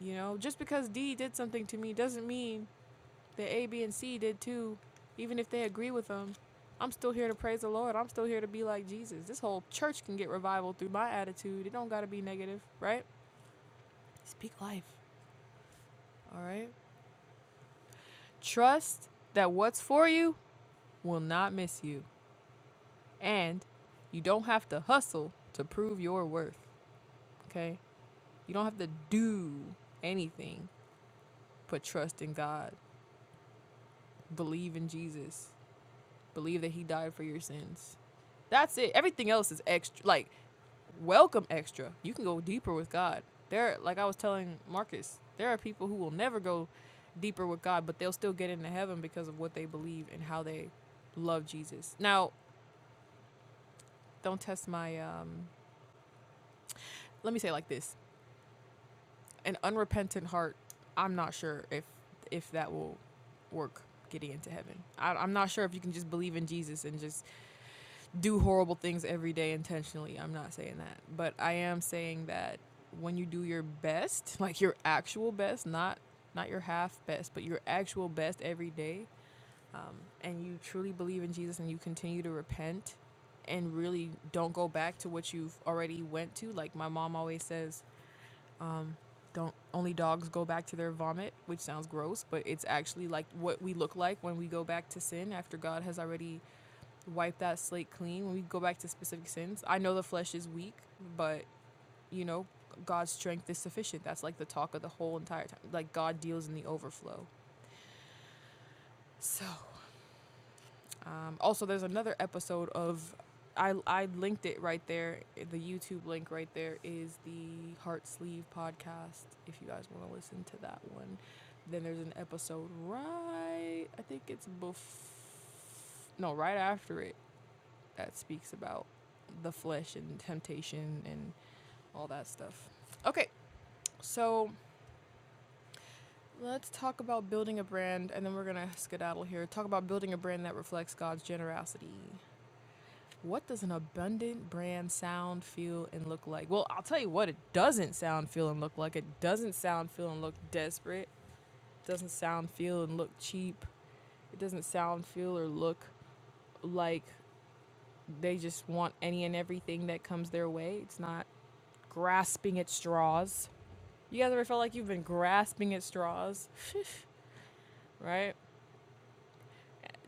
[SPEAKER 1] You know, just because D did something to me doesn't mean that A, B, and C did too. Even if they agree with them, I'm still here to praise the Lord. I'm still here to be like Jesus. This whole church can get revival through my attitude. It don't gotta be negative, right? Speak life, all right? Trust that what's for you will not miss you, and you don't have to hustle to prove your worth. Okay? You don't have to do anything but trust in God, believe in Jesus, believe that He died for your sins. That's it. Everything else is extra. Like, welcome extra. You can go deeper with God. There, like I was telling Marcus, there are people who will never go deeper with God, but they'll still get into heaven because of what they believe and how they love Jesus. Now, don't test my. Um, let me say it like this: an unrepentant heart, I'm not sure if if that will work getting into heaven. I, I'm not sure if you can just believe in Jesus and just do horrible things every day intentionally. I'm not saying that, but I am saying that when you do your best, [laughs] like your actual best, not not your half best, but your actual best every day, um, and you truly believe in Jesus and you continue to repent and really don't go back to what you've already went to. Like my mom always says, um, don't only dogs go back to their vomit, which sounds gross, but it's actually like what we look like when we go back to sin after God has already wiped that slate clean. When we go back to specific sins, I know the flesh is weak, but you know God's strength is sufficient. That's like the talk of the whole entire time. Like God deals in the overflow. So Um, also, there's another episode of I I linked it right there. The YouTube link right there is the Heart Sleeve podcast. If you guys want to listen to that one, then there's an episode right. I think it's bef- no right after it that speaks about the flesh and temptation and all that stuff. Okay, so let's talk about building a brand, and then we're gonna skedaddle here. Talk about building a brand that reflects God's generosity. What does an abundant brand sound, feel, and look like? Well, I'll tell you what it doesn't sound, feel, and look like. It doesn't sound, feel, and look desperate. It doesn't sound, feel, and look cheap. It doesn't sound, feel, or look like they just want any and everything that comes their way. It's not grasping at straws. You guys ever felt like you've been grasping at straws, right?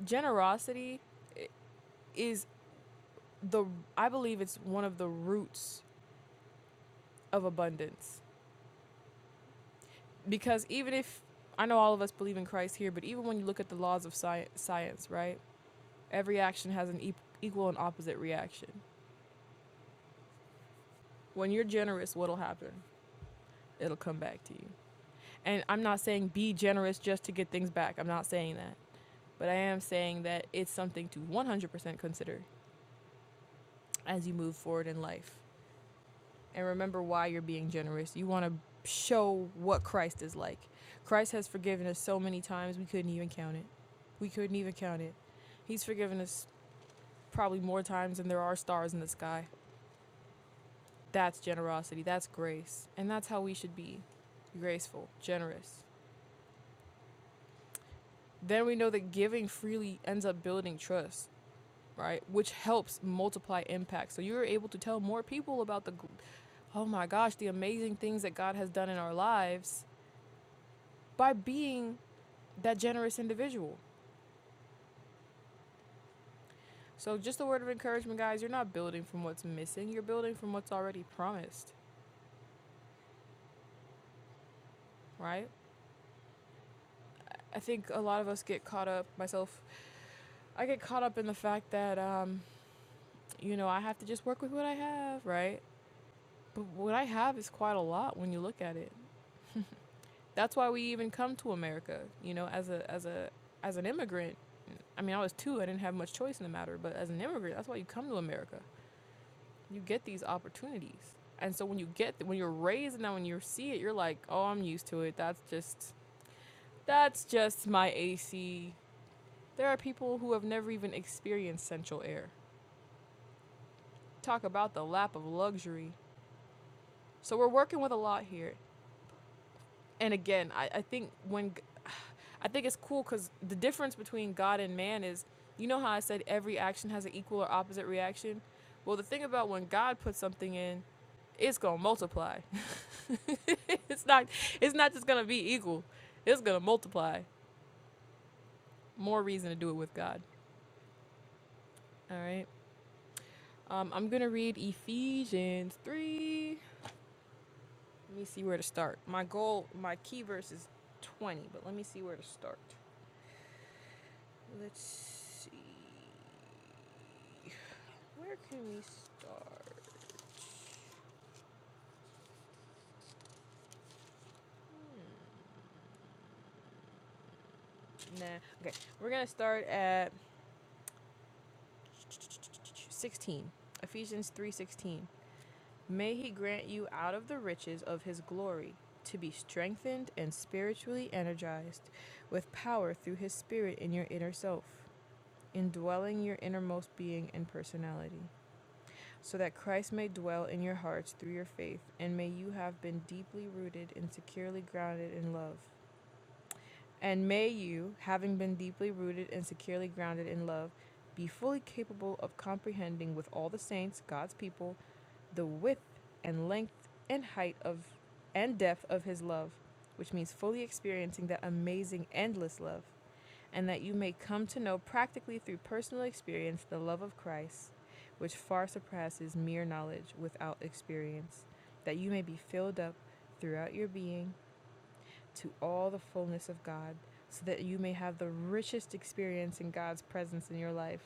[SPEAKER 1] Generosity is the, I believe it's one of the roots of abundance because even if I know all of us believe in Christ here, but even when you look at the laws of sci- science, right? Every action has an e- equal and opposite reaction. When you're generous, what'll happen? It'll come back to you. And I'm not saying be generous just to get things back. I'm not saying that. But I am saying that it's something to 100% consider as you move forward in life. and remember why you're being generous. You want to show what Christ is like. Christ has forgiven us so many times we couldn't even count it. We couldn't even count it. He's forgiven us probably more times than there are stars in the sky. That's generosity. That's grace. And that's how we should be graceful, generous. Then we know that giving freely ends up building trust, right? Which helps multiply impact. So you're able to tell more people about the, oh my gosh, the amazing things that God has done in our lives by being that generous individual. So, just a word of encouragement, guys. You're not building from what's missing, you're building from what's already promised, right? I think a lot of us get caught up, myself, I get caught up in the fact that, um, you know, I have to just work with what I have, right? But what I have is quite a lot when you look at it. That's why we even come to America, you know, as a as a as an immigrant. I mean, I was two, I didn't have much choice in the matter, but as an immigrant, that's why you come to America. you get these opportunities. And so when you get when you're raised and then when you see it, you're like, "Oh, I'm used to it. That's just that's just my AC." There are people who have never even experienced central air. Talk about the lap of luxury. So we're working with a lot here. and again, I, I think when [sighs] I think it's cool because the difference between God and man is, you know how I said every action has an equal or opposite reaction. Well, the thing about when God puts something in, it's gonna multiply. [laughs] it's not. It's not just gonna be equal. It's gonna multiply. More reason to do it with God. All right. Um, I'm gonna read Ephesians three. Let me see where to start. My goal, my key verse is 20, but let me see where to start. Let's see. Where can we start? Nah. Okay, we're gonna start at 16. Ephesians 3:16. May he grant you out of the riches of his glory to be strengthened and spiritually energized with power through his spirit in your inner self, indwelling your innermost being and personality, so that Christ may dwell in your hearts through your faith, and may you have been deeply rooted and securely grounded in love And may you, having been deeply rooted and securely grounded in love, be fully capable of comprehending with all the saints, God's people, the width and length and height of and depth of his love, which means fully experiencing that amazing endless love, and that you may come to know practically through personal experience the love of Christ, which far surpasses mere knowledge without experience, that you may be filled up throughout your being to all the fullness of God, so that you may have the richest experience in God's presence in your life,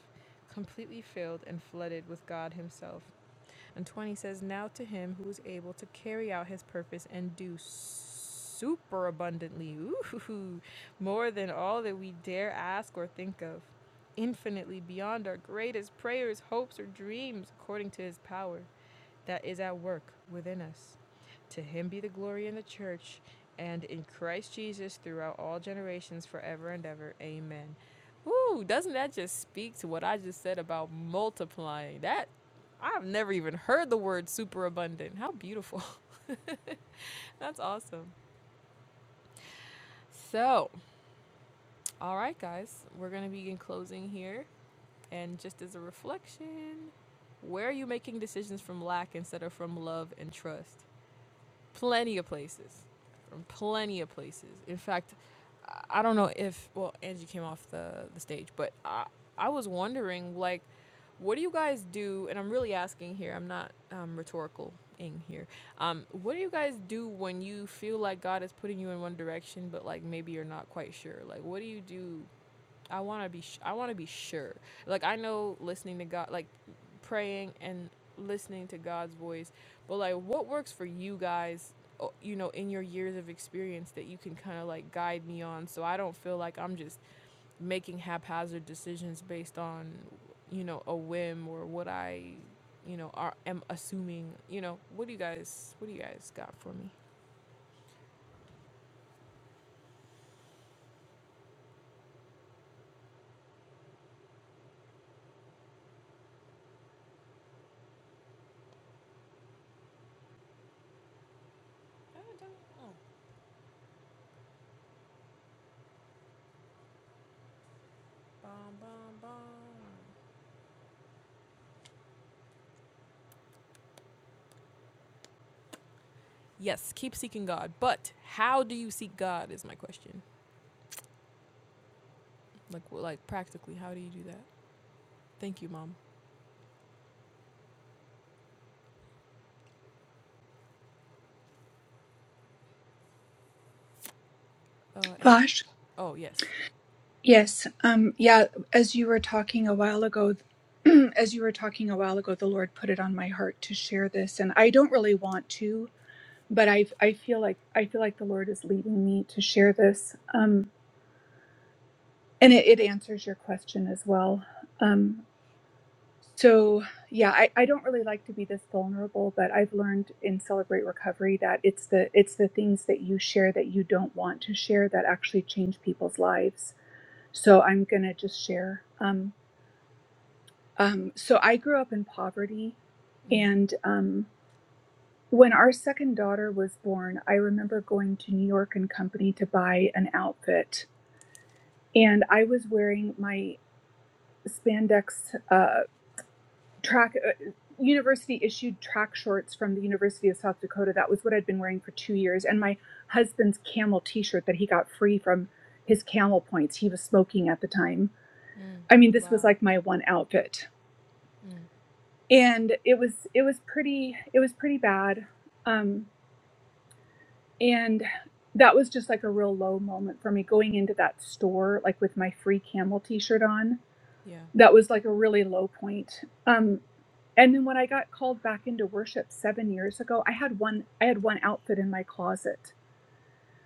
[SPEAKER 1] completely filled and flooded with God Himself. And 20 says, Now to Him who is able to carry out His purpose and do super abundantly, ooh, more than all that we dare ask or think of, infinitely beyond our greatest prayers, hopes, or dreams, according to His power that is at work within us. To him be the glory in the church and in Christ Jesus throughout all generations, forever and ever. Amen. Woo, doesn't that just speak to what I just said about multiplying? That I've never even heard the word superabundant. How beautiful. [laughs] That's awesome. So, all right, guys, we're going to be in closing here. And just as a reflection, where are you making decisions from lack instead of from love and trust? plenty of places, from plenty of places. In fact, I- don't know if well Angie came off the the stage, but I I was wondering like, what do you guys do? And I'm really asking here. I'm not um, rhetorical in here. Um, what do you guys do when you feel like God is putting you in one direction, but like maybe you're not quite sure? Like, what do you do I want to be sh- I want to be sure. Like I know listening to God, like praying and listening to God's voice, but like what works for you guys, o- you know, in your years of experience that you can kind of like guide me on so I don't feel like I'm just making haphazard decisions based on you know a whim or what I you know are am assuming, you know. What do you guys what do you guys got for me? Bum, bum, bum. Yes, keep seeking God, but how do you seek God is my question. Like like practically, how do you do that? Thank you, mom. Uh, Angie.
[SPEAKER 4] Gosh,
[SPEAKER 1] Oh yes.
[SPEAKER 4] yes. Um, yeah, as you were talking a while ago, [clears throat] as you were talking a while ago, the Lord put it on my heart to share this, and I don't really want to, but I I feel like I feel like the Lord is leading me to share this. Um, and it, it answers your question as well. Um, So, yeah, I, I don't really like to be this vulnerable, but I've learned in Celebrate Recovery that it's the it's the things that you share that you don't want to share that actually change people's lives. So I'm gonna just share. Um, um, so I grew up in poverty,
[SPEAKER 1] Mm.
[SPEAKER 4] and um, when our second daughter was born, I remember going to New York and Company to buy an outfit, and I was wearing my spandex. uh, track uh, university issued track shorts from the University of South Dakota. That was what I'd been wearing for two years, and my husband's camel T-shirt that he got free from his camel points. He was smoking at the time.
[SPEAKER 1] Mm.
[SPEAKER 4] I mean, this
[SPEAKER 1] Wow.
[SPEAKER 4] was like my one outfit,
[SPEAKER 1] Mm.
[SPEAKER 4] and it was it was pretty it was pretty bad. Um, and that was just like a real low moment for me going into that store like with my free camel T-shirt on.
[SPEAKER 1] Yeah.
[SPEAKER 4] That was like a really low point. Um, And then when I got called back into worship 7 years ago, I had one I had one outfit in my closet.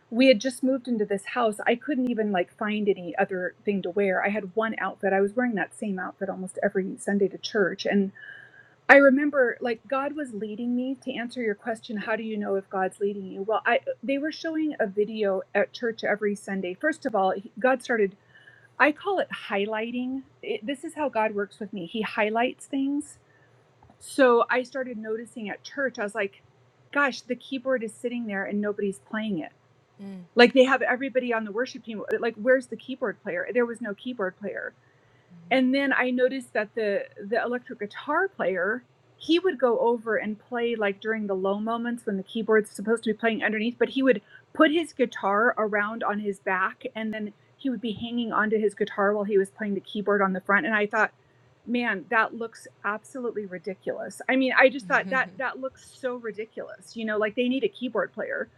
[SPEAKER 4] We had just moved into this house. I couldn't even like find any other thing to wear. I had one outfit. I was wearing that same outfit almost every Sunday to church. And I remember like God was leading me to answer your question, how do you know if God's leading you? Well, I they were showing a video at church every Sunday. First of all, he- God started I call it highlighting. It, this is how God works with me. He highlights things so I started noticing at church, I was like, gosh, the keyboard is sitting there and nobody's playing it.
[SPEAKER 1] Mm.
[SPEAKER 4] Like they have everybody on the worship team. Like, where's the keyboard player? There was no keyboard player. And then I noticed that the the electric guitar player, he would go over and play like during the low moments when the keyboard's supposed to be playing underneath, but he would put his guitar around on his back and then he would be hanging onto his guitar while he was playing the keyboard on the front. And I thought, man, that looks absolutely ridiculous. I mean, I just thought
[SPEAKER 1] Mm-hmm.
[SPEAKER 4] that
[SPEAKER 1] [laughs]
[SPEAKER 4] that looks so ridiculous. You know, like they need a keyboard player.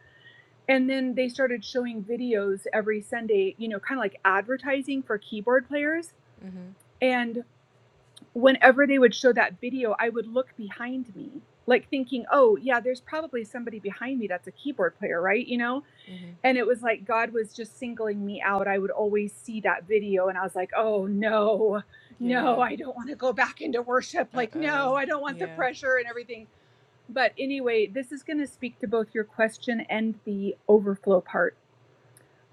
[SPEAKER 4] And then they started showing videos every Sunday, you know, kind of like advertising for keyboard players.
[SPEAKER 1] mm-hmm.
[SPEAKER 4] And whenever they would show that video, I would look behind me, like thinking, oh, yeah, there's probably somebody behind me that's a keyboard player, right? You know?
[SPEAKER 1] Mm-hmm.
[SPEAKER 4] And it was like God was just singling me out. I would always see that video and I was like, oh, no,
[SPEAKER 1] Yeah.
[SPEAKER 4] no,
[SPEAKER 1] Yeah.
[SPEAKER 4] I don't want to go back into worship.
[SPEAKER 1] Uh.
[SPEAKER 4] Like,
[SPEAKER 1] oh.
[SPEAKER 4] no, I don't want the
[SPEAKER 1] Yeah.
[SPEAKER 4] pressure and everything. But anyway, this is going to speak to both your question and the overflow part.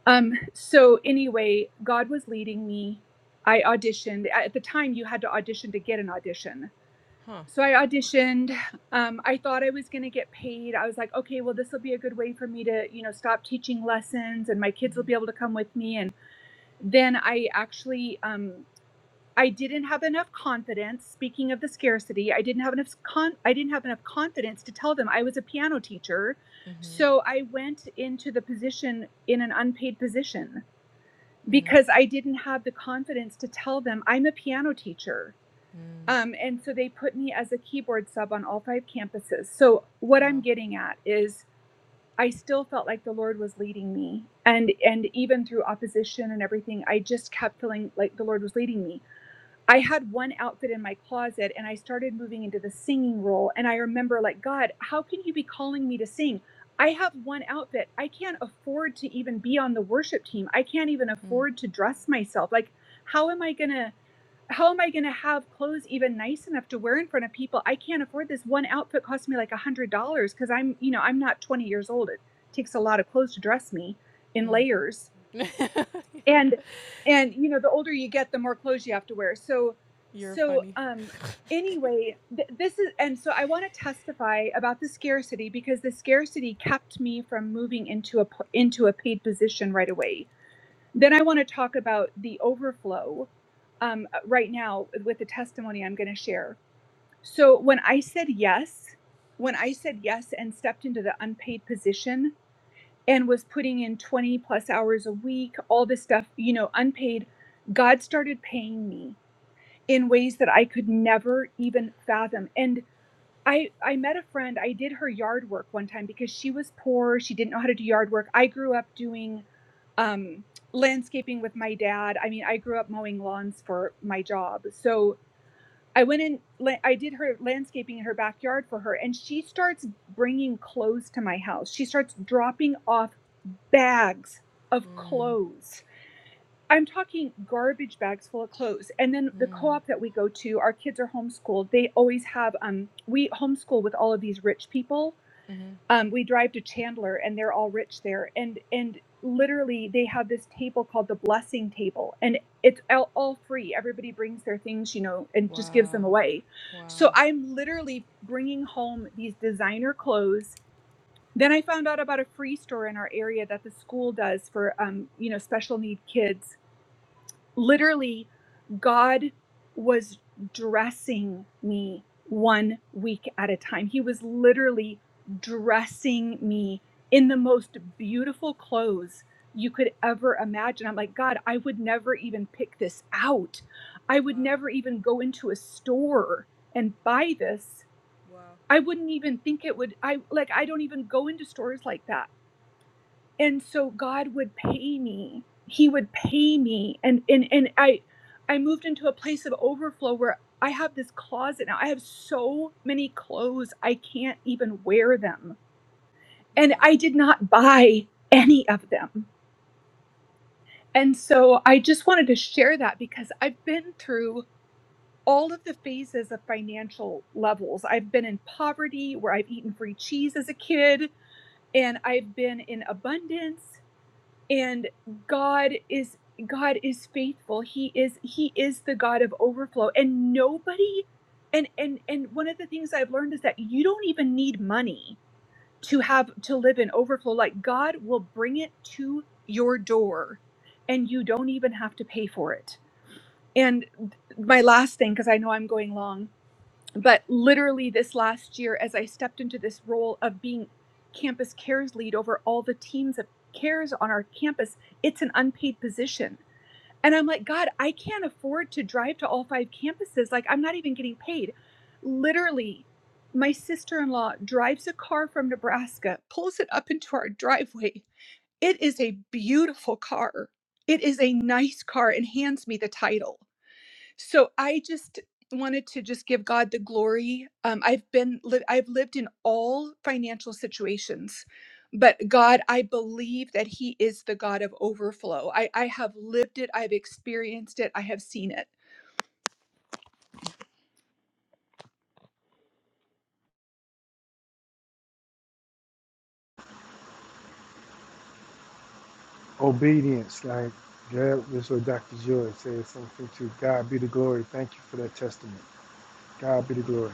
[SPEAKER 4] Um, so anyway, God was leading me. I auditioned. At the time, you had to audition to get an audition
[SPEAKER 1] Huh.
[SPEAKER 4] so I auditioned. Um, I thought I was going to get paid. I was like, okay, well, this will be a good way for me to, you know, stop teaching lessons and my kids will be
[SPEAKER 1] Mm-hmm.
[SPEAKER 4] able to come with me. And then I actually, um, I didn't have enough confidence. Speaking of the scarcity, I didn't have enough con- I didn't have enough confidence to tell them I was a piano teacher.
[SPEAKER 1] Mm-hmm.
[SPEAKER 4] So I went into the position in an unpaid position
[SPEAKER 1] Mm-hmm.
[SPEAKER 4] because I didn't have the confidence to tell them I'm a piano teacher
[SPEAKER 1] Mm.
[SPEAKER 4] um, and so they put me as a keyboard sub on all five campuses. So what I'm
[SPEAKER 1] Wow.
[SPEAKER 4] getting at is I still felt like the Lord was leading me. And and even through opposition and everything, I just kept feeling like the Lord was leading me. I had one outfit in my closet and I started moving into the singing role. And I remember like, God, how can you be calling me to sing? I have one outfit. I can't afford to even be on the worship team. I can't even
[SPEAKER 1] Mm.
[SPEAKER 4] afford to dress myself. Like, how am I gonna how am I going to have clothes even nice enough to wear in front of people? I can't afford this. One outfit cost me like a hundred dollars because I'm, you know, I'm not 20 years old. It takes a lot of clothes to dress me in
[SPEAKER 1] Mm.
[SPEAKER 4] layers. And and you know, the older you get, the more clothes you have to wear. So
[SPEAKER 1] You're
[SPEAKER 4] so
[SPEAKER 1] funny.
[SPEAKER 4] um anyway, th- this is and so I want to testify about the scarcity because the scarcity kept me from moving into a into a paid position right away then I want to talk about the overflow um, uh, right now with the testimony I'm going to share. So, when I said yes, when I said yes and stepped into the unpaid position and was putting in 20 plus hours a week, all this stuff, you know, unpaid, God started paying me in ways that I could never even fathom. And I, I met a friend, I did her yard work one time because she was poor. She didn't know how to do yard work. I grew up doing um, landscaping with my dad. I mean, I grew up mowing lawns for my job. So I went in, I did her landscaping in her backyard for her, and she starts bringing clothes to my house. She starts dropping off bags of
[SPEAKER 1] Mm.
[SPEAKER 4] clothes. I'm talking garbage bags full of clothes. And then the co op
[SPEAKER 1] Mm.
[SPEAKER 4] that we go to, our kids are homeschooled. They always have, um, we homeschool with all of these rich people
[SPEAKER 1] Mm-hmm.
[SPEAKER 4] um, we drive to Chandler and they're all rich there. And and literally they have this table called the blessing table and it's all, all free. Everybody brings their things, you know, and just gives them
[SPEAKER 1] Wow.
[SPEAKER 4] away.
[SPEAKER 1] Wow.
[SPEAKER 4] So I'm literally bringing home these designer clothes. Then I found out about a free store in our area that the school does for, um, you know, special need kids Literally, God was dressing me one week at a time. He was literally dressing me in the most beautiful clothes you could ever imagine. I'm like, God, I would never even pick this out. I
[SPEAKER 1] Wow.
[SPEAKER 4] would never even go into a store and buy this.
[SPEAKER 1] Wow.
[SPEAKER 4] I wouldn't even think it would I like I don't even go into stores like that and so god would pay me he would pay me and and and i i moved into a place of overflow where i have this closet now i have so many clothes i can't even wear them
[SPEAKER 1] Wow.
[SPEAKER 4] and i did not buy any of them and so i just wanted to share that because i've been through all of the phases of financial levels i've been in poverty where i've eaten free cheese as a kid and I've been in abundance and god is god is faithful he is he is the god of overflow and nobody and and and one of the things i've learned is that you don't even need money to have to live in overflow like god will bring it to your door and you don't even have to pay for it and my last thing because i know i'm going long but literally this last year as i stepped into this role of being campus cares lead over all the teams of cares on our campus it's an unpaid position and i'm like god i can't afford to drive to all five campuses like i'm not even getting paid literally my sister-in-law drives a car from nebraska pulls it up into our driveway it is a beautiful car it is a nice car and hands me the title so I just wanted to just give God the glory. Um, I've been li- I've lived in all financial situations, but God, I believe that He is the God of overflow. I I have lived it. I've experienced it. I have seen it.
[SPEAKER 2] Obedience, like God, this is what Dr. Joy says something to God be the glory. Thank you for that testament. God be the glory.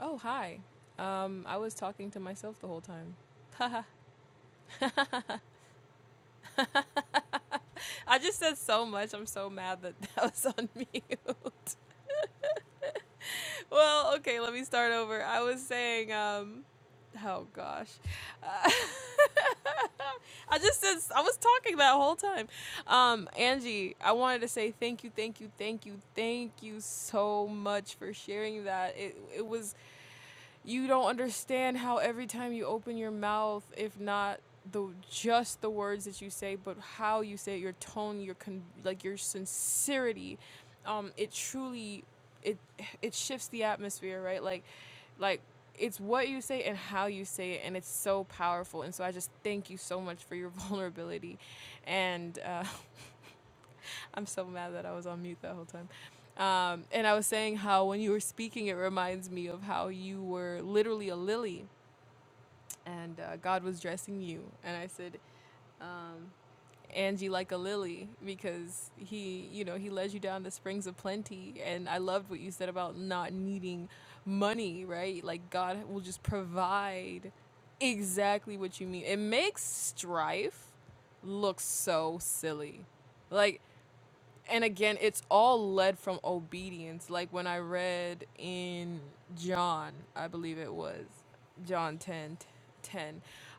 [SPEAKER 1] Oh hi. Um, I was talking to myself the whole time. I just said so much. I'm so mad that [laughs] that was on mute. [laughs] well, okay, let me start over. I was saying, um, oh gosh, uh, [laughs] I just said I was talking that whole time. Um, Angie, I wanted to say thank you, thank you, thank you, thank you so much for sharing that. It it was you don't understand how every time you open your mouth, if not the just the words that you say, but how you say it, your tone, your con- like your sincerity, um, it truly it it shifts the atmosphere, right? Like like it's what you say and how you say it, and it's so powerful. And so I just thank you so much for your [laughs] vulnerability, and. Uh, [laughs] I'm so mad that I was on mute that whole time. Um, and I was saying how when you were speaking, it reminds me of how you were literally a lily and uh, God was dressing you. And I said, um, Angie like a lily because he, you know, he led you down the springs of plenty. And I loved what you said about not needing money, right? Like God will just provide exactly what you need. It makes strife look so silly. Like and again it's all led from obedience like when i read in john i believe it was john 10:10,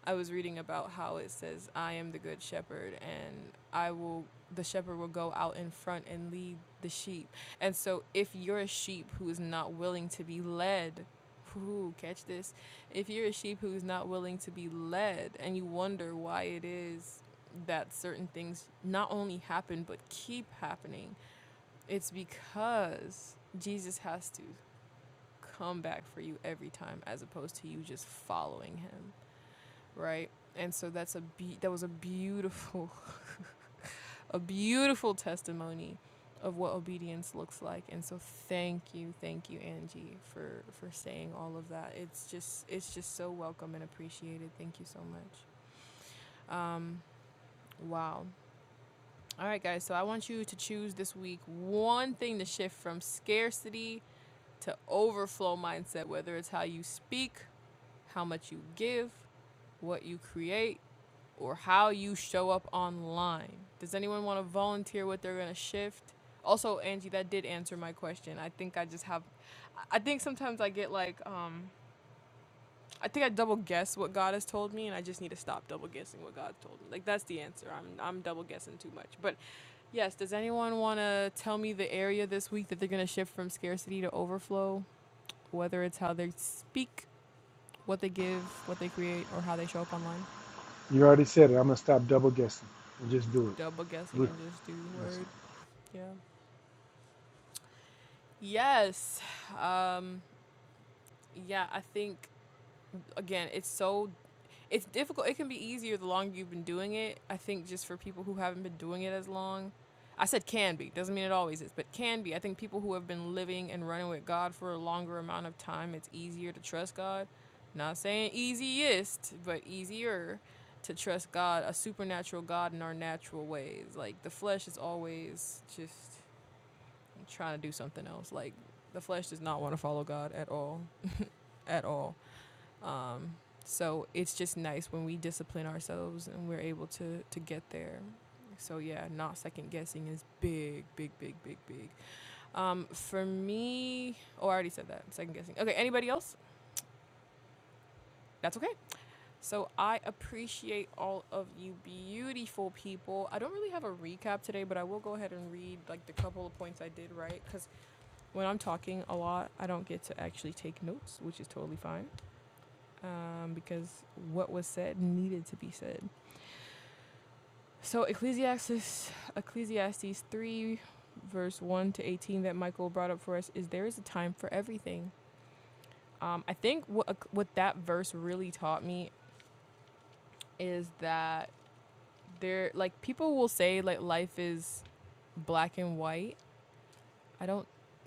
[SPEAKER 1] i was reading about how it says i am the good shepherd and i will the shepherd will go out in front and lead the sheep and so if you're a sheep who is not willing to be led Ooh, catch this. If you're a sheep who's not willing to be led and you wonder why it is that certain things not only happen but keep happening, it's because Jesus has to come back for you every time as opposed to you just following him, right? And so that's a be- that was a beautiful [laughs] a beautiful testimony of what obedience looks like. And so thank you, thank you Angie for for saying all of that. It's just it's just so welcome and appreciated. Thank you so much. Um wow. All right, guys. So I want you to choose this week one thing to shift from scarcity to overflow mindset, whether it's how you speak, how much you give, what you create, or how you show up online. Does anyone want to volunteer what they're going to shift? Also, Angie, that did answer my question. I think I just have, I think sometimes I get like, um, I think I double guess what God has told me, and I just need to stop double guessing what God told me. Like that's the answer. I'm I'm double guessing too much. But yes, does anyone want to tell me the area this week that they're gonna shift from scarcity to overflow? Whether it's how they speak, what they give, what they create, or how they show up online.
[SPEAKER 2] You already said it. I'm gonna stop double guessing and just do
[SPEAKER 1] Double guessing and just do
[SPEAKER 2] it.
[SPEAKER 1] word. Yeah. Yes. Um, yeah. I think again, it's so It's difficult. It can be easier the longer you've been doing it. I think just for people who haven't been doing it as long. I said can be, doesn't mean it always is, but can be. I think people who have been living and running with God for a longer amount of time, it's easier to trust God. Not saying easiest, but easier to trust God, a supernatural God in our natural ways. Like the flesh is always just trying to do something else. Like the flesh does not want to follow God at all. At all. Um, so it's just nice when we discipline ourselves and we're able to to get there. So yeah, not second guessing is big, big, big, big, big. Um, for me, oh, I already said that. Second guessing. Okay, anybody else? That's okay. So I appreciate all of you beautiful people. I don't really have a recap today, but I will go ahead and read like the couple of points I did right because when I'm talking a lot, I don't get to actually take notes, which is totally fine um, because what was said needed to be said. So Ecclesiastes Ecclesiastes 3 verse 1 to 18 that Michael brought up for us is there is a time for everything. Um, I think what uh, what that verse really taught me is that there like people will say like life is black and white I don't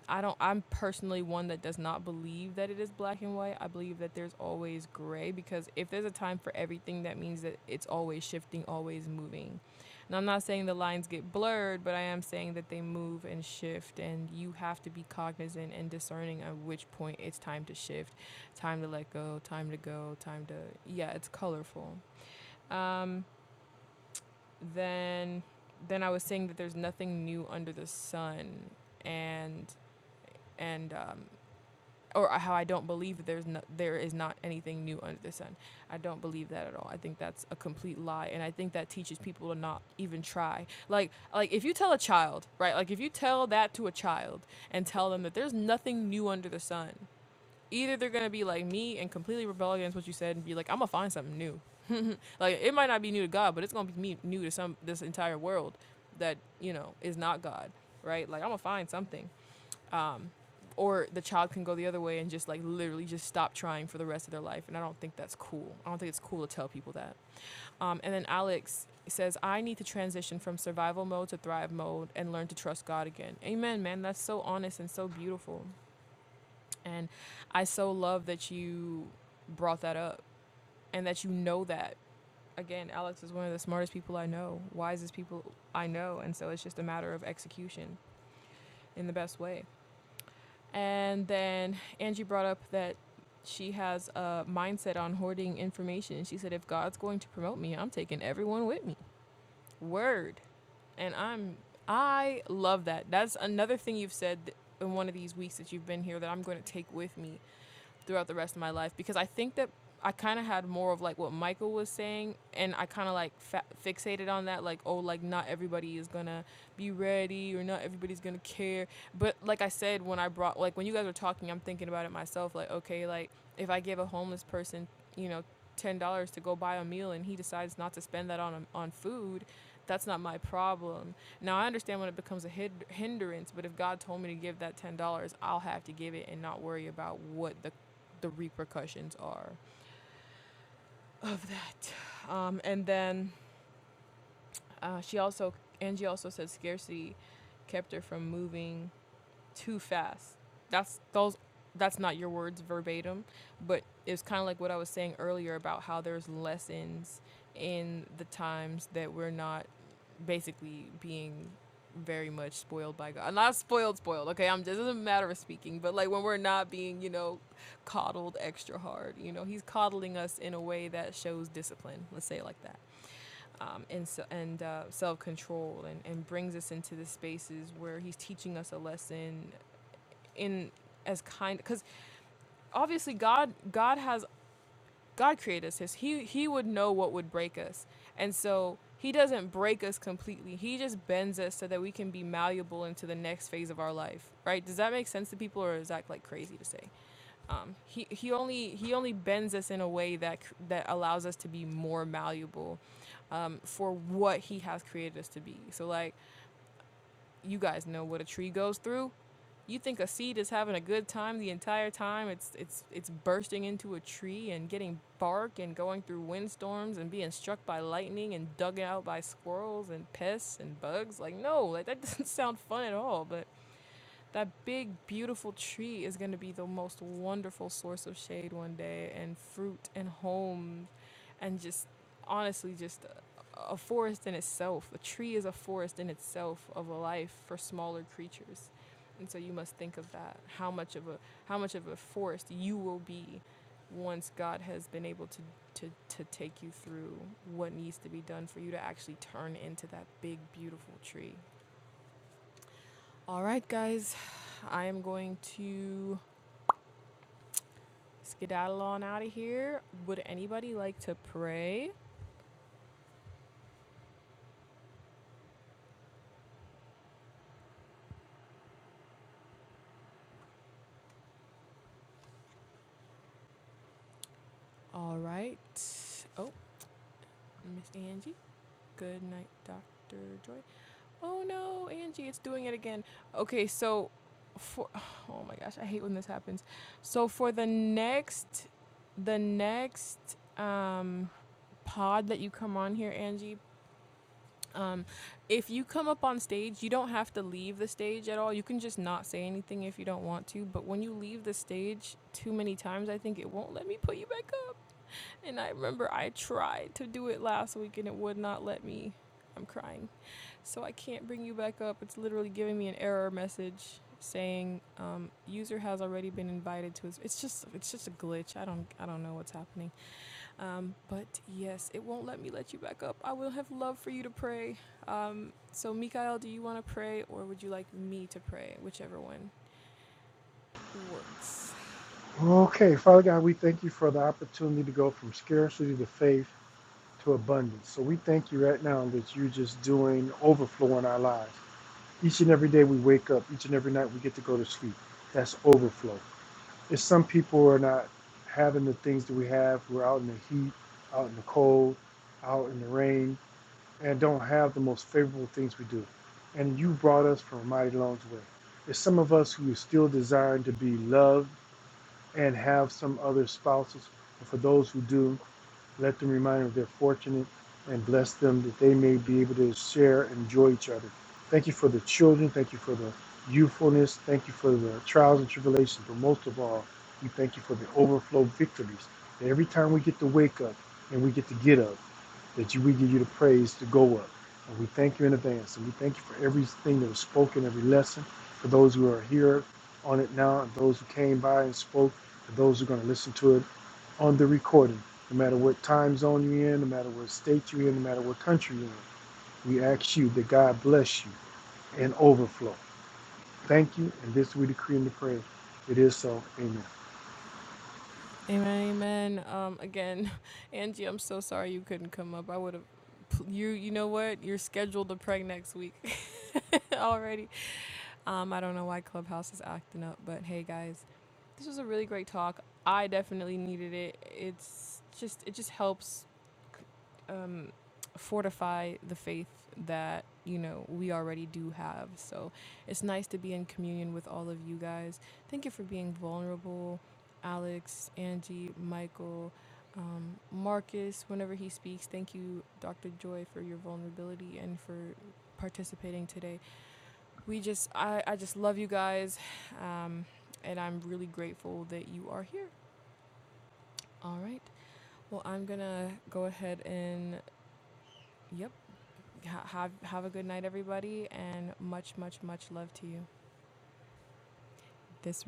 [SPEAKER 1] I don't I'm personally one that does not believe that it is black and white. I believe that there's always gray because if there's a time for everything that means that it's always shifting, always moving. And I'm not saying the lines get blurred, but I am saying that they move and shift and you have to be cognizant and discerning at which point it's time to shift, time to let go, time to go, time to yeah, it's colorful. Um then then I was saying that there's nothing new under the sun and and um, or how I don't believe that there's no, there is not anything new under the sun. I don't believe that at all. I think that's a complete lie, and I think that teaches people to not even try. Like like if you tell a child, right? Like if you tell that to a child and tell them that there's nothing new under the sun, either they're gonna be like me and completely rebel against what you said and be like, I'm gonna find something new. [laughs] like it might not be new to God, but it's gonna be me- new to some this entire world that you know is not God, right? Like I'm gonna find something um, or the child can go the other way and just like literally just stop trying for the rest of their life. And I don't think that's cool. I don't think it's cool to tell people that. Um, and then Alex says, I need to transition from survival mode to thrive mode and learn to trust God again. Amen, man. That's so honest and so beautiful. And I so love that you brought that up and that you know that. Again, Alex is one of the smartest people I know, wisest people I know. And so it's just a matter of execution in the best way. And then Angie brought up that she has a mindset on hoarding information. She said, if God's going to promote me, I'm taking everyone with me. Word. And I'm, I love that. That's another thing you've said in one of these weeks that you've been here that I'm going to take with me throughout the rest of my life because I think that I kind of had more of like what Michael was saying, and I kind of like fa- fixated on that, like oh, like not everybody is gonna be ready or not everybody's gonna care. But like I said, when I brought like when you guys were talking, I'm thinking about it myself. Like okay, like if I give a homeless person, you know, ten dollars to go buy a meal, and he decides not to spend that on on food, that's not my problem. Now I understand when it becomes a hid- hindrance, but if God told me to give that ten dollars, I'll have to give it and not worry about what the the repercussions are of that. Um, and then uh, she also Angie also said scarcity kept her from moving too fast. That's those that's not your words verbatim, but it's kind of like what I was saying earlier about how there's lessons in the times that we're not basically being very much spoiled by God. Not spoiled, spoiled. Okay, I'm just it doesn't matter of speaking, but like when we're not being, you know, coddled extra hard. You know, He's coddling us in a way that shows discipline. Let's say it like that. Um, and so, and uh, self control and, and brings us into the spaces where he's teaching us a lesson in as kind because obviously God God has God created us. He He would know what would break us, and so He doesn't break us completely. He just bends us so that we can be malleable into the next phase of our life. Right? Does that make sense to people, or is that like crazy to say? Um, he He only He only bends us in a way that c- that allows us to be more malleable um, for what He has created us to be. So like you guys know what a tree goes through. You think a seed is having a good time the entire time? It's it's it's bursting into a tree and getting bark and going through windstorms and being struck by lightning and dug out by squirrels and pests and bugs. Like no, like that [laughs] doesn't sound fun at all. But that big beautiful tree is going to be the most wonderful source of shade one day and fruit and homes and just honestly just a, a forest in itself a tree is a forest in itself of a life for smaller creatures and so you must think of that how much of a how much of a forest you will be once god has been able to to, to take you through what needs to be done for you to actually turn into that big beautiful tree all right, guys, I am going to skedaddle on out of here. Would anybody like to pray? All right. Oh, Miss Angie. Good night, Dr. Joy. Oh no, Angie, it's doing it again. Okay, so for [sighs] oh my gosh, I hate when this happens. So for the next the next um pod that you come on here, Angie, Um, if you come up on stage, you don't have to leave the stage at all. You can just not say anything if you don't want to. But when you leave the stage too many times, I think it won't let me put you back up. And I remember I tried to do it last week and it would not let me. I'm crying. So I can't bring you back up. It's literally giving me an error message saying um, user has already been invited to his. It's just it's just a glitch. I don't I don't know what's happening. Um, but yes, it won't let me let you back up. I will have love for you to pray. Um, so, Mikael, do you want to pray or would you like me to pray? Whichever one works.
[SPEAKER 2] Okay, Father God, we thank you for the opportunity to go from scarcity to faith to abundance. So we thank you right now that you're just doing overflow in our lives. Each and every day we wake up, each and every night we get to go to sleep. That's overflow. If some people are not having the things that we have, we're out in the heat, out in the cold, out in the rain, and don't have the most favorable things we do. And you brought us from a mighty long way. There's some of us who are still desiring to be loved and have some other spouses. And for those who do, let them remind them they're fortunate and bless them that they may be able to share and enjoy each other. Thank you for the children. Thank you for the youthfulness. Thank you for the trials and tribulations. But most of all, we thank you for the overflow victories. That every time we get to wake up and we get to get up, that you, we give you the praise to go up. And we thank you in advance. And we thank you for everything that was spoken, every lesson, for those who are here on it now, and those who came by and spoke, and those who are going to listen to it on the recording. No matter what time zone you're in, no matter what state you're in, no matter what country you're in, we ask you that God bless you and overflow. Thank you. And this we decree and declare. It is so. Amen.
[SPEAKER 1] Amen, amen. Um, again, [laughs] Angie, I'm so sorry you couldn't come up. I would have. You you know what? You're scheduled to pray next week [laughs] already. Um, I don't know why Clubhouse is acting up, but hey guys, This was a really great talk. I definitely needed it. It's just it just helps um, fortify the faith that you know we already do have. So it's nice to be in communion with all of you guys. Thank you for being vulnerable, Alex, Angie, Michael, um, Marcus. Whenever he speaks, thank you, Dr. Joy, for your vulnerability and for participating today. We just, I, I just love you guys, um, and I'm really grateful that you are here. All right. Well, I'm gonna go ahead and yep. Ha- have have a good night, everybody, and much, much, much love to you. This